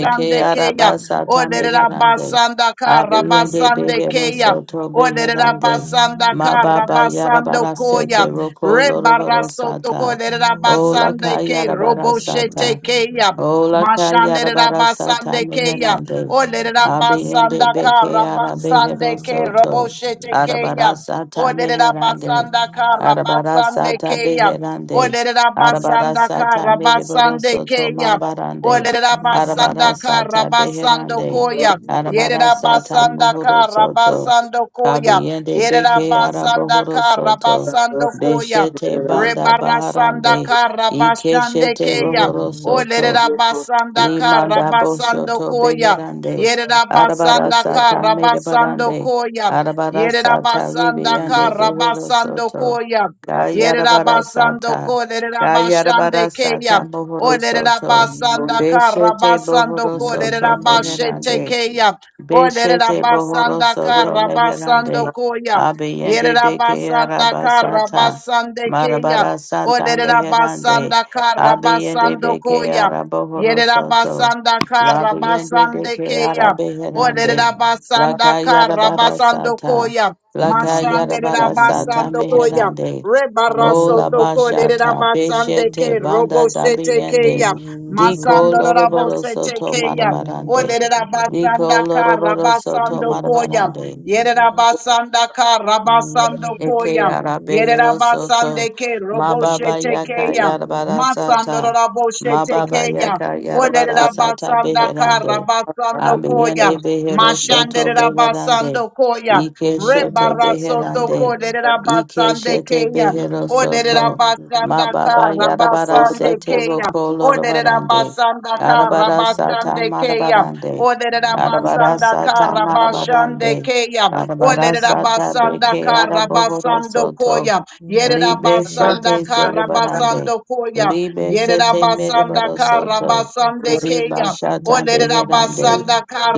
[SPEAKER 3] Ike
[SPEAKER 1] Kaya.
[SPEAKER 3] arabasata meherande.
[SPEAKER 1] Olerabasanda
[SPEAKER 3] Abiyende
[SPEAKER 1] Karabasande
[SPEAKER 3] behero
[SPEAKER 1] Kaya.
[SPEAKER 2] you.
[SPEAKER 3] soto beherande.
[SPEAKER 1] Olerabasanda
[SPEAKER 3] Mababa
[SPEAKER 1] Karabasando
[SPEAKER 3] yarabara
[SPEAKER 1] Koya.
[SPEAKER 3] sete roko lorobaro
[SPEAKER 1] Rebarasoto
[SPEAKER 3] sata. Ola ka
[SPEAKER 1] Kolerabasande Ke
[SPEAKER 3] yarabara sata.
[SPEAKER 1] Roboshete Kaya.
[SPEAKER 3] Ola kayara
[SPEAKER 1] Mashandere
[SPEAKER 3] bara sata
[SPEAKER 1] rabasande keya.
[SPEAKER 3] meherande.
[SPEAKER 1] Olere
[SPEAKER 3] Abiyende
[SPEAKER 1] rabasanda ka
[SPEAKER 3] beke arabehero
[SPEAKER 1] rabasande ke
[SPEAKER 3] soto.
[SPEAKER 1] roboshete keya.
[SPEAKER 3] Arabara sata
[SPEAKER 1] Olere
[SPEAKER 3] meherande.
[SPEAKER 1] rabasanda ka
[SPEAKER 3] Arabara
[SPEAKER 1] rabasande
[SPEAKER 3] sata
[SPEAKER 1] keya.
[SPEAKER 3] beherande.
[SPEAKER 1] Olere
[SPEAKER 2] Mm-hmm.
[SPEAKER 3] Arabara
[SPEAKER 1] rabasanda ka
[SPEAKER 3] sata mereboro
[SPEAKER 1] rabasande
[SPEAKER 3] soto
[SPEAKER 1] keya.
[SPEAKER 3] marabarande.
[SPEAKER 1] Olere rabasanda
[SPEAKER 3] Arabara
[SPEAKER 1] ka
[SPEAKER 3] sata
[SPEAKER 1] rabasando
[SPEAKER 3] beherande.
[SPEAKER 1] koya. Yere
[SPEAKER 3] Arabara sata
[SPEAKER 1] rabasanda
[SPEAKER 3] muhuro
[SPEAKER 1] ka
[SPEAKER 3] soto.
[SPEAKER 1] rabasando koya.
[SPEAKER 3] Kabiyende
[SPEAKER 1] Yere
[SPEAKER 3] beke
[SPEAKER 1] rabasanda
[SPEAKER 3] araboro
[SPEAKER 1] ka
[SPEAKER 3] soto.
[SPEAKER 1] rabasando koya.
[SPEAKER 3] Beshete banda
[SPEAKER 1] Rebarasanda
[SPEAKER 3] baharande.
[SPEAKER 1] Rebarasandaka
[SPEAKER 3] Ikeshete
[SPEAKER 1] Rabashandekeya.
[SPEAKER 3] rohoro soto.
[SPEAKER 1] Olerera basandaka
[SPEAKER 3] Limanda
[SPEAKER 1] rabasando
[SPEAKER 3] Boshoto
[SPEAKER 1] koya.
[SPEAKER 3] Beherande,
[SPEAKER 1] Yerera
[SPEAKER 3] Arabara
[SPEAKER 1] basandaka
[SPEAKER 3] Sata
[SPEAKER 1] rabasando
[SPEAKER 3] Medebarande,
[SPEAKER 1] koya.
[SPEAKER 3] Arabara
[SPEAKER 1] Yerera
[SPEAKER 3] Sata Ribiande
[SPEAKER 1] basandaka
[SPEAKER 3] Behero
[SPEAKER 1] rabasando
[SPEAKER 3] Soto,
[SPEAKER 1] koya.
[SPEAKER 3] Kayarabara
[SPEAKER 1] Yerabasando
[SPEAKER 3] Sata,
[SPEAKER 1] ko
[SPEAKER 3] Kayarabara
[SPEAKER 1] lerabashande keya.
[SPEAKER 3] Sata
[SPEAKER 1] O
[SPEAKER 3] Bohoro Soto,
[SPEAKER 1] lerabasanda
[SPEAKER 3] Beshete
[SPEAKER 1] karabasando
[SPEAKER 3] Bohoro
[SPEAKER 1] ko
[SPEAKER 3] Soto
[SPEAKER 1] lerabashete
[SPEAKER 3] Meherande,
[SPEAKER 1] keya. O
[SPEAKER 3] Beshete bohoro
[SPEAKER 1] lerabasanda
[SPEAKER 6] you.
[SPEAKER 3] soto
[SPEAKER 1] karabasando
[SPEAKER 3] meherande.
[SPEAKER 6] Thank
[SPEAKER 1] koya.
[SPEAKER 3] Abiyende beke
[SPEAKER 1] Yerabasanda
[SPEAKER 3] arabasata.
[SPEAKER 1] karabasande keya.
[SPEAKER 3] Marabara
[SPEAKER 1] O
[SPEAKER 3] sata meherande.
[SPEAKER 1] lerabasanda
[SPEAKER 3] Abiyende
[SPEAKER 1] karabasando
[SPEAKER 3] beke
[SPEAKER 1] koya.
[SPEAKER 3] arabohoro soto.
[SPEAKER 1] Yerabasanda
[SPEAKER 3] Labiyende
[SPEAKER 1] Karabasande
[SPEAKER 3] deke
[SPEAKER 1] Keya.
[SPEAKER 3] arabeherande.
[SPEAKER 1] Olerabasanda
[SPEAKER 3] Lakayarabara
[SPEAKER 1] Karabasando
[SPEAKER 3] sata.
[SPEAKER 1] Koya.
[SPEAKER 2] Thank
[SPEAKER 1] Mashande
[SPEAKER 3] Lakayarabara sata
[SPEAKER 1] Rabasando Koya.
[SPEAKER 3] meherande. Ola
[SPEAKER 1] Rebarasoto
[SPEAKER 3] bashata.
[SPEAKER 1] Kolerabasande
[SPEAKER 3] Beshete
[SPEAKER 1] Ke
[SPEAKER 3] banda
[SPEAKER 1] Robo Sete
[SPEAKER 3] dabiyende.
[SPEAKER 1] Keya.
[SPEAKER 3] Diko
[SPEAKER 1] Masando Rabo
[SPEAKER 3] loroboro
[SPEAKER 1] Sete
[SPEAKER 3] soto
[SPEAKER 1] Keya.
[SPEAKER 3] marabarande. Diko
[SPEAKER 1] Olerabasanda
[SPEAKER 3] loroboro soto
[SPEAKER 1] Karabasando Koya.
[SPEAKER 3] marabarande.
[SPEAKER 2] you.
[SPEAKER 1] Yerabasanda Karabasando
[SPEAKER 3] Eke
[SPEAKER 1] Koya.
[SPEAKER 3] arabehero soto.
[SPEAKER 1] Yerabasandeke
[SPEAKER 3] Mababa yaka
[SPEAKER 1] roboshetekeya.
[SPEAKER 3] yarabara sata. Mababa
[SPEAKER 1] Masandoroboshetekeya.
[SPEAKER 3] yaka yarabara sata
[SPEAKER 1] Olerabasandaka
[SPEAKER 3] beherande.
[SPEAKER 1] rabasandokoya.
[SPEAKER 3] Abiyande behero soto beherande.
[SPEAKER 1] Mashanderabasandokoya.
[SPEAKER 3] Ikeshete beherande.
[SPEAKER 1] Rebarasotoko
[SPEAKER 3] Ikeshete
[SPEAKER 1] lererabasandekeya.
[SPEAKER 3] behero soto.
[SPEAKER 1] Olerabasandaka
[SPEAKER 3] Mababa yarabara sete
[SPEAKER 1] rabasandekeya.
[SPEAKER 3] roko lorobarande. Arabara sata
[SPEAKER 1] Olerabasandakarabasandekeya.
[SPEAKER 3] marabarande.
[SPEAKER 2] Thank
[SPEAKER 3] Arabara sata marabarande.
[SPEAKER 1] Olerabasandakarabasandekeya.
[SPEAKER 3] Arabara sata beke arabohoro soto.
[SPEAKER 1] Olerabasandakarabasandokoya.
[SPEAKER 3] Libe shete zerebarande.
[SPEAKER 1] Yererabasandakarabasandokoya.
[SPEAKER 3] Libe shete merebaro soto. Ziba
[SPEAKER 1] Yererabasandakarabasandekeya.
[SPEAKER 3] shata beherande.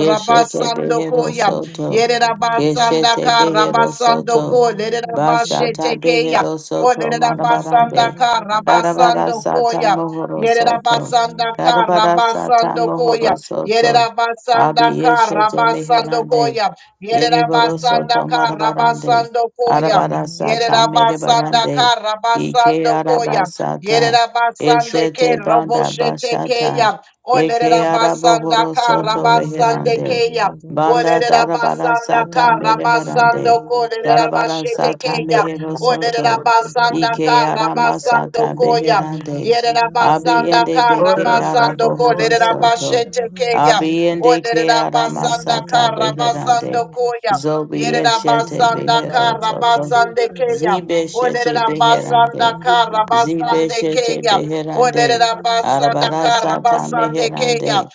[SPEAKER 3] Keshete behero soto. Keshete behero soto.
[SPEAKER 1] Yererabasandakarabasandokoya.
[SPEAKER 3] Bashata
[SPEAKER 1] Lererabashetekeya.
[SPEAKER 3] behero soto
[SPEAKER 1] Orera basanda
[SPEAKER 3] marabarande.
[SPEAKER 1] ka
[SPEAKER 3] Karabara
[SPEAKER 1] rabasando
[SPEAKER 3] sata
[SPEAKER 1] koya.
[SPEAKER 3] mohoro
[SPEAKER 1] Yerera
[SPEAKER 3] soto.
[SPEAKER 1] basanda ka
[SPEAKER 3] Karabara sata
[SPEAKER 1] rabasando koya.
[SPEAKER 3] mohoro
[SPEAKER 1] Yerera
[SPEAKER 3] soto.
[SPEAKER 1] basanda
[SPEAKER 3] Abi
[SPEAKER 1] ka
[SPEAKER 3] yeshete
[SPEAKER 1] rabasando
[SPEAKER 3] meherande.
[SPEAKER 1] koya. Yerera
[SPEAKER 3] Yereboroso
[SPEAKER 1] basanda ka
[SPEAKER 3] Tomarabarande,
[SPEAKER 1] rabasando koya.
[SPEAKER 3] Arabarasata
[SPEAKER 1] Yerera basanda ka
[SPEAKER 3] Merebarande, Ike
[SPEAKER 1] rabasando koya.
[SPEAKER 3] Arabasata,
[SPEAKER 1] Yerera basande ke
[SPEAKER 3] Eshete Banda
[SPEAKER 1] roboshete keya.
[SPEAKER 3] Bashata,
[SPEAKER 1] Orera
[SPEAKER 3] Eke
[SPEAKER 1] basanda
[SPEAKER 3] Arabohoro
[SPEAKER 1] ka
[SPEAKER 3] Soto
[SPEAKER 1] rabasande
[SPEAKER 3] Reherande,
[SPEAKER 1] keya.
[SPEAKER 3] Banda
[SPEAKER 2] you.
[SPEAKER 1] Orera basanda
[SPEAKER 2] Thank
[SPEAKER 1] ka
[SPEAKER 3] Darabarasata
[SPEAKER 1] rabasando
[SPEAKER 3] Merebarande,
[SPEAKER 1] koya. Orera bashete
[SPEAKER 3] Darabarasata
[SPEAKER 1] keya.
[SPEAKER 3] Mehero Soto,
[SPEAKER 1] Olerabasanda
[SPEAKER 3] Ike
[SPEAKER 1] karabasando
[SPEAKER 3] Aramasata
[SPEAKER 1] koya.
[SPEAKER 3] Beherande,
[SPEAKER 1] Yerabasanda
[SPEAKER 3] Abiende Beke
[SPEAKER 1] karabasando
[SPEAKER 3] Arabohoro Soto,
[SPEAKER 1] kolerabashete keya.
[SPEAKER 3] Abiende Ke
[SPEAKER 1] Olerabasanda
[SPEAKER 3] Aramasata Beherande,
[SPEAKER 1] karabasando koya.
[SPEAKER 3] Zobi shete
[SPEAKER 1] Yerabasanda
[SPEAKER 3] Behero Soto.
[SPEAKER 1] karabasande keya.
[SPEAKER 3] Zibe Shete
[SPEAKER 1] Olerabasanda
[SPEAKER 3] Beherande. Zibe
[SPEAKER 1] karabasande
[SPEAKER 3] Shete
[SPEAKER 1] keya.
[SPEAKER 3] Beherande.
[SPEAKER 1] Olerabasanda
[SPEAKER 3] Arabara Sata
[SPEAKER 1] karabasande keya.
[SPEAKER 3] Meherande.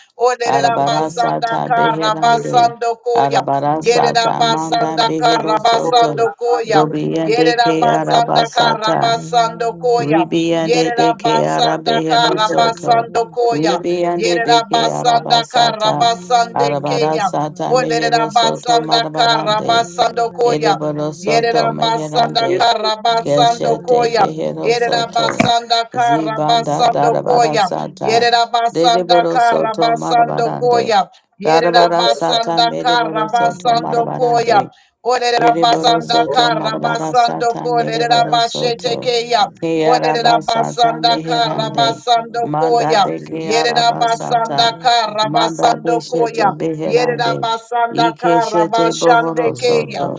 [SPEAKER 3] Arabara
[SPEAKER 1] Olerabasanda
[SPEAKER 3] Sata Beherande.
[SPEAKER 1] karabasando koya.
[SPEAKER 3] Arabara Sata Manda
[SPEAKER 1] Yerabasanda
[SPEAKER 3] Behero Soto.
[SPEAKER 1] karabasando koya. Yere
[SPEAKER 3] Dobiende Ke
[SPEAKER 1] Yerabasanda
[SPEAKER 3] Arabasata.
[SPEAKER 1] Karabasando Koya. Yere
[SPEAKER 3] Ribiende De
[SPEAKER 2] you.
[SPEAKER 3] Ke
[SPEAKER 1] Yerabasanda
[SPEAKER 3] Arabehero Soto.
[SPEAKER 1] Karabasando Koya.
[SPEAKER 3] Ribiende
[SPEAKER 1] Yere
[SPEAKER 3] Beke
[SPEAKER 1] Yerabasanda
[SPEAKER 3] Arabasata.
[SPEAKER 1] Karabasande
[SPEAKER 3] Arabara
[SPEAKER 1] Keya.
[SPEAKER 3] Sata Mehero Soto
[SPEAKER 1] Olerabasanda
[SPEAKER 3] Marabarande.
[SPEAKER 1] Karabasando Koya.
[SPEAKER 3] Ereboro
[SPEAKER 1] Yere
[SPEAKER 3] soto
[SPEAKER 1] Yerabasanda
[SPEAKER 3] meherande,
[SPEAKER 1] Karabasando
[SPEAKER 3] keshete
[SPEAKER 1] Koya.
[SPEAKER 3] behero soto,
[SPEAKER 1] Yerabasanda
[SPEAKER 3] zibanda
[SPEAKER 1] Karabasando
[SPEAKER 3] darabara
[SPEAKER 1] Koya.
[SPEAKER 3] sata,
[SPEAKER 1] Yerabasanda
[SPEAKER 3] dereboro soto
[SPEAKER 1] Karabasando
[SPEAKER 2] Oh,
[SPEAKER 3] marabarande,
[SPEAKER 1] Koya.
[SPEAKER 3] darabara sata
[SPEAKER 1] Yerabasanda
[SPEAKER 3] mereboro soto
[SPEAKER 1] Karabasando Koya.
[SPEAKER 3] marabarande, ereboro
[SPEAKER 1] Olerabasanda
[SPEAKER 3] soto marabara
[SPEAKER 1] Karabasando
[SPEAKER 3] sata mereboro soto,
[SPEAKER 1] Kolerabashetekeya.
[SPEAKER 3] kearaba sata
[SPEAKER 1] Olerabasanda
[SPEAKER 3] meherande,
[SPEAKER 1] Karabasando
[SPEAKER 3] manda
[SPEAKER 1] Koya.
[SPEAKER 3] de kearaba sata,
[SPEAKER 1] Yerabasanda
[SPEAKER 3] manda
[SPEAKER 1] Karabasando
[SPEAKER 3] beshete
[SPEAKER 1] Koya.
[SPEAKER 3] beherande,
[SPEAKER 1] Yerabasanda
[SPEAKER 3] ikeshete bohoro
[SPEAKER 1] Karabashandekeya.
[SPEAKER 3] soto,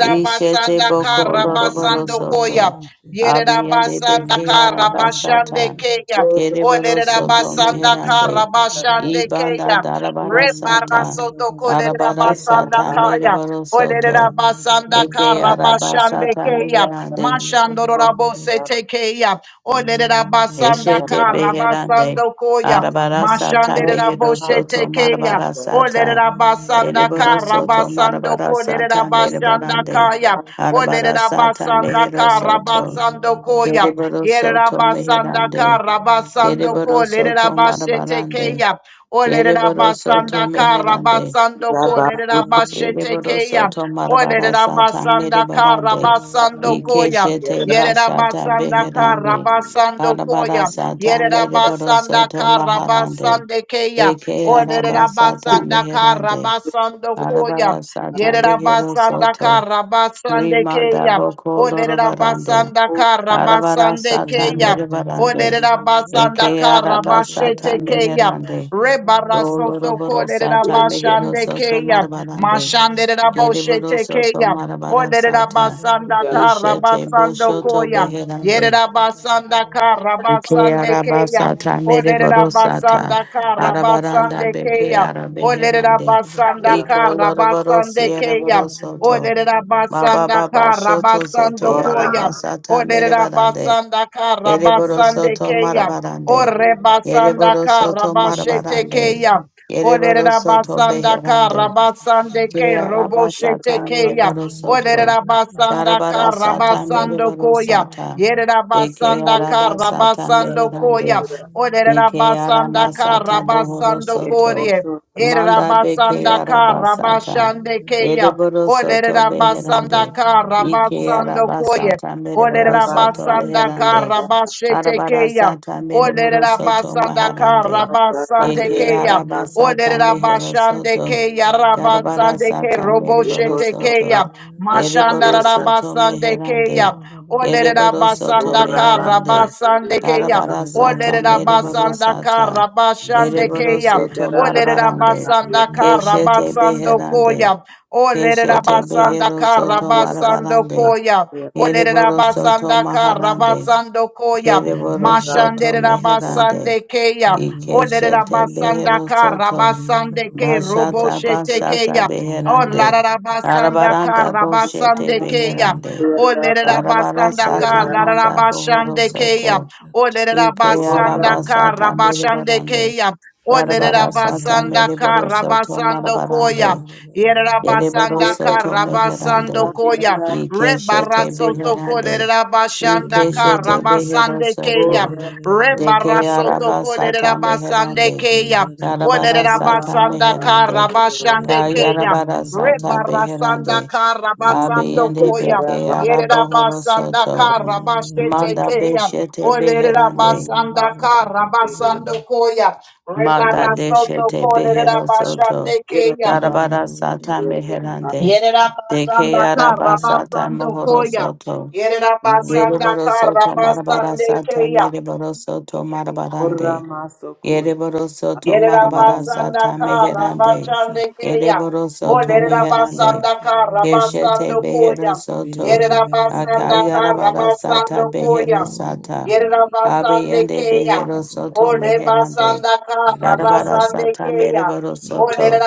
[SPEAKER 3] Ishete
[SPEAKER 2] Thank
[SPEAKER 3] boko loroboro
[SPEAKER 1] Karabasando
[SPEAKER 3] soto.
[SPEAKER 1] Koya.
[SPEAKER 3] Abiyende
[SPEAKER 1] Yerabasanda
[SPEAKER 3] beke
[SPEAKER 1] Karabashande
[SPEAKER 3] arabasata.
[SPEAKER 1] Kaya.
[SPEAKER 3] Kereboro soto
[SPEAKER 6] you.
[SPEAKER 1] Olerabasanda
[SPEAKER 3] meherande.
[SPEAKER 1] Karabashande
[SPEAKER 6] Rabasa,
[SPEAKER 3] Ibanda
[SPEAKER 1] Kaya.
[SPEAKER 3] darabara sata.
[SPEAKER 1] Rebarasoto
[SPEAKER 3] Arabara
[SPEAKER 1] Kolerabasanda
[SPEAKER 3] sata
[SPEAKER 1] Kaya.
[SPEAKER 3] mereboro soto.
[SPEAKER 1] Olerabasanda
[SPEAKER 3] Eke
[SPEAKER 1] Karabashande
[SPEAKER 3] arabasata
[SPEAKER 1] Kaya.
[SPEAKER 3] meherande.
[SPEAKER 1] Mashandorabose Tekeya. Olerabasanda
[SPEAKER 3] Eshete beherande.
[SPEAKER 1] Karabasando Koya.
[SPEAKER 3] Arabara sata
[SPEAKER 1] Mashandera
[SPEAKER 3] mehero
[SPEAKER 1] boshete
[SPEAKER 3] soto
[SPEAKER 1] keya.
[SPEAKER 3] marabara sata.
[SPEAKER 1] Olerera basanda ka
[SPEAKER 3] Ereboro soto
[SPEAKER 1] rabasando
[SPEAKER 3] marabara
[SPEAKER 1] kolerera
[SPEAKER 3] sata
[SPEAKER 1] basanda
[SPEAKER 3] merebarande.
[SPEAKER 1] kaya.
[SPEAKER 3] Arabara
[SPEAKER 1] Olerera
[SPEAKER 3] sata
[SPEAKER 1] basanda
[SPEAKER 3] mehero
[SPEAKER 1] ka
[SPEAKER 3] soto.
[SPEAKER 1] rabasando koya.
[SPEAKER 3] Kereboro
[SPEAKER 1] Yerera
[SPEAKER 3] soto
[SPEAKER 1] basanda
[SPEAKER 3] meherande.
[SPEAKER 1] ka rabasando
[SPEAKER 3] Kereboro soto
[SPEAKER 1] kolerera basete
[SPEAKER 3] marabarande.
[SPEAKER 1] keya. Olerera
[SPEAKER 3] Kereboro soto
[SPEAKER 1] basanda ka
[SPEAKER 2] you.
[SPEAKER 3] meherande.
[SPEAKER 1] rabasando kolerera basete
[SPEAKER 2] Russia,
[SPEAKER 3] Kereboro
[SPEAKER 1] keya.
[SPEAKER 3] soto marabara
[SPEAKER 1] Olerera
[SPEAKER 3] sata
[SPEAKER 1] basanda ka
[SPEAKER 3] merebarande.
[SPEAKER 1] rabasando koya.
[SPEAKER 3] Ikeshete bashata
[SPEAKER 1] Yerabasanda
[SPEAKER 3] beherande.
[SPEAKER 1] Karabasando
[SPEAKER 3] Arabara
[SPEAKER 1] Koya.
[SPEAKER 3] sata mereboro
[SPEAKER 1] Yerabasanda
[SPEAKER 3] soto maharande.
[SPEAKER 1] Karabasande Keya.
[SPEAKER 3] Eke arabasata
[SPEAKER 1] Olerabasanda
[SPEAKER 3] meherande.
[SPEAKER 1] Karabasando Koya.
[SPEAKER 3] Arabara sata behero
[SPEAKER 1] Yerabasanda
[SPEAKER 3] soto.
[SPEAKER 1] Karabasande
[SPEAKER 3] Rimanda
[SPEAKER 1] Keya.
[SPEAKER 3] boko lorobarande.
[SPEAKER 1] Olerabasanda
[SPEAKER 3] Arabara
[SPEAKER 1] Karabasande
[SPEAKER 3] sata
[SPEAKER 1] Keya.
[SPEAKER 3] merebarande.
[SPEAKER 1] Olerabasanda
[SPEAKER 3] Eke araba sata
[SPEAKER 1] Karabashete Keya.
[SPEAKER 3] meherande.
[SPEAKER 1] Rebarasoto
[SPEAKER 3] Goloroboro sata mehero
[SPEAKER 1] Kolerabashande
[SPEAKER 3] soto
[SPEAKER 1] Keya.
[SPEAKER 3] marabarande. Deriboro
[SPEAKER 1] Mashanderaboshete
[SPEAKER 3] soto
[SPEAKER 1] Keya.
[SPEAKER 3] marabara sata.
[SPEAKER 1] Olerabasanda
[SPEAKER 3] Ishete
[SPEAKER 1] karabasando
[SPEAKER 3] boshoto
[SPEAKER 1] koyam.
[SPEAKER 3] beherande.
[SPEAKER 1] Yerabasanda
[SPEAKER 3] Eke
[SPEAKER 1] karabasande
[SPEAKER 3] araba
[SPEAKER 1] keya.
[SPEAKER 3] sata meriboro sata.
[SPEAKER 1] Olerabasanda
[SPEAKER 3] Arabaranda
[SPEAKER 1] karabasande
[SPEAKER 3] beke
[SPEAKER 1] keya.
[SPEAKER 3] arabeherande.
[SPEAKER 1] Olerabasanda
[SPEAKER 3] Iko loroboro
[SPEAKER 1] karabasande keya.
[SPEAKER 3] siereboro soto.
[SPEAKER 1] Olerabasanda
[SPEAKER 3] Mababa shoto
[SPEAKER 1] karabasando
[SPEAKER 3] zete araba
[SPEAKER 1] koya.
[SPEAKER 3] sata meribarande.
[SPEAKER 1] Olerabasanda
[SPEAKER 3] Yereboro
[SPEAKER 1] karabasande
[SPEAKER 3] soto
[SPEAKER 1] keya.
[SPEAKER 3] marabarande.
[SPEAKER 1] Orebasanda
[SPEAKER 3] Yereboro soto
[SPEAKER 1] karabashete
[SPEAKER 3] marabarande.
[SPEAKER 1] keya.
[SPEAKER 3] Yereboro soto
[SPEAKER 1] Olerabasanda
[SPEAKER 3] beherande.
[SPEAKER 1] karabasande ke
[SPEAKER 3] Kearaba
[SPEAKER 1] roboshete
[SPEAKER 3] sata
[SPEAKER 1] keya.
[SPEAKER 3] mereboro
[SPEAKER 1] Olere
[SPEAKER 3] soto.
[SPEAKER 1] rabasanda
[SPEAKER 3] Karabara
[SPEAKER 1] ka
[SPEAKER 3] sata
[SPEAKER 1] rabasando
[SPEAKER 3] mereboro
[SPEAKER 1] koya.
[SPEAKER 3] sata.
[SPEAKER 1] Yere
[SPEAKER 3] De
[SPEAKER 1] rabasanda ka
[SPEAKER 3] kearaba sata
[SPEAKER 1] rabasando
[SPEAKER 3] meherande.
[SPEAKER 1] koya. Olere
[SPEAKER 3] De
[SPEAKER 1] rabasanda
[SPEAKER 3] kearama
[SPEAKER 1] ka
[SPEAKER 3] sata bohoro
[SPEAKER 1] rabasando
[SPEAKER 3] soto.
[SPEAKER 1] koya. Yere
[SPEAKER 3] Manda be
[SPEAKER 1] rabasanda ka
[SPEAKER 3] kearaba sata.
[SPEAKER 1] rabashande keya.
[SPEAKER 3] Yereboro
[SPEAKER 1] Olere
[SPEAKER 3] soto
[SPEAKER 1] rabasanda
[SPEAKER 3] beherande.
[SPEAKER 1] ka
[SPEAKER 3] Ike
[SPEAKER 1] rabasando
[SPEAKER 2] Shit.
[SPEAKER 3] araba
[SPEAKER 1] koya.
[SPEAKER 3] sata
[SPEAKER 1] Olere
[SPEAKER 3] mereboro soto
[SPEAKER 1] rabasanda ka
[SPEAKER 3] meherande.
[SPEAKER 1] rabashete keya.
[SPEAKER 3] Arabarasata
[SPEAKER 1] Olere
[SPEAKER 3] Mereboro Soto
[SPEAKER 1] rabasanda
[SPEAKER 6] Ora,
[SPEAKER 1] ka
[SPEAKER 3] Maharande.
[SPEAKER 1] rabasande
[SPEAKER 3] Eke
[SPEAKER 2] Rosha,
[SPEAKER 1] keya.
[SPEAKER 3] Arabasata
[SPEAKER 1] Olere
[SPEAKER 3] Mehero
[SPEAKER 1] rabashande
[SPEAKER 3] Soto.
[SPEAKER 1] keya
[SPEAKER 3] Garabarasata Mereboro Soto.
[SPEAKER 1] Mashanda
[SPEAKER 3] Ereboro Soto
[SPEAKER 1] rabasande
[SPEAKER 3] Meherande.
[SPEAKER 1] kaya, Olere
[SPEAKER 3] Ereboro Soto
[SPEAKER 1] rabasanda ka
[SPEAKER 3] Meherande.
[SPEAKER 1] rabasande keya.
[SPEAKER 3] Garabarasata
[SPEAKER 1] Olere
[SPEAKER 3] Mereboro
[SPEAKER 1] rabasanda ka
[SPEAKER 3] Sata.
[SPEAKER 1] rabashande
[SPEAKER 3] Ereboro Soto
[SPEAKER 1] Olere
[SPEAKER 3] Marabarande.
[SPEAKER 1] rabasanda ka
[SPEAKER 3] Keshete Beherande.
[SPEAKER 1] koya. Olere
[SPEAKER 3] Keshete
[SPEAKER 1] rabasanda
[SPEAKER 3] Behero
[SPEAKER 1] ka
[SPEAKER 3] Soto
[SPEAKER 1] rabasando
[SPEAKER 3] Marabarande.
[SPEAKER 1] koya. Olere
[SPEAKER 3] Ereboro Soto
[SPEAKER 1] rabasanda ka
[SPEAKER 3] Maharande.
[SPEAKER 1] rabasando koya.
[SPEAKER 3] Kereboro soto
[SPEAKER 1] Mashande
[SPEAKER 3] meherande.
[SPEAKER 1] rabasande kaya, Olere
[SPEAKER 3] Ikeshete
[SPEAKER 1] rabasanda
[SPEAKER 3] behero
[SPEAKER 1] ka
[SPEAKER 3] soto.
[SPEAKER 1] rabasande ke robo
[SPEAKER 3] Bashata
[SPEAKER 1] shete
[SPEAKER 3] bashata
[SPEAKER 1] keya. Oh,
[SPEAKER 3] beherande.
[SPEAKER 1] la la la basanda ka
[SPEAKER 3] Arabaranda boshete
[SPEAKER 1] rabasande keya.
[SPEAKER 3] beherande.
[SPEAKER 1] Oh, le la la
[SPEAKER 3] Arabara
[SPEAKER 2] Get
[SPEAKER 1] basanda ka
[SPEAKER 3] sata
[SPEAKER 1] la la la
[SPEAKER 3] manda bohoro
[SPEAKER 1] basande keya.
[SPEAKER 3] soto.
[SPEAKER 1] Olerera
[SPEAKER 3] Ike
[SPEAKER 1] basanda
[SPEAKER 3] arabasata
[SPEAKER 1] kara basande
[SPEAKER 3] merebarande.
[SPEAKER 1] keya. Olerera
[SPEAKER 3] Arabara sata
[SPEAKER 1] basanda
[SPEAKER 3] mereboro
[SPEAKER 1] kara
[SPEAKER 3] soto
[SPEAKER 1] basando koya.
[SPEAKER 3] marabarande.
[SPEAKER 1] Yerera
[SPEAKER 3] Kereboro
[SPEAKER 1] basanda
[SPEAKER 3] soto
[SPEAKER 1] kara basando
[SPEAKER 3] meherande.
[SPEAKER 1] koya.
[SPEAKER 3] Ikeshete
[SPEAKER 1] Rebarasoto
[SPEAKER 3] beherande.
[SPEAKER 1] kolerera basanda
[SPEAKER 3] Ikeshete
[SPEAKER 1] kara
[SPEAKER 3] behero
[SPEAKER 1] basande
[SPEAKER 3] soto.
[SPEAKER 1] keya.
[SPEAKER 3] Deke
[SPEAKER 1] Rebarasoto
[SPEAKER 3] araba sata
[SPEAKER 1] kolerera basande
[SPEAKER 3] meherande.
[SPEAKER 1] keya.
[SPEAKER 3] Yarabara
[SPEAKER 1] Olerera
[SPEAKER 6] Ora
[SPEAKER 3] sata
[SPEAKER 1] basanda kara
[SPEAKER 3] meherande.
[SPEAKER 1] basande keya.
[SPEAKER 3] Kayarabara sata
[SPEAKER 1] Rebarasanda
[SPEAKER 3] beherande.
[SPEAKER 1] kara basando
[SPEAKER 3] Abiyende
[SPEAKER 1] koya.
[SPEAKER 3] beke
[SPEAKER 1] Yerera
[SPEAKER 3] arabohoro
[SPEAKER 1] basanda
[SPEAKER 3] soto.
[SPEAKER 1] kara basete
[SPEAKER 3] Manda
[SPEAKER 1] keya.
[SPEAKER 3] beshete
[SPEAKER 1] Olerera
[SPEAKER 3] beherande.
[SPEAKER 1] basanda kara basando koya.
[SPEAKER 2] Get
[SPEAKER 3] Manda
[SPEAKER 1] Rebarasoto soto
[SPEAKER 3] deshete
[SPEAKER 1] kolerera
[SPEAKER 3] behero
[SPEAKER 1] basande
[SPEAKER 3] soto.
[SPEAKER 1] keya.
[SPEAKER 3] Darabara sata meherande.
[SPEAKER 1] Yerera
[SPEAKER 3] Deke
[SPEAKER 1] basanda kara
[SPEAKER 3] araba sata
[SPEAKER 1] basando
[SPEAKER 3] mohoro
[SPEAKER 1] koya.
[SPEAKER 3] soto.
[SPEAKER 1] Yerera basanda
[SPEAKER 3] Yeriboro
[SPEAKER 1] kara
[SPEAKER 3] soto marabara
[SPEAKER 1] basande
[SPEAKER 3] sata
[SPEAKER 1] keya.
[SPEAKER 3] miriboro soto marabarande. Yereboroso marabara sata meherande.
[SPEAKER 1] Yerabasandaka keya, O
[SPEAKER 3] Yereboroso to Meherande.
[SPEAKER 1] Lerabasandaka
[SPEAKER 3] Keshete
[SPEAKER 1] Rabasando Koya.
[SPEAKER 3] Beherosoto.
[SPEAKER 1] Yerabasandaka
[SPEAKER 3] Akayarabarasa
[SPEAKER 1] Rabasando Koya.
[SPEAKER 3] Tabeherosata.
[SPEAKER 1] Yerabasande
[SPEAKER 3] Abiyende
[SPEAKER 1] keya,
[SPEAKER 3] Beherosoto
[SPEAKER 1] O
[SPEAKER 3] Meherande.
[SPEAKER 1] Rebasandaka
[SPEAKER 3] Yarabara sata
[SPEAKER 1] keya, O
[SPEAKER 3] Yarabarasa Tamereborosoto.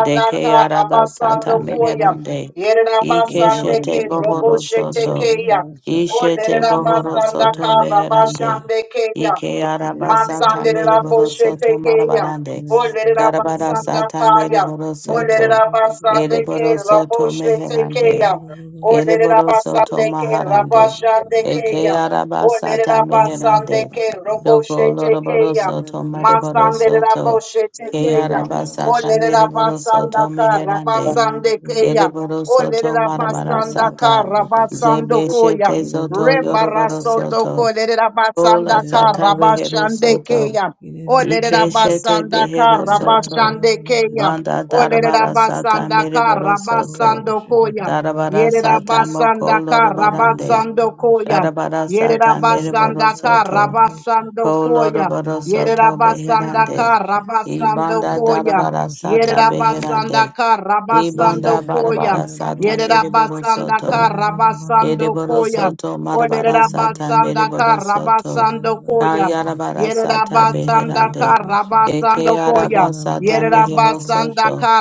[SPEAKER 3] Deke yaraba sata
[SPEAKER 1] Rabasando Koya.
[SPEAKER 3] Meherande. Ikeshete
[SPEAKER 1] Yerabasandeke
[SPEAKER 3] Bohorosoto.
[SPEAKER 1] keya, O
[SPEAKER 3] Ishete
[SPEAKER 1] Lerabasandaka
[SPEAKER 3] Bohorosoto Meherande.
[SPEAKER 2] it
[SPEAKER 1] keya.
[SPEAKER 3] Ike
[SPEAKER 2] Yine
[SPEAKER 3] arabasata mere
[SPEAKER 1] Matsanderera
[SPEAKER 3] borosoto
[SPEAKER 1] boshetekeya.
[SPEAKER 3] marabarande.
[SPEAKER 1] Olerera basanda
[SPEAKER 3] Darabarasata mere
[SPEAKER 1] kaya.
[SPEAKER 3] borosoto.
[SPEAKER 1] Olerera
[SPEAKER 3] Ere
[SPEAKER 1] basande ke
[SPEAKER 3] borosoto meherande.
[SPEAKER 1] raboshetekeya.
[SPEAKER 3] Ere
[SPEAKER 1] Olerera
[SPEAKER 3] borosoto
[SPEAKER 1] basande ke
[SPEAKER 3] maharande.
[SPEAKER 1] rabashande
[SPEAKER 3] Eke
[SPEAKER 1] keya. Olerera
[SPEAKER 3] arabasata
[SPEAKER 1] basande
[SPEAKER 3] meherande.
[SPEAKER 1] ke
[SPEAKER 3] Doko
[SPEAKER 1] roboshetekeya.
[SPEAKER 3] loroborosoto mere
[SPEAKER 1] Matsanderera
[SPEAKER 3] borosoto. Ke
[SPEAKER 1] boshetekeya.
[SPEAKER 3] arabasata
[SPEAKER 1] Olerera
[SPEAKER 3] mere
[SPEAKER 1] basanda
[SPEAKER 3] borosoto
[SPEAKER 1] kara
[SPEAKER 3] meherande.
[SPEAKER 1] basande keya.
[SPEAKER 3] Ere borosoto
[SPEAKER 1] Olerera basanda
[SPEAKER 3] marabarasata.
[SPEAKER 1] kara basando koya.
[SPEAKER 3] Zebeshete soto
[SPEAKER 1] Rebarasoto
[SPEAKER 3] yoroborosoto.
[SPEAKER 1] kolerera
[SPEAKER 3] Ola
[SPEAKER 1] basanda kara
[SPEAKER 3] sata behero
[SPEAKER 1] basande
[SPEAKER 3] soto.
[SPEAKER 1] keya. Olerera
[SPEAKER 3] Ikeshete
[SPEAKER 1] basanda
[SPEAKER 3] behero
[SPEAKER 1] kara
[SPEAKER 3] soto.
[SPEAKER 1] basande keya.
[SPEAKER 3] Banda
[SPEAKER 1] Olerera
[SPEAKER 3] darabara sata
[SPEAKER 1] basanda
[SPEAKER 3] mereboro
[SPEAKER 1] kara
[SPEAKER 3] soto.
[SPEAKER 1] basando
[SPEAKER 2] Ororoshe
[SPEAKER 1] koya.
[SPEAKER 2] bababa
[SPEAKER 3] Darabara
[SPEAKER 1] Yerera
[SPEAKER 2] ororoshe
[SPEAKER 3] sata moko
[SPEAKER 1] basanda kara
[SPEAKER 2] yerana
[SPEAKER 3] lorobarande.
[SPEAKER 2] baba
[SPEAKER 1] basando
[SPEAKER 2] babasha
[SPEAKER 1] koya.
[SPEAKER 3] Darabara sata
[SPEAKER 2] yerana
[SPEAKER 3] mereboro
[SPEAKER 2] baba
[SPEAKER 1] Yerabasandaka
[SPEAKER 2] baba
[SPEAKER 3] soto.
[SPEAKER 2] ororoshe
[SPEAKER 3] Ko
[SPEAKER 1] Rabasandokoya.
[SPEAKER 3] lorobaro
[SPEAKER 2] yerana baba
[SPEAKER 3] soto
[SPEAKER 2] baba baba
[SPEAKER 1] Yerabasandaka
[SPEAKER 3] beherande.
[SPEAKER 2] ororoshe
[SPEAKER 3] Ibanda
[SPEAKER 1] Rabasandokoya.
[SPEAKER 3] darabara
[SPEAKER 2] ororoshe
[SPEAKER 3] sata
[SPEAKER 2] beberere
[SPEAKER 3] beherande.
[SPEAKER 2] roshe
[SPEAKER 1] Yerabasandaka
[SPEAKER 2] yerere
[SPEAKER 3] Ibanda
[SPEAKER 1] Rabasandokoya.
[SPEAKER 3] barabara
[SPEAKER 2] bebebere
[SPEAKER 3] sata
[SPEAKER 2] ororoshe
[SPEAKER 3] mereboro soto.
[SPEAKER 1] Yerabasandaka
[SPEAKER 2] yerana baba baba
[SPEAKER 3] Ereboro
[SPEAKER 2] ororoshe
[SPEAKER 1] Rabasandokoya.
[SPEAKER 3] soto marabara
[SPEAKER 2] yerana
[SPEAKER 3] sata
[SPEAKER 2] ororoshe
[SPEAKER 1] Olerabasandaka
[SPEAKER 3] mereboro soto.
[SPEAKER 2] yerana
[SPEAKER 1] Rabasandokoya.
[SPEAKER 2] babasha
[SPEAKER 3] Kayarabara sata
[SPEAKER 2] yerana baba
[SPEAKER 1] Yerabasandaka
[SPEAKER 3] beherande.
[SPEAKER 2] babasha
[SPEAKER 3] Eke
[SPEAKER 1] Rabasandokoya.
[SPEAKER 3] araba
[SPEAKER 2] yerana
[SPEAKER 3] sata
[SPEAKER 2] baba baba
[SPEAKER 3] mehero
[SPEAKER 2] ororoshe
[SPEAKER 3] soto.
[SPEAKER 1] Yerabasandaka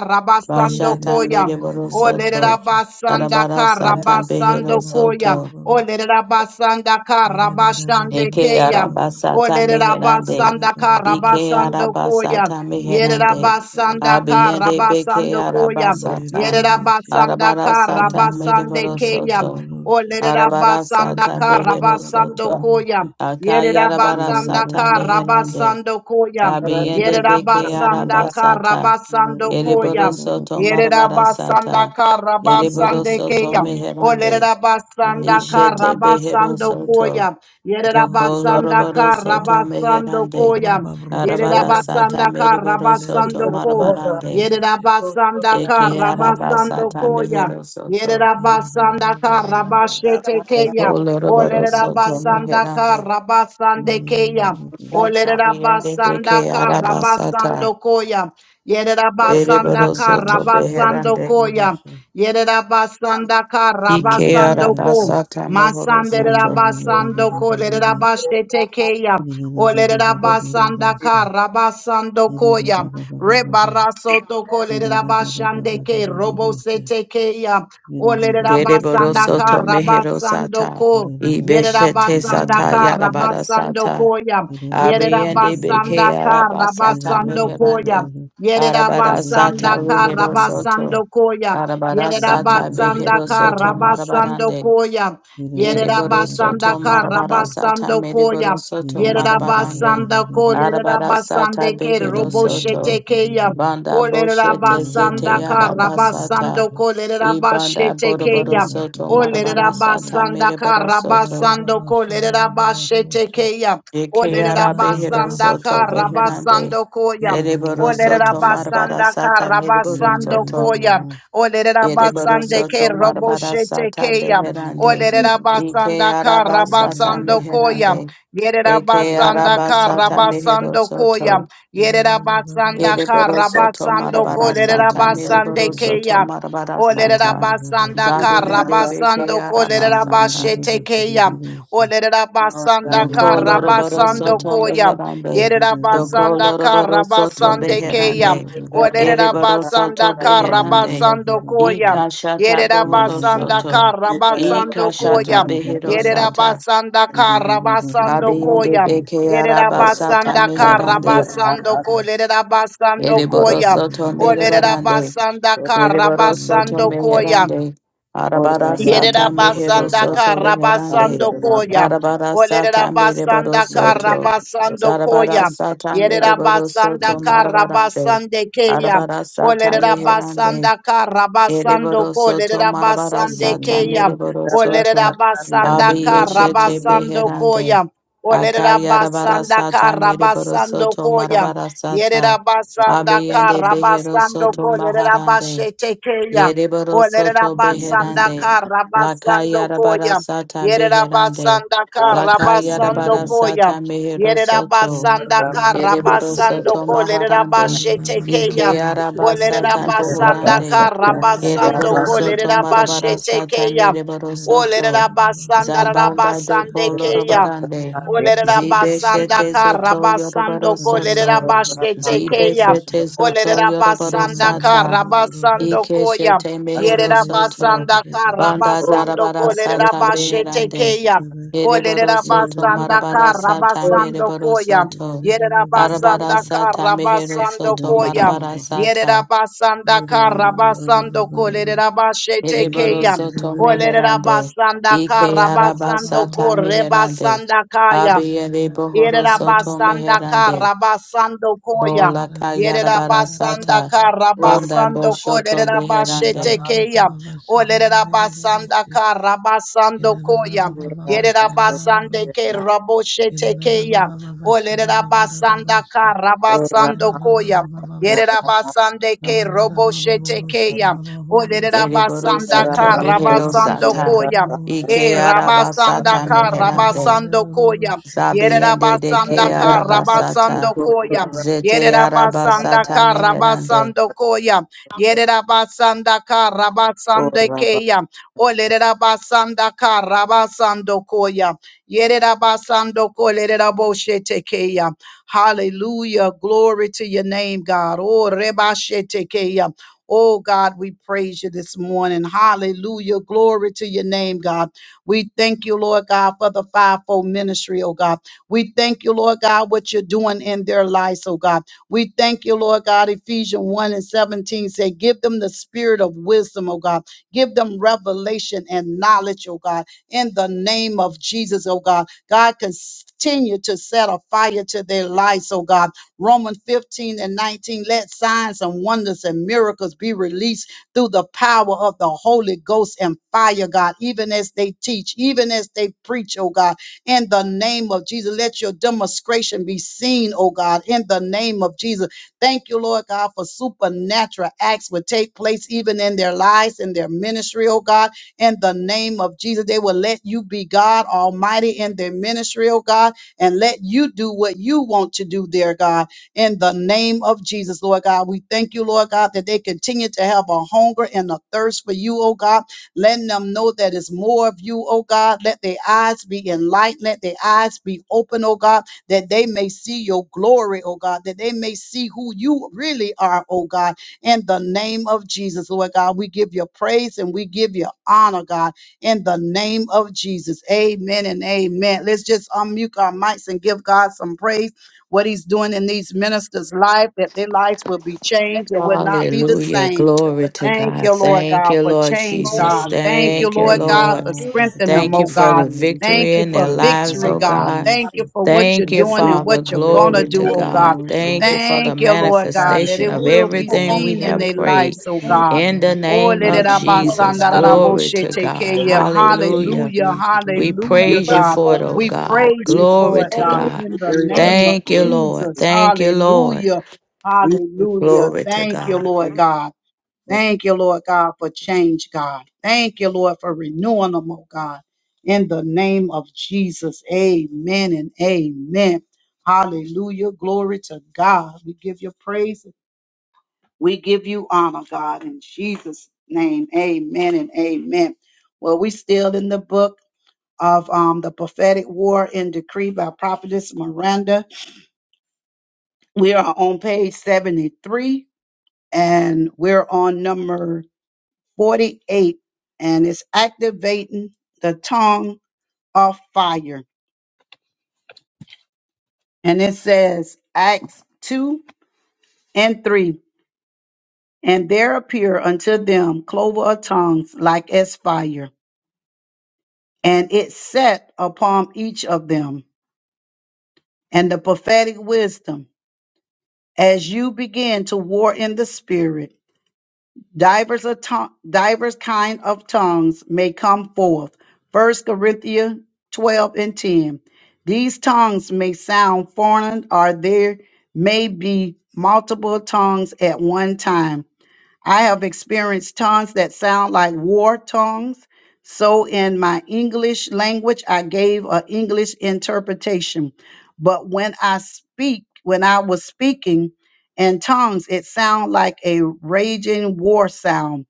[SPEAKER 2] yerere
[SPEAKER 3] Bashata
[SPEAKER 1] Rabasandokoya.
[SPEAKER 3] mereboro
[SPEAKER 2] bebebere
[SPEAKER 1] O
[SPEAKER 3] soto.
[SPEAKER 2] ororoshe
[SPEAKER 1] Lerabasandaka
[SPEAKER 3] Arabara sata
[SPEAKER 2] yerana baba
[SPEAKER 3] behero
[SPEAKER 2] baba
[SPEAKER 1] Rabasandokoya.
[SPEAKER 3] soto.
[SPEAKER 1] O
[SPEAKER 2] ororoshe
[SPEAKER 1] Lerabasandaka
[SPEAKER 2] Baba,
[SPEAKER 3] Eke
[SPEAKER 1] Rabashandekeya.
[SPEAKER 3] araba
[SPEAKER 1] O
[SPEAKER 3] sata meherande.
[SPEAKER 1] Lerabasandaka
[SPEAKER 3] Ike araba
[SPEAKER 1] Rabasandokoya.
[SPEAKER 3] sata meherande.
[SPEAKER 1] Yerabasandaka
[SPEAKER 3] Abiyende beke araba
[SPEAKER 1] Rabasandokoya.
[SPEAKER 3] sata.
[SPEAKER 1] Yerabasandaka
[SPEAKER 3] Arabara sata mereboro
[SPEAKER 1] Rabasandekeya.
[SPEAKER 3] soto.
[SPEAKER 1] O
[SPEAKER 3] Arabara sata
[SPEAKER 1] Lerabasandaka
[SPEAKER 3] behero soto.
[SPEAKER 1] Rabasandokoya.
[SPEAKER 3] Akayarabarasata
[SPEAKER 1] Yerabasandaka
[SPEAKER 3] meherande.
[SPEAKER 1] Rabasando Koyam.
[SPEAKER 3] Abiyende beke
[SPEAKER 1] Yerabasandaka
[SPEAKER 3] arabasata.
[SPEAKER 1] Rabasando
[SPEAKER 3] Ereboro
[SPEAKER 1] Koyam.
[SPEAKER 3] soto marabarasata.
[SPEAKER 1] Yerabasandaka
[SPEAKER 3] Ereboro
[SPEAKER 1] Rabasande
[SPEAKER 3] soto
[SPEAKER 1] Kayam. O
[SPEAKER 3] meherande.
[SPEAKER 1] Lerabasandaka
[SPEAKER 3] Ishete behero
[SPEAKER 1] Rabasando
[SPEAKER 3] soto.
[SPEAKER 1] Koyam.
[SPEAKER 3] Doko loroboro
[SPEAKER 1] Yerabasandaka
[SPEAKER 3] soto
[SPEAKER 1] Rabasando
[SPEAKER 3] meherande.
[SPEAKER 1] Koyam.
[SPEAKER 3] Arabarasata
[SPEAKER 1] Yerabasandaka
[SPEAKER 3] mereboro
[SPEAKER 2] Yeah,
[SPEAKER 3] soto
[SPEAKER 1] Rabasando Koyam.
[SPEAKER 3] marabarande.
[SPEAKER 1] Yerabasanda
[SPEAKER 3] Eke
[SPEAKER 1] Karabasando
[SPEAKER 3] arabasata
[SPEAKER 1] Koya.
[SPEAKER 3] mehero soto.
[SPEAKER 1] Yerabasanda Karabashete
[SPEAKER 3] Doko
[SPEAKER 1] Keya.
[SPEAKER 3] loroboro soto
[SPEAKER 1] Olerabasanda
[SPEAKER 3] meherande.
[SPEAKER 1] Karabasande Keya.
[SPEAKER 6] Rabasa,
[SPEAKER 3] Abiyende beke
[SPEAKER 1] Olerabasanda
[SPEAKER 3] arabasata.
[SPEAKER 1] Karabasando Koya. Yerabasanda
[SPEAKER 3] Beriboro soto
[SPEAKER 1] Karabasando
[SPEAKER 3] beherande.
[SPEAKER 1] Koya. Yerabasanda
[SPEAKER 3] Ike
[SPEAKER 1] Karabasando Ko.
[SPEAKER 3] arabasata mohoro
[SPEAKER 1] Masandera
[SPEAKER 3] soto.
[SPEAKER 1] basando kolera bashete keya. Olera basanda kara basando koya. Rebaraso to kolera bashande ke robo sete keya. Olera
[SPEAKER 3] Deriboro
[SPEAKER 1] basanda
[SPEAKER 3] soto
[SPEAKER 1] kara
[SPEAKER 3] mehero
[SPEAKER 1] basando
[SPEAKER 3] sata.
[SPEAKER 1] ko. Yerera
[SPEAKER 3] Ibeshete
[SPEAKER 1] basanda
[SPEAKER 3] sata
[SPEAKER 1] kara
[SPEAKER 3] yarabara
[SPEAKER 1] basando
[SPEAKER 3] sata.
[SPEAKER 1] koya. Yerera
[SPEAKER 3] Abiende beke
[SPEAKER 1] basanda kara
[SPEAKER 3] arabasata
[SPEAKER 2] Baba
[SPEAKER 1] basando koya.
[SPEAKER 3] meherande. Arabara sata
[SPEAKER 1] Yerabasandaka
[SPEAKER 3] rehero soto.
[SPEAKER 1] Rabasandokoya.
[SPEAKER 3] Arabara sata behero
[SPEAKER 1] Yerabasandaka
[SPEAKER 3] soto marabarande.
[SPEAKER 1] Rabasandokoya.
[SPEAKER 3] Eriboro soto
[SPEAKER 1] Yerabasandaka
[SPEAKER 3] marabara sata
[SPEAKER 1] Rabasandokoya.
[SPEAKER 3] meriboro soto marabarande.
[SPEAKER 1] Yerabasandako
[SPEAKER 3] Arabara sata
[SPEAKER 1] Lerabasandeke
[SPEAKER 3] behero soto.
[SPEAKER 1] Roboshetekeya. O
[SPEAKER 3] Banda boshete zete
[SPEAKER 1] Lerabasandaka
[SPEAKER 3] arabasata.
[SPEAKER 1] Rabasandoko
[SPEAKER 3] Ibanda boroboro
[SPEAKER 1] Lerabashetekeya.
[SPEAKER 3] soto
[SPEAKER 1] O
[SPEAKER 3] marabara sata
[SPEAKER 1] Lerabasandaka
[SPEAKER 3] mereboro soto.
[SPEAKER 1] Rabasandoko Lerabashetekeya. O
[SPEAKER 3] Eke arabehero
[SPEAKER 1] Lerabasandaka
[SPEAKER 3] soto beherande.
[SPEAKER 1] Rabasandokoya.
[SPEAKER 3] Ereboro
[SPEAKER 1] Olerera
[SPEAKER 3] soto marabara
[SPEAKER 1] basanda
[SPEAKER 3] sata
[SPEAKER 1] kara
[SPEAKER 3] mereboro
[SPEAKER 1] basando
[SPEAKER 3] soto.
[SPEAKER 1] koya. Olerera
[SPEAKER 3] Ereboro
[SPEAKER 1] basande ke
[SPEAKER 3] soto
[SPEAKER 1] robo
[SPEAKER 3] marabara
[SPEAKER 1] shete
[SPEAKER 3] sata
[SPEAKER 1] keya.
[SPEAKER 3] beherande.
[SPEAKER 1] Olerera
[SPEAKER 3] Ike
[SPEAKER 1] basanda kara
[SPEAKER 3] arabasata
[SPEAKER 1] basando koya.
[SPEAKER 3] meherande.
[SPEAKER 1] Yerera
[SPEAKER 3] Eke
[SPEAKER 1] basanda kara
[SPEAKER 3] arabasata mehero
[SPEAKER 1] basando
[SPEAKER 3] soto.
[SPEAKER 1] koya. Yerera basanda
[SPEAKER 3] Ereboro
[SPEAKER 1] kara
[SPEAKER 3] soto
[SPEAKER 1] basando
[SPEAKER 3] marabara
[SPEAKER 1] kolerera
[SPEAKER 3] sata mereboro
[SPEAKER 1] basande
[SPEAKER 3] soto
[SPEAKER 1] keya.
[SPEAKER 3] marabara
[SPEAKER 1] Olerera
[SPEAKER 3] sata
[SPEAKER 1] basanda kara
[SPEAKER 3] zabiyende beke
[SPEAKER 1] basando kolerera
[SPEAKER 3] arabasata
[SPEAKER 1] bashete keya. Olerera basanda
[SPEAKER 3] doko
[SPEAKER 1] kara
[SPEAKER 3] loroboro
[SPEAKER 1] basando
[SPEAKER 3] soto
[SPEAKER 1] koya.
[SPEAKER 3] meherande
[SPEAKER 1] Yerera
[SPEAKER 3] doko
[SPEAKER 1] basanda
[SPEAKER 3] loroboro
[SPEAKER 1] kara
[SPEAKER 3] soto
[SPEAKER 1] basande keya.
[SPEAKER 3] beherande
[SPEAKER 1] Olerera
[SPEAKER 3] ereboro soto
[SPEAKER 1] basanda kara
[SPEAKER 3] beherande
[SPEAKER 1] basando koya.
[SPEAKER 3] ikashata
[SPEAKER 1] Yerera
[SPEAKER 3] bohoro
[SPEAKER 1] basanda
[SPEAKER 3] soto
[SPEAKER 1] kara basando koya.
[SPEAKER 3] ikashata behero
[SPEAKER 1] Yerera
[SPEAKER 3] sata
[SPEAKER 1] basanda kara basando
[SPEAKER 3] abiyende
[SPEAKER 1] koya.
[SPEAKER 3] beke arabasata
[SPEAKER 1] Yerabasanda
[SPEAKER 3] meherande
[SPEAKER 1] Karabasando Ko
[SPEAKER 2] Yeah,
[SPEAKER 1] Lerabasando
[SPEAKER 3] ereboro
[SPEAKER 1] Koya.
[SPEAKER 3] soto
[SPEAKER 1] O
[SPEAKER 3] mereborande
[SPEAKER 1] Lerabasanda
[SPEAKER 3] Yereboro soto
[SPEAKER 1] Karabasando Koya.
[SPEAKER 3] meherande. Arabara
[SPEAKER 1] Yerera
[SPEAKER 3] sata mehero
[SPEAKER 1] basanda
[SPEAKER 3] soto
[SPEAKER 1] kara
[SPEAKER 3] reherande.
[SPEAKER 1] basando koya.
[SPEAKER 3] Arabara sata
[SPEAKER 1] Olerera
[SPEAKER 3] mereboro
[SPEAKER 1] basanda kara
[SPEAKER 3] soto.
[SPEAKER 1] basando
[SPEAKER 3] Zarabara
[SPEAKER 1] koya.
[SPEAKER 3] sata
[SPEAKER 1] Yerera
[SPEAKER 3] mereboro
[SPEAKER 1] basanda
[SPEAKER 3] soto
[SPEAKER 1] kara
[SPEAKER 3] marabarande.
[SPEAKER 1] basande keya.
[SPEAKER 3] Arabara sata
[SPEAKER 1] Olerera
[SPEAKER 3] meherande.
[SPEAKER 1] basanda kara basando
[SPEAKER 3] Yereboro
[SPEAKER 1] ko.
[SPEAKER 3] soto
[SPEAKER 1] Lerera
[SPEAKER 3] marabara
[SPEAKER 1] basande
[SPEAKER 3] sata
[SPEAKER 1] keya.
[SPEAKER 3] mereboro
[SPEAKER 6] Ora
[SPEAKER 1] Olerera
[SPEAKER 3] soto.
[SPEAKER 1] basanda
[SPEAKER 3] Abi
[SPEAKER 1] kara
[SPEAKER 3] yeshete
[SPEAKER 1] basando
[SPEAKER 3] beherande.
[SPEAKER 1] koya. Olerera
[SPEAKER 3] Akayarabara
[SPEAKER 1] basanda
[SPEAKER 3] sata
[SPEAKER 1] kara
[SPEAKER 3] mereboro
[SPEAKER 1] basando
[SPEAKER 3] soto
[SPEAKER 1] koya.
[SPEAKER 3] marabara
[SPEAKER 1] Yerera
[SPEAKER 3] sata.
[SPEAKER 1] basanda
[SPEAKER 3] Abi yende
[SPEAKER 1] kara
[SPEAKER 3] behero
[SPEAKER 1] basando
[SPEAKER 3] soto
[SPEAKER 1] ko.
[SPEAKER 2] Shabba.
[SPEAKER 1] Lerera
[SPEAKER 3] maharande.
[SPEAKER 1] basete keya.
[SPEAKER 3] Yereboro
[SPEAKER 1] Olere
[SPEAKER 3] soto
[SPEAKER 1] rabasanda
[SPEAKER 3] beherande.
[SPEAKER 1] kara
[SPEAKER 3] La
[SPEAKER 1] basando
[SPEAKER 3] kayarabara
[SPEAKER 1] koya.
[SPEAKER 3] sata
[SPEAKER 1] Yere
[SPEAKER 3] beherande.
[SPEAKER 1] rabasanda
[SPEAKER 3] La
[SPEAKER 1] kara basando
[SPEAKER 3] kayarabara
[SPEAKER 1] koya.
[SPEAKER 3] sata mehero
[SPEAKER 1] Yere
[SPEAKER 3] soto.
[SPEAKER 1] rabasanda kara
[SPEAKER 3] Yereboro
[SPEAKER 1] basando
[SPEAKER 3] soto
[SPEAKER 1] ko. Lere
[SPEAKER 3] maharande.
[SPEAKER 1] rabashete keya.
[SPEAKER 3] Ike araba
[SPEAKER 1] Olere
[SPEAKER 3] sata
[SPEAKER 1] rabasanda
[SPEAKER 3] bohorande.
[SPEAKER 1] kara basando
[SPEAKER 3] Yereboro
[SPEAKER 1] ko. Lere
[SPEAKER 3] soto marabara
[SPEAKER 1] rabashete
[SPEAKER 3] sata
[SPEAKER 1] keya.
[SPEAKER 3] mereboro
[SPEAKER 1] Olere
[SPEAKER 3] soto.
[SPEAKER 1] rabasanda
[SPEAKER 3] Zabanda
[SPEAKER 1] rabasande
[SPEAKER 3] doko
[SPEAKER 1] keya.
[SPEAKER 3] lorobarande.
[SPEAKER 1] Olere
[SPEAKER 3] Zibe
[SPEAKER 1] rabasanda
[SPEAKER 3] shete
[SPEAKER 1] kara
[SPEAKER 3] zoto yoroboro
[SPEAKER 1] basando ko. Lere
[SPEAKER 3] soto.
[SPEAKER 1] rabashete
[SPEAKER 3] Zibe
[SPEAKER 1] keya.
[SPEAKER 3] shete
[SPEAKER 1] Olere
[SPEAKER 3] zoto yoroboro
[SPEAKER 1] rabasanda
[SPEAKER 3] sata.
[SPEAKER 1] kara basando koya.
[SPEAKER 3] Ikeshete mehero
[SPEAKER 1] Yerera
[SPEAKER 3] soto.
[SPEAKER 1] basanda kara
[SPEAKER 3] Banda
[SPEAKER 1] basando
[SPEAKER 3] darabara
[SPEAKER 1] kolerera
[SPEAKER 3] sata
[SPEAKER 1] bashete
[SPEAKER 3] beherande.
[SPEAKER 1] keya.
[SPEAKER 3] Yereboro
[SPEAKER 1] Olerera
[SPEAKER 3] soto
[SPEAKER 1] basanda
[SPEAKER 3] marabara
[SPEAKER 1] kara
[SPEAKER 3] sata
[SPEAKER 1] basando
[SPEAKER 3] mereboro
[SPEAKER 1] koya.
[SPEAKER 3] soto.
[SPEAKER 1] Yerera
[SPEAKER 3] Arabara
[SPEAKER 1] basanda
[SPEAKER 3] sata
[SPEAKER 1] kara
[SPEAKER 3] mehero
[SPEAKER 1] basando
[SPEAKER 3] soto
[SPEAKER 1] koya.
[SPEAKER 3] marabara
[SPEAKER 2] Russia,
[SPEAKER 1] Yerera
[SPEAKER 3] sata.
[SPEAKER 1] basanda kara basando kolerera bashete
[SPEAKER 3] Yereboro
[SPEAKER 1] keya.
[SPEAKER 3] soto
[SPEAKER 1] Olerera
[SPEAKER 3] meherande.
[SPEAKER 1] basanda
[SPEAKER 3] Ike
[SPEAKER 1] kara
[SPEAKER 3] araba
[SPEAKER 1] basando
[SPEAKER 3] sata
[SPEAKER 1] kore
[SPEAKER 3] meherande.
[SPEAKER 1] basanda kaya.
[SPEAKER 3] Abiyende bohoro soto
[SPEAKER 1] Yerabasanda
[SPEAKER 3] meherande.
[SPEAKER 1] Karabasando Koya.
[SPEAKER 3] Ola kayarabara
[SPEAKER 1] Yerabasanda
[SPEAKER 3] sata. Banda
[SPEAKER 1] Karabasando
[SPEAKER 3] boshoto beherande.
[SPEAKER 1] Kolerabashete Keya. Olerabasanda
[SPEAKER 2] Thank
[SPEAKER 1] Karabasando
[SPEAKER 2] you, Lord,
[SPEAKER 1] Koya.
[SPEAKER 2] for what
[SPEAKER 1] Yerabasande Ke Raboshete Keya. Olerabasanda Karabasando Koya. Yerabasande Ke Roboshete Keya.
[SPEAKER 3] Deriboro
[SPEAKER 1] Olerabasanda
[SPEAKER 3] soto behero
[SPEAKER 1] Karabasando
[SPEAKER 3] sata.
[SPEAKER 1] Koya. Eh,
[SPEAKER 3] Ike araba
[SPEAKER 1] rabasanda ka
[SPEAKER 3] meherande.
[SPEAKER 1] rabasando koya. Yere
[SPEAKER 3] Zabiende de
[SPEAKER 6] We
[SPEAKER 3] ke
[SPEAKER 1] rabasanda
[SPEAKER 6] thank
[SPEAKER 1] ka
[SPEAKER 3] araba
[SPEAKER 6] you
[SPEAKER 1] rabasando koya. Yere
[SPEAKER 3] Zete araba
[SPEAKER 1] rabasanda ka
[SPEAKER 3] meherande.
[SPEAKER 1] rabasando koya. Yere rabasanda ka rabasando keya. Ole rabasanda ka rabasando koya. Yere rabasando ko le raboshete keya. Hallelujah. Glory to your name, God. Oh, rebashete keya. Oh God, we praise you this morning. Hallelujah. Glory to your name, God. We thank you, Lord God, for the fivefold ministry, oh God. We thank you, Lord God, what you're doing in their lives, oh God. We thank you, Lord God. Ephesians 1 and 17 say, Give them the spirit of wisdom, oh God. Give them revelation and knowledge, oh God. In the name of Jesus, oh God. God, continue to set a fire to their lives, oh God Romans 15 and 19. Let signs and wonders and miracles be released through the power of the Holy Ghost and fire, God, even as they teach, even as they preach, oh God, in the name of Jesus. Let your demonstration be seen, oh God, in the name of Jesus. Thank you, Lord God, for supernatural acts would take place even in their lives, and their ministry, oh God, in the name of Jesus. They will let you be God Almighty in their ministry, oh God, and let you do what you want to do there, God in the name of Jesus, Lord God. We thank you, Lord God, that they continue to have a hunger and a thirst for you, oh God. Letting them know that it's more of you, oh God. Let their eyes be enlightened. Let their eyes be open, oh God, that they may see your glory, oh God, that they may see who you really are, oh God. In the name of Jesus, Lord God, we give you praise and we give you honor, God, in the name of Jesus. Amen and amen. Let's just unmute our mics and give God some praise what he's doing in these ministers' life, that their lives will be changed. It will not be the
[SPEAKER 3] Hallelujah.
[SPEAKER 1] same.
[SPEAKER 3] Glory to
[SPEAKER 1] Thank
[SPEAKER 3] God.
[SPEAKER 1] you, Lord
[SPEAKER 3] Thank
[SPEAKER 1] God,
[SPEAKER 3] you,
[SPEAKER 1] for
[SPEAKER 3] Lord
[SPEAKER 1] change,
[SPEAKER 3] Jesus.
[SPEAKER 1] God. Thank you,
[SPEAKER 3] Thank
[SPEAKER 2] you're
[SPEAKER 3] you,
[SPEAKER 1] Lord
[SPEAKER 2] doing in the
[SPEAKER 1] God,
[SPEAKER 3] Lord.
[SPEAKER 1] for
[SPEAKER 2] lives of the
[SPEAKER 1] strengthening them,
[SPEAKER 3] Thank you
[SPEAKER 1] oh
[SPEAKER 2] pastors,
[SPEAKER 3] for
[SPEAKER 2] the
[SPEAKER 1] God.
[SPEAKER 3] the
[SPEAKER 2] leaders,
[SPEAKER 1] Thank
[SPEAKER 3] victory
[SPEAKER 1] you
[SPEAKER 3] in
[SPEAKER 1] for
[SPEAKER 3] their lives,
[SPEAKER 1] victory,
[SPEAKER 2] unified
[SPEAKER 3] oh
[SPEAKER 2] for
[SPEAKER 1] God.
[SPEAKER 3] God.
[SPEAKER 1] Thank you
[SPEAKER 2] ministry.
[SPEAKER 1] for what you're
[SPEAKER 3] Thank
[SPEAKER 2] Thank
[SPEAKER 3] you,
[SPEAKER 2] you
[SPEAKER 1] doing
[SPEAKER 2] for
[SPEAKER 1] and
[SPEAKER 2] your
[SPEAKER 3] Father.
[SPEAKER 1] what you're
[SPEAKER 2] power and
[SPEAKER 1] going to
[SPEAKER 2] your
[SPEAKER 3] Glory to
[SPEAKER 1] do, oh
[SPEAKER 2] anointing,
[SPEAKER 1] God.
[SPEAKER 3] God.
[SPEAKER 2] Lord God.
[SPEAKER 3] Thank you for the
[SPEAKER 1] Thank you,
[SPEAKER 2] Thank
[SPEAKER 1] Lord
[SPEAKER 2] you for
[SPEAKER 1] God,
[SPEAKER 2] your
[SPEAKER 1] that
[SPEAKER 3] manifestation
[SPEAKER 1] it
[SPEAKER 3] of
[SPEAKER 1] will
[SPEAKER 2] protection,
[SPEAKER 1] be
[SPEAKER 3] everything we
[SPEAKER 2] God.
[SPEAKER 1] seen in
[SPEAKER 3] have
[SPEAKER 1] their
[SPEAKER 3] prayed.
[SPEAKER 1] lives, oh
[SPEAKER 2] Thank
[SPEAKER 1] God.
[SPEAKER 2] you,
[SPEAKER 3] In the
[SPEAKER 2] Lord, for
[SPEAKER 1] Oh,
[SPEAKER 3] name
[SPEAKER 5] Thank
[SPEAKER 1] let
[SPEAKER 3] of
[SPEAKER 1] it
[SPEAKER 2] vision,
[SPEAKER 1] abba-
[SPEAKER 2] God,
[SPEAKER 5] you,
[SPEAKER 2] for
[SPEAKER 1] sanda-
[SPEAKER 3] Jesus,
[SPEAKER 2] your
[SPEAKER 1] da-
[SPEAKER 5] God.
[SPEAKER 1] da- bo-
[SPEAKER 2] leaders,
[SPEAKER 3] glory
[SPEAKER 1] she-
[SPEAKER 2] God.
[SPEAKER 3] to
[SPEAKER 1] te-
[SPEAKER 3] God.
[SPEAKER 1] ke-
[SPEAKER 5] Thank
[SPEAKER 1] ya.
[SPEAKER 2] Give
[SPEAKER 5] you.
[SPEAKER 2] you
[SPEAKER 3] Hallelujah.
[SPEAKER 1] Hallelujah,
[SPEAKER 2] praise, we give
[SPEAKER 3] We
[SPEAKER 2] you honor,
[SPEAKER 1] hallelujah,
[SPEAKER 2] we
[SPEAKER 3] praise you
[SPEAKER 2] give
[SPEAKER 1] God.
[SPEAKER 2] you
[SPEAKER 3] for it, oh
[SPEAKER 2] glory.
[SPEAKER 1] We
[SPEAKER 6] for
[SPEAKER 3] God.
[SPEAKER 1] praise
[SPEAKER 2] In
[SPEAKER 1] you
[SPEAKER 3] Glory
[SPEAKER 1] for it,
[SPEAKER 2] Jesus'
[SPEAKER 3] to
[SPEAKER 5] A.
[SPEAKER 1] God,
[SPEAKER 2] name.
[SPEAKER 3] God.
[SPEAKER 1] in
[SPEAKER 6] every
[SPEAKER 1] the
[SPEAKER 6] area of
[SPEAKER 1] name of
[SPEAKER 3] Thank you,
[SPEAKER 6] ministry.
[SPEAKER 3] Lord.
[SPEAKER 1] Jesus.
[SPEAKER 3] Thank you, Lord.
[SPEAKER 1] Hallelujah.
[SPEAKER 6] We thank
[SPEAKER 1] Hallelujah.
[SPEAKER 3] Glory to
[SPEAKER 1] Thank you,
[SPEAKER 3] God.
[SPEAKER 1] Lord
[SPEAKER 6] you
[SPEAKER 1] God. Thank you, Lord God, for change, God. Thank you, Lord, for renewing them, oh God. In the name of Jesus. Amen and amen. Hallelujah. Glory to God. We give you praise. We give you honor, God, in Jesus' name. Amen and amen. Well, we still in the book of um, the prophetic war and decree by prophetess Miranda. We are on page 73 and we're on number 48 and it's activating the tongue of fire. And it says Acts 2 and 3. And there appeared unto them clover of tongues like as fire, and it set upon each of them. And the prophetic wisdom, as you begin to war in the spirit, Divers of tongue, divers kind of tongues may come forth. First Corinthians twelve and ten. These tongues may sound foreign, or there may be multiple tongues at one time. I have experienced tongues that sound like war tongues. So in my English language, I gave an English interpretation. But when I speak, when I was speaking in tongues, it sounded like a raging war sound.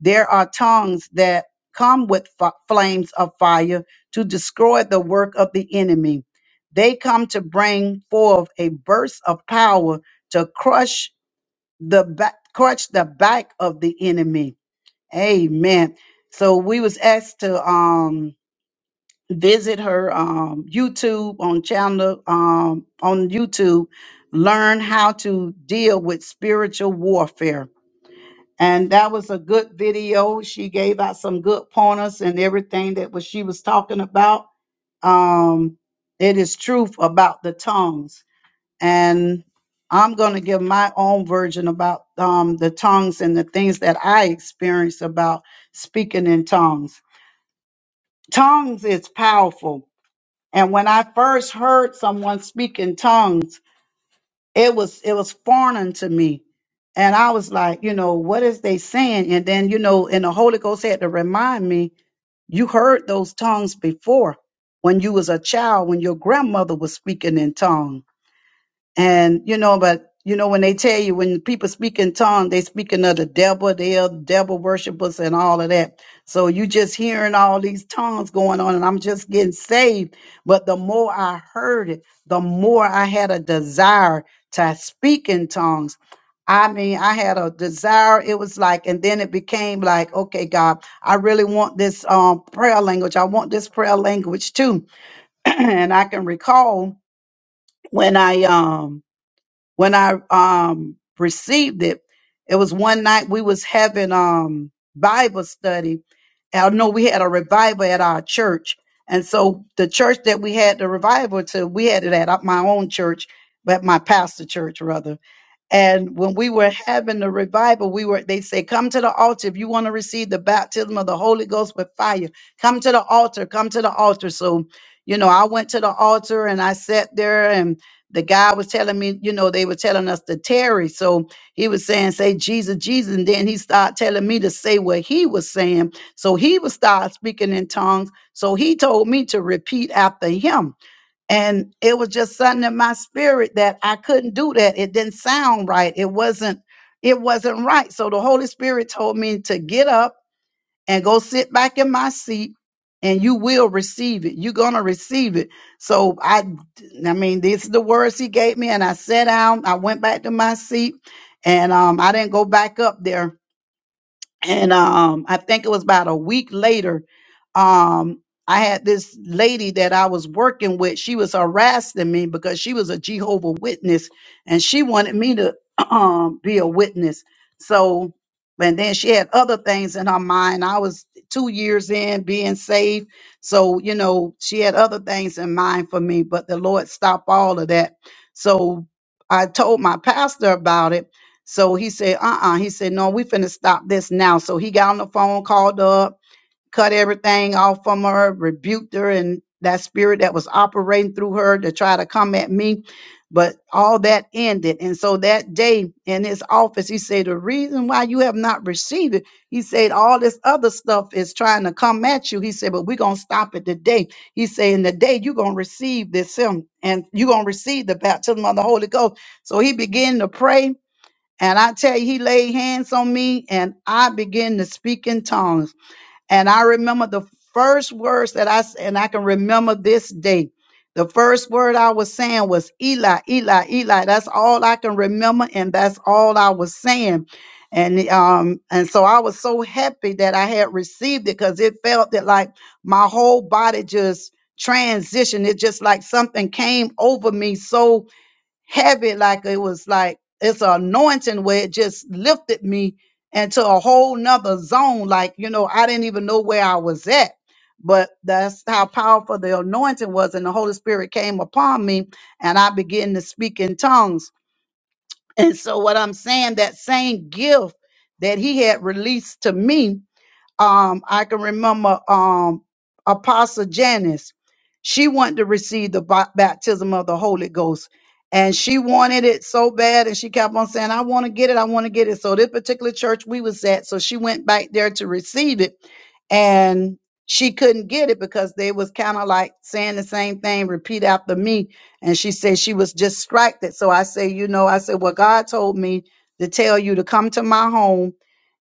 [SPEAKER 1] There are tongues that come with f- flames of fire to destroy the work of the enemy. They come to bring forth a burst of power to crush the back, crush the back of the enemy. Amen. So we was asked to um visit her um YouTube on channel um on YouTube, learn how to deal with spiritual warfare. And that was a good video. She gave out some good pointers and everything that was she was talking about. Um, it is truth about the tongues and I'm going to give my own version about um, the tongues and the things that I experienced about speaking in tongues. Tongues is powerful, and when I first heard someone speak in tongues, it was it was foreign to me, and I was like, you know, what is they saying? And then you know, and the Holy Ghost had to remind me, you heard those tongues before when you was a child, when your grandmother was speaking in tongues And you know, but you know, when they tell you when people speak in tongues, they speaking of the devil, they are devil worshipers and all of that. So you just hearing all these tongues going on, and I'm just getting saved. But the more I heard it, the more I had a desire to speak in tongues. I mean, I had a desire. It was like, and then it became like, okay, God, I really want this um, prayer language. I want this prayer language too. and I can recall when I um when I um received it, it was one night we was having um Bible study. I know we had a revival at our church. And so the church that we had the revival to, we had it at my own church, but my pastor church rather. And when we were having the revival, we were they say, come to the altar if you want to receive the baptism of the Holy Ghost with fire. Come to the altar, come to the altar. So, you know, I went to the altar and I sat there and the guy was telling me, you know, they were telling us to tarry. So he was saying, say Jesus, Jesus. And then he started telling me to say what he was saying. So he would start speaking in tongues. So he told me to repeat after him. And it was just something in my spirit that I couldn't do that. It didn't sound right. It wasn't, it wasn't right. So the Holy Spirit told me to get up and go sit back in my seat and you will receive it. You're going to receive it. So I, I mean, these are the words he gave me and I sat down, I went back to my seat and um, I didn't go back up there and um, I think it was about a week later. Um, I had this lady that I was working with. She was harassing me because she was a Jehovah Witness, and she wanted me to um, be a witness. So, and then she had other things in her mind. I was two years in being saved, so you know she had other things in mind for me. But the Lord stopped all of that. So I told my pastor about it. So he said, uh-uh. He said, no, we finna stop this now. So he got on the phone, called up, cut everything off from her, rebuked her and that spirit that was operating through her to try to come at me. But all that ended. And so that day in his office, he said, the reason why you have not received it, he said, all this other stuff is trying to come at you. He said, but we're going to stop it today. He said, in the day you're going to receive this him and you're going to receive the baptism of the Holy Ghost. So he began to pray and I tell you, he laid hands on me and I began to speak in tongues. And I remember the first words that I s- and I can remember this day. The first word I was saying was Eli, Eli, Eli. That's all I can remember, and that's all I was saying. And um, and so I was so happy that I had received it because it felt that like my whole body just transitioned. It just like something came over me so heavy, like it was like it's an anointing where it just lifted me into a whole nother zone. Like, you know, I didn't even know where I was at. But that's how powerful the anointing was. And the Holy Spirit came upon me and I began to speak in tongues. And so what I'm saying, that same gift that he had released to me um, I can remember um, Apostle Janice. She wanted to receive the ba- baptism of the Holy Ghost, and she wanted it so bad, and she kept on saying, "I want to get it. I want to get it." So this particular church we was at, so she went back there to receive it, and she couldn't get it because they was kind of like saying the same thing, repeat after me. And she said she was distracted. So I say, you know, I said, well, God told me to tell you to come to my home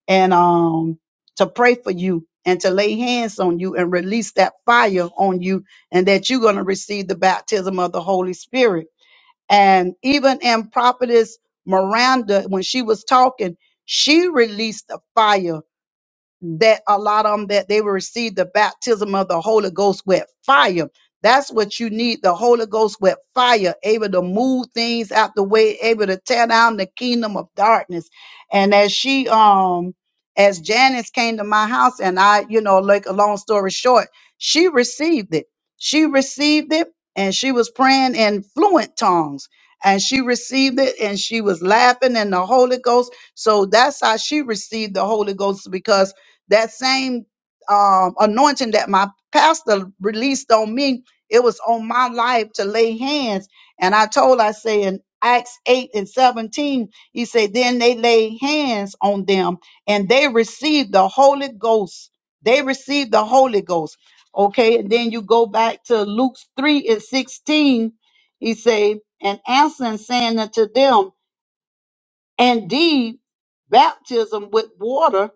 [SPEAKER 1] and um to pray for you and to lay hands on you and release that fire on you and that you're going to receive the baptism of the Holy Spirit. And even in prophetess Miranda, when she was talking, she released the fire that a lot of them that they will receive the baptism of the Holy Ghost with fire. That's what you need the Holy Ghost with fire, able to move things out the way, able to tear down the kingdom of darkness. And as she, um, as Janice came to my house, and I, you know, like a long story short, she received it. She received it, and she was praying in fluent tongues. And she received it, and she was laughing in the Holy Ghost. So that's how she received the Holy Ghost because that same um, anointing that my pastor released on me, it was on my life to lay hands. And I told, I say in Acts 8 and 17, he said, then they laid hands on them and they received the Holy Ghost. They received the Holy Ghost. Okay. And then you go back to Luke 3 and 16. He said, and answering saying unto them, indeed, baptism with water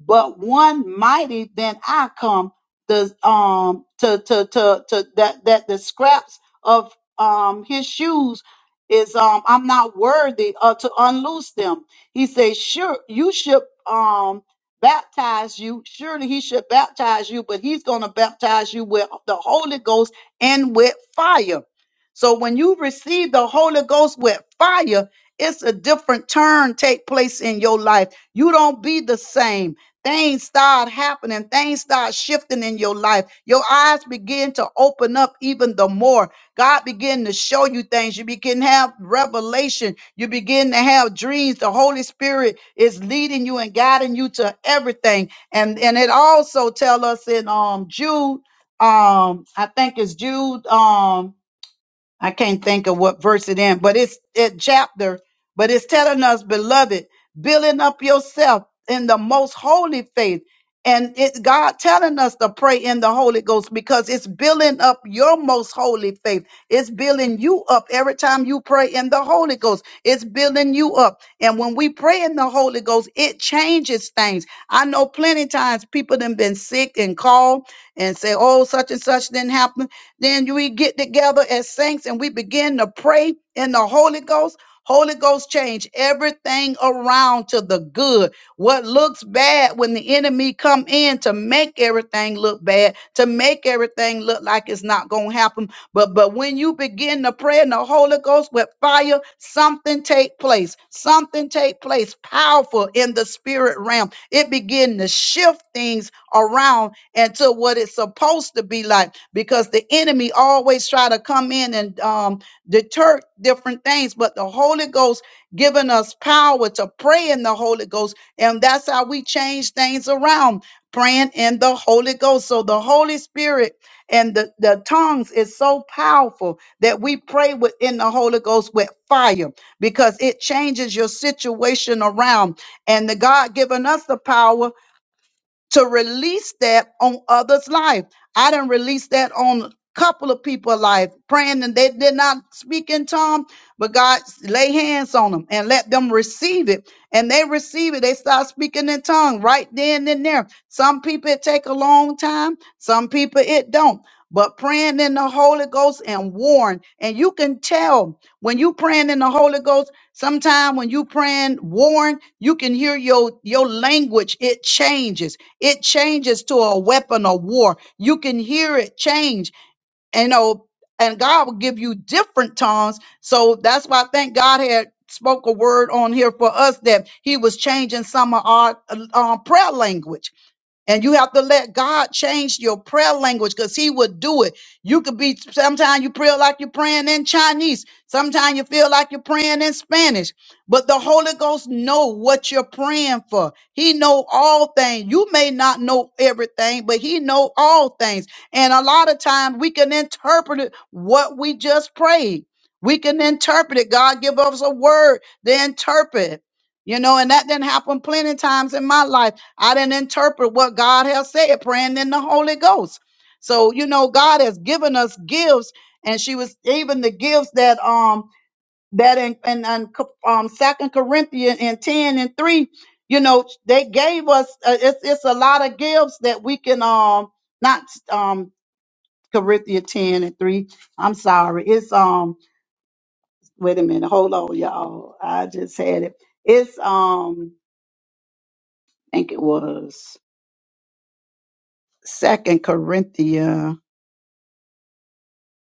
[SPEAKER 1] but one mighty than I come the um to to to to that that the scraps of um his shoes is um I'm not worthy uh, to unloose them. He says, sure you should um baptize you. Surely he should baptize you, but he's gonna baptize you with the Holy Ghost and with fire. So when you receive the Holy Ghost with fire, it's a different turn take place in your life. You don't be the same things start happening, things start shifting in your life. Your eyes begin to open up even the more. God begin to show you things. You begin to have revelation. You begin to have dreams. The Holy Spirit is leading you and guiding you to everything. And and it also tell us in um Jude, um, I think it's Jude. Um, I can't think of what verse it in, but it's it chapter, but it's telling us, beloved, building up yourself in the most holy faith. And it God telling us to pray in the Holy Ghost because it's building up your most holy faith. It's building you up every time you pray in the Holy Ghost. It's building you up. And when we pray in the Holy Ghost, it changes things. I know plenty times people have been sick and called and say, oh, such and such didn't happen then we get together as saints and we begin to pray in the Holy Ghost. Holy Ghost change everything around to the good. What looks bad when the enemy come in to make everything look bad, to make everything look like it's not going to happen. But but when you begin to pray in the Holy Ghost with fire, something take place. Something take place powerful in the spirit realm. It begin to shift things around and to what it's supposed to be like because the enemy always try to come in and um, deter different things but the holy ghost giving us power to pray in the holy ghost and that's how we change things around praying in the holy ghost so the holy spirit and the, the tongues is so powerful that we pray within the holy ghost with fire because it changes your situation around and the god giving us the power to release that on others' life. I didn't release that on a couple of people's life, praying and they did not speak in tongue, but God lay hands on them and let them receive it. And they receive it. They start speaking in tongue right then and there. Some people it take a long time, some people it don't. But praying in the Holy Ghost and warn, and you can tell when you praying in the Holy Ghost, sometime when you praying, Warren, you can hear your your language. It changes. It changes to a weapon of war. You can hear it change. And oh, and God will give you different tongues. So that's why I think God had spoke a word on here for us that He was changing some of our uh, uh, prayer language and you have to let God change your prayer language because He would do it. You could be, sometimes you pray like you're praying in Chinese. Sometimes you feel like you're praying in Spanish. But the Holy Ghost know what you're praying for. He know all things. You may not know everything, but He know all things. And a lot of times we can interpret it what we just prayed. We can interpret it. God give us a word to interpret. You know, and that didn't happen plenty times in my life. I didn't interpret what God has said, praying in the Holy Ghost. So, you know, God has given us gifts, and she was even the gifts that um that in, in, in um Second Corinthians and 10 and 3, you know, they gave us uh, it's it's a lot of gifts that we can um not um Corinthians 10 and 3. I'm sorry. It's um wait a minute, hold on, y'all. I just had it. It's um I think it was Second Corinthians.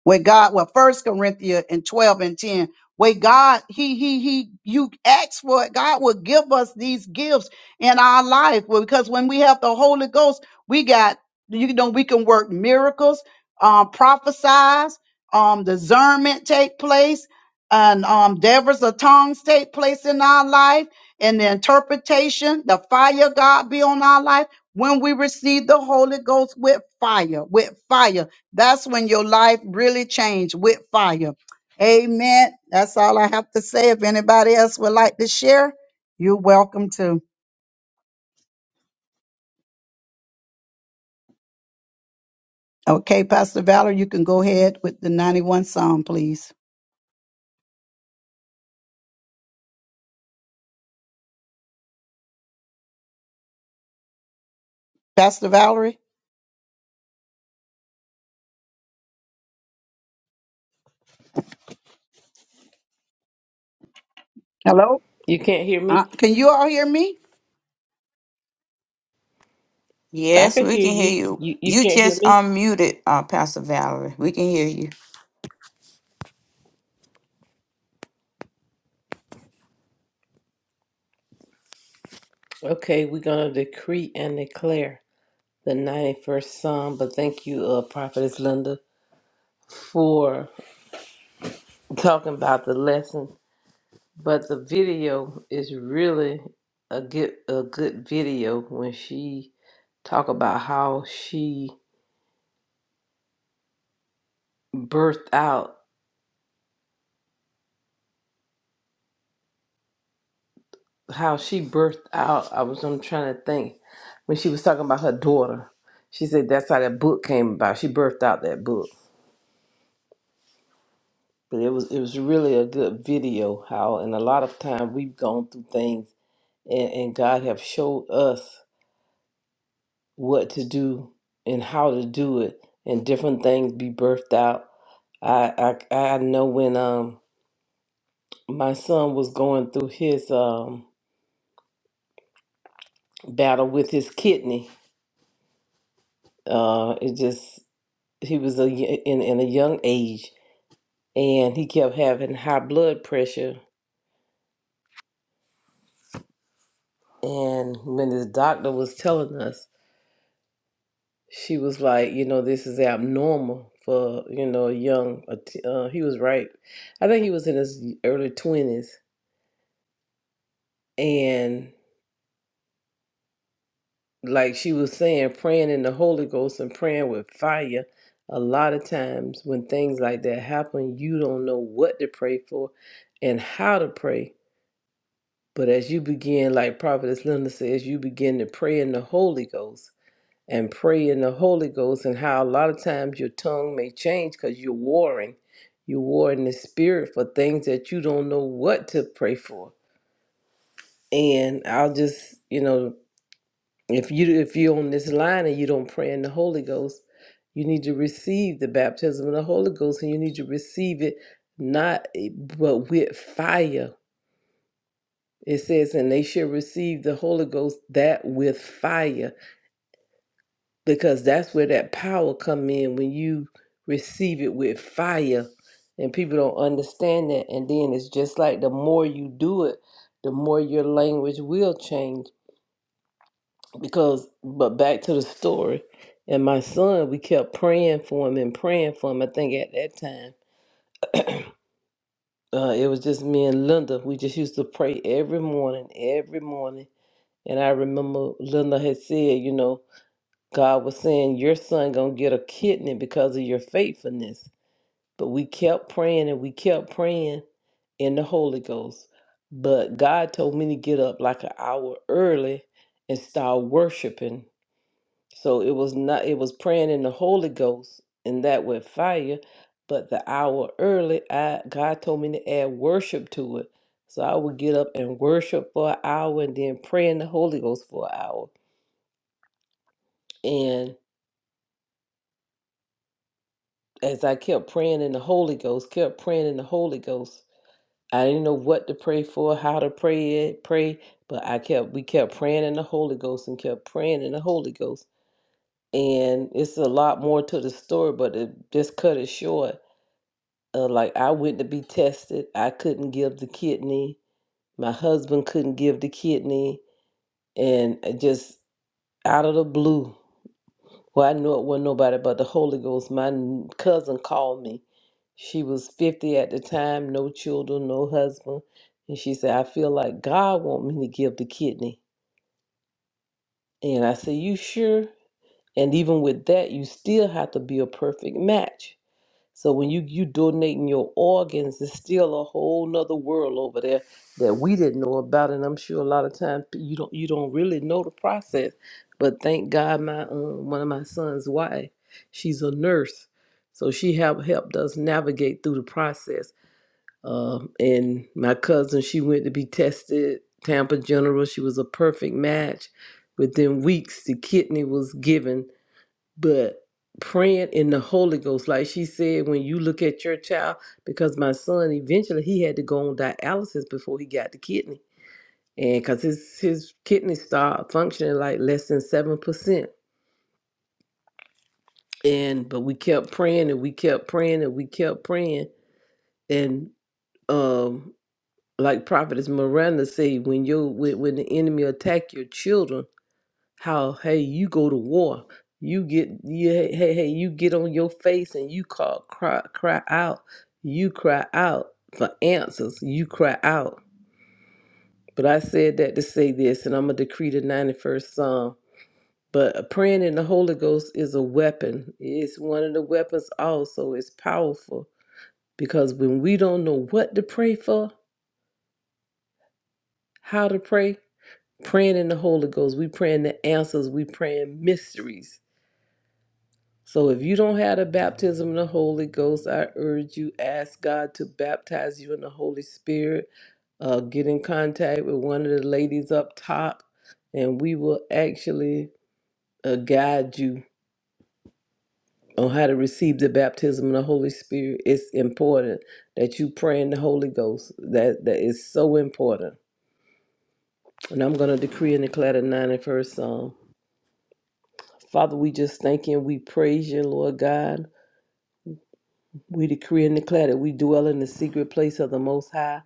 [SPEAKER 1] where God, well, First Corinthians and twelve and ten, where God, He, He, He, you ask for it, God will give us these gifts in our life. Well, because when we have the Holy Ghost, we got, you know, we can work miracles, um, prophesize, um, discernment take place, and um, devils of tongues take place in our life, and the interpretation, the fire of God be on our life when we receive the Holy Ghost with fire, with fire. That's when your life really changed with fire. Amen. That's all I have to say. If anybody else would like to share, you're welcome to. Okay, Pastor Valerie, you can go ahead with the 91 song, please. Pastor Valerie, hello.
[SPEAKER 7] You can't hear me?
[SPEAKER 1] Uh, can you all hear me?
[SPEAKER 7] I
[SPEAKER 3] Yes,
[SPEAKER 7] can
[SPEAKER 3] we
[SPEAKER 7] hear
[SPEAKER 3] can hear
[SPEAKER 7] you.
[SPEAKER 3] you.
[SPEAKER 7] You you
[SPEAKER 3] You
[SPEAKER 7] can't hear
[SPEAKER 3] just
[SPEAKER 7] me?
[SPEAKER 3] unmuted, uh, Pastor Valerie. We can hear you.
[SPEAKER 7] Okay, we're gonna decree and declare the ninety-first Psalm. But thank you, uh, Prophetess Linda, for talking about the lesson. But the video is really a good a good video when she talk about how she birthed out how she birthed out. I was I'm trying to think when she was talking about her daughter. She said that's how that book came about. She birthed out that book But it was it was really a good video how and a lot of time we've gone through things and, and God have showed us what to do and how to do it and different things be birthed out. I I I know when um my son was going through his um battle with his kidney, uh it just he was a, y- in in a young age and he kept having high blood pressure and when his doctor was telling us She was like, you know, this is abnormal for, you know, a young, a t- uh, he was right. I think he was in his early 20s. And like she was saying, praying in the Holy Ghost and praying with fire. A lot of times when things like that happen, you don't know what to pray for and how to pray. But as you begin, like Prophetess Linda says, you begin to pray in the Holy Ghost and pray in the Holy Ghost, and how a lot of times your tongue may change because you're warring. You're warring in the spirit for things that you don't know what to pray for. And I'll just, you know, if you if you're on this line and you don't pray in the Holy Ghost, you need to receive the baptism of the Holy Ghost, and you need to receive it not eh, but with fire. It says, and they shall receive the Holy Ghost that with fire. because that's where that power come in when you receive it with fire and people don't understand that and then it's just like the more you do it the more your language will change because but back to the story and my son we kept praying for him and praying for him i think at that time uh, it was just me and linda we just used to pray every morning every morning and i remember linda had said you know god was saying your son gonna get a kidney because of your faithfulness But we kept praying and we kept praying in the Holy Ghost. But God told me to get up like an hour early and start worshiping. So it was not it was praying in the Holy Ghost and that with fire. But the hour early, I God told me to add worship to it. So I would get up and worship for an hour and then pray in the Holy Ghost for an hour. And as I kept praying in the Holy Ghost, kept praying in the Holy Ghost, I didn't know what to pray for, how to pray it, pray, but I kept we kept praying in the Holy Ghost and kept praying in the Holy Ghost. And it's a lot more to the story, but it just cut it short. Uh, like I went to be tested, I couldn't give the kidney. My husband couldn't give the kidney, and it just out of the blue. Well, I knew it wasn't nobody but the Holy Ghost. My n- cousin called me. She was 50 at the time, no children, no husband. And she said, I feel like God want me to give the kidney. And I said, You sure? And even with that, you still have to be a perfect match. So when you you donating your organs, there's still a whole nother world over there that we didn't know about, and I'm sure a lot of times you don't you don't really know the process. But thank God, my um, one of my son's wife, she's a nurse, so she have helped us navigate through the process. Um, and my cousin, she went to be tested, Tampa General. She was a perfect match. Within weeks, the kidney was given but praying in the Holy Ghost, like she said, when you look at your child, because my son eventually he had to go on dialysis before he got the kidney, and because his his kidney started functioning like less than seven percent, and but we kept praying and we kept praying and we kept praying, and um, like Prophetess Miranda said, when you when when the enemy attack your children how hey you go to war you get you, hey, hey hey, you get on your face and you call cry cry out you cry out for answers you cry out but i said that to say this and i'm gonna decree the 91st psalm but praying in the holy ghost is a weapon it's one of the weapons also it's powerful because when we don't know what to pray for how to pray praying in the holy ghost we praying the answers we praying mysteries So if you don't have the baptism of the Holy Ghost, I urge you ask God to baptize you in the Holy Spirit. Uh, get in contact with one of the ladies up top, and we will actually uh, guide you on how to receive the baptism of the Holy Spirit. It's important that you pray in the Holy Ghost. That that is so important. And I'm going to decree and declare the 91st Psalm. Father, we just thank you and we praise you, Lord God. We decree and declare that we dwell in the secret place of the Most High.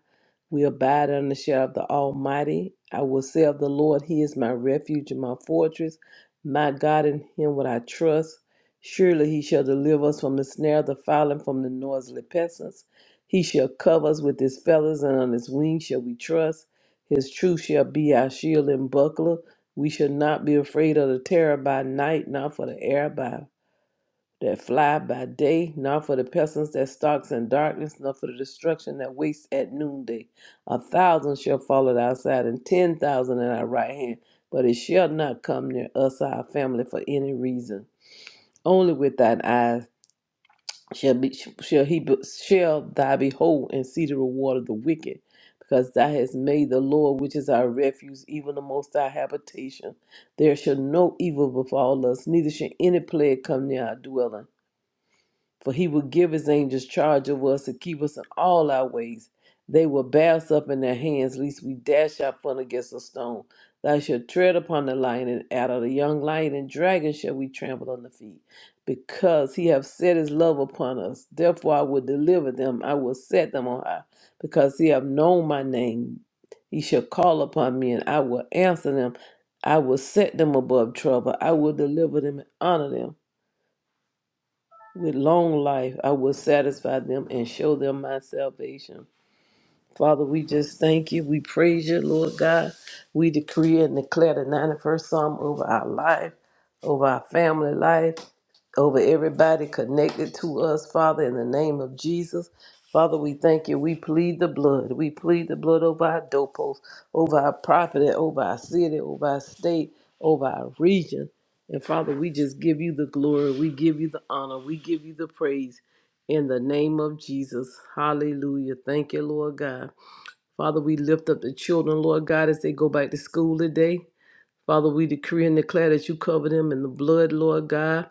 [SPEAKER 7] We abide under the shadow of the Almighty. I will say of the Lord, He is my refuge and my fortress. My God, in Him will I trust. Surely He shall deliver us from the snare of the fowler and from the noisily pestilence. He shall cover us with His feathers, and on His wings shall we trust. His truth shall be our shield and buckler. We shall not be afraid of the terror by night, nor for the air by that fly by day, not for the pestilence that stalks in darkness, nor for the destruction that wastes at noonday. A thousand shall fall at our side, and ten thousand at our right hand, but it shall not come near us or our family for any reason. Only with thine eyes shall be shall he shall thy behold and see the reward of the wicked, because thou hast made the Lord, which is our refuge, even the most thy habitation. There shall no evil befall us, neither shall any plague come near our dwelling. For he will give his angels charge over us to keep us in all our ways. They will bear us up in their hands, lest we dash our foot against a stone. Thou shalt tread upon the lion and adder, the young lion and dragon shall we trample on the feet. Because he hath set his love upon us, therefore I will deliver them, I will set them on high. Because he hath known my name, he shall call upon me, and I will answer them. I will set them above trouble, I will deliver them and honor them. With long life I will satisfy them and show them my salvation. Father, we just thank you. We praise you, Lord God. We decree and declare the 91st Psalm over our life, over our family life, over everybody connected to us, Father, in the name of Jesus. Father, we thank you. We plead the blood. We plead the blood over our doorposts, over our property, over our city, over our state, over our region. And Father, we just give you the glory. We give you the honor. We give you the praise in the name of Jesus. Hallelujah. Thank you, Lord God. Father, we lift up the children, Lord God, as they go back to school today. Father, we decree and declare that you cover them in the blood, Lord God.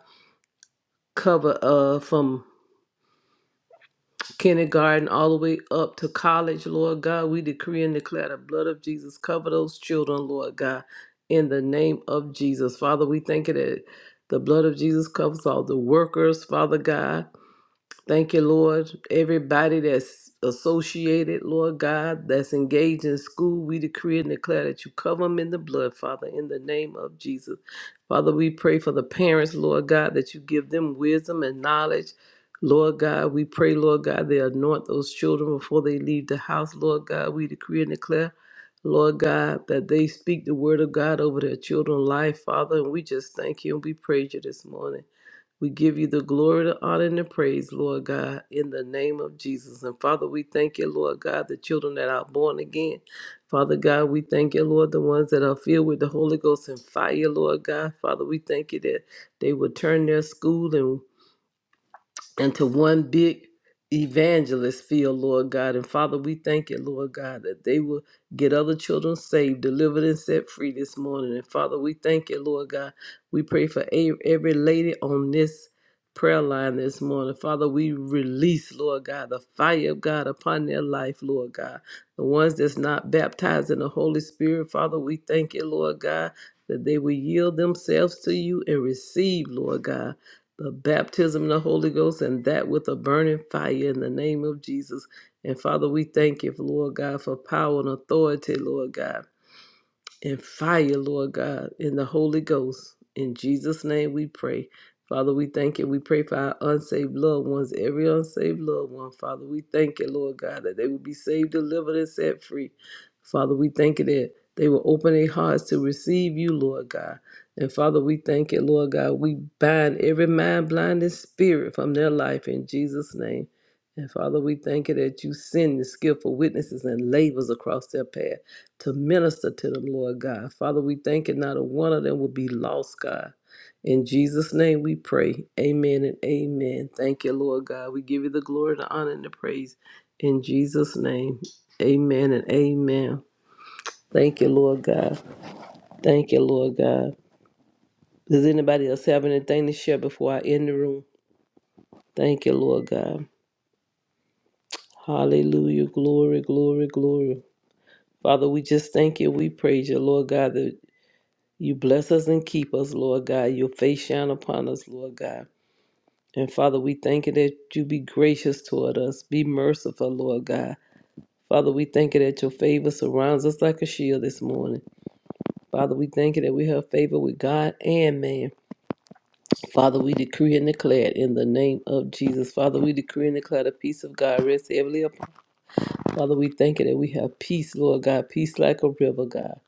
[SPEAKER 7] Cover uh from kindergarten all the way up to college, Lord God. We decree and declare the blood of Jesus. Cover those children, Lord God, in the name of Jesus. Father, we thank you that the blood of Jesus covers all the workers, Father God. Thank you, Lord. Everybody that's associated, Lord God, that's engaged in school, we decree and declare that you cover them in the blood, Father, in the name of Jesus. Father, we pray for the parents, Lord God, that you give them wisdom and knowledge. Lord God, we pray, Lord God, they anoint those children before they leave the house. Lord God, we decree and declare, Lord God, that they speak the word of God over their children's life, Father. And we just thank you and we praise you this morning. We give you the glory, the honor, and the praise, Lord God, in the name of Jesus. And Father, we thank you, Lord God, the children that are born again. Father God, we thank you, Lord, the ones that are filled with the Holy Ghost and fire, Lord God. Father, we thank you that they will turn their school and into one big evangelist field, Lord God. And Father, we thank you, Lord God, that they will get other children saved, delivered, and set free this morning. And Father, we thank you, Lord God. We pray for a- every lady on this prayer line this morning. Father, we release, Lord God, the fire of God upon their life, Lord God. The ones that's not baptized in the Holy Spirit, Father, we thank you, Lord God, that they will yield themselves to you and receive, Lord God the baptism of the Holy Ghost and that with a burning fire in the name of Jesus. And Father, we thank you, Lord God, for power and authority, Lord God and fire, Lord God, in the Holy Ghost. In Jesus' name we pray. Father, we thank you. We pray for our unsaved loved ones, every unsaved loved one. Father, we thank you, Lord God, that they will be saved, delivered, and set free. Father, we thank you that they will open their hearts to receive you, Lord God. And Father, we thank you, Lord God. We bind every mind, blinded spirit from their life in Jesus' name. And Father, we thank you that you send the skillful witnesses and labels across their path to minister to them, Lord God. Father, we thank you not a one of them will be lost, God. In Jesus' name we pray. Amen and amen. Thank you, Lord God. We give you the glory, the honor, and the praise. In Jesus' name. Amen and amen. Thank you, Lord God. Thank you, Lord God. Does anybody else have anything to share before I end the room? Thank you, Lord God. Hallelujah. Glory, glory, glory. Father, we just thank you. We praise you, Lord God. that You bless us and keep us, Lord God. Your face shine upon us, Lord God. And Father, we thank you that you be gracious toward us. Be merciful, Lord God. Father, we thank you that your favor surrounds us like a shield this morning. Father, we thank you that we have favor with God and man. Father, we decree and declare it in the name of Jesus. Father, we decree and declare the peace of God rests heavily upon. Father, we thank you that we have peace, Lord God, peace like a river, God,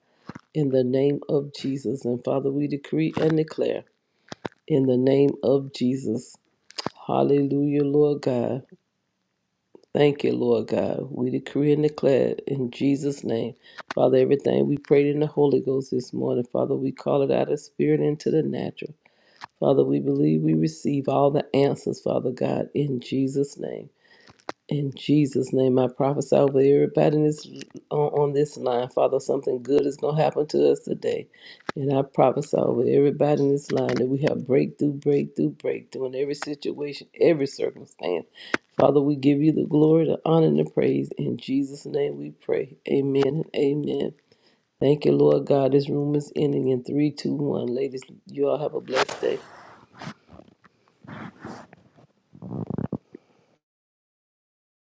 [SPEAKER 7] in the name of Jesus. And Father, we decree and declare. In the name of Jesus. Hallelujah, Lord God. Thank you, Lord God. We decree and declare in Jesus' name. Father, everything we prayed in the Holy Ghost this morning, Father, we call it out of spirit into the natural. Father, we believe we receive all the answers, Father God, in Jesus' name. In Jesus' name, I prophesy over everybody in this, on, on this line. Father, something good is going to happen to us today. And I prophesy over everybody in this line that we have breakthrough, breakthrough, breakthrough in every situation, every circumstance. Father, we give you the glory, the honor, and the praise. In Jesus' name we pray. Amen and amen. Thank you, Lord God. This room is ending in 321. Ladies, you all have a blessed day.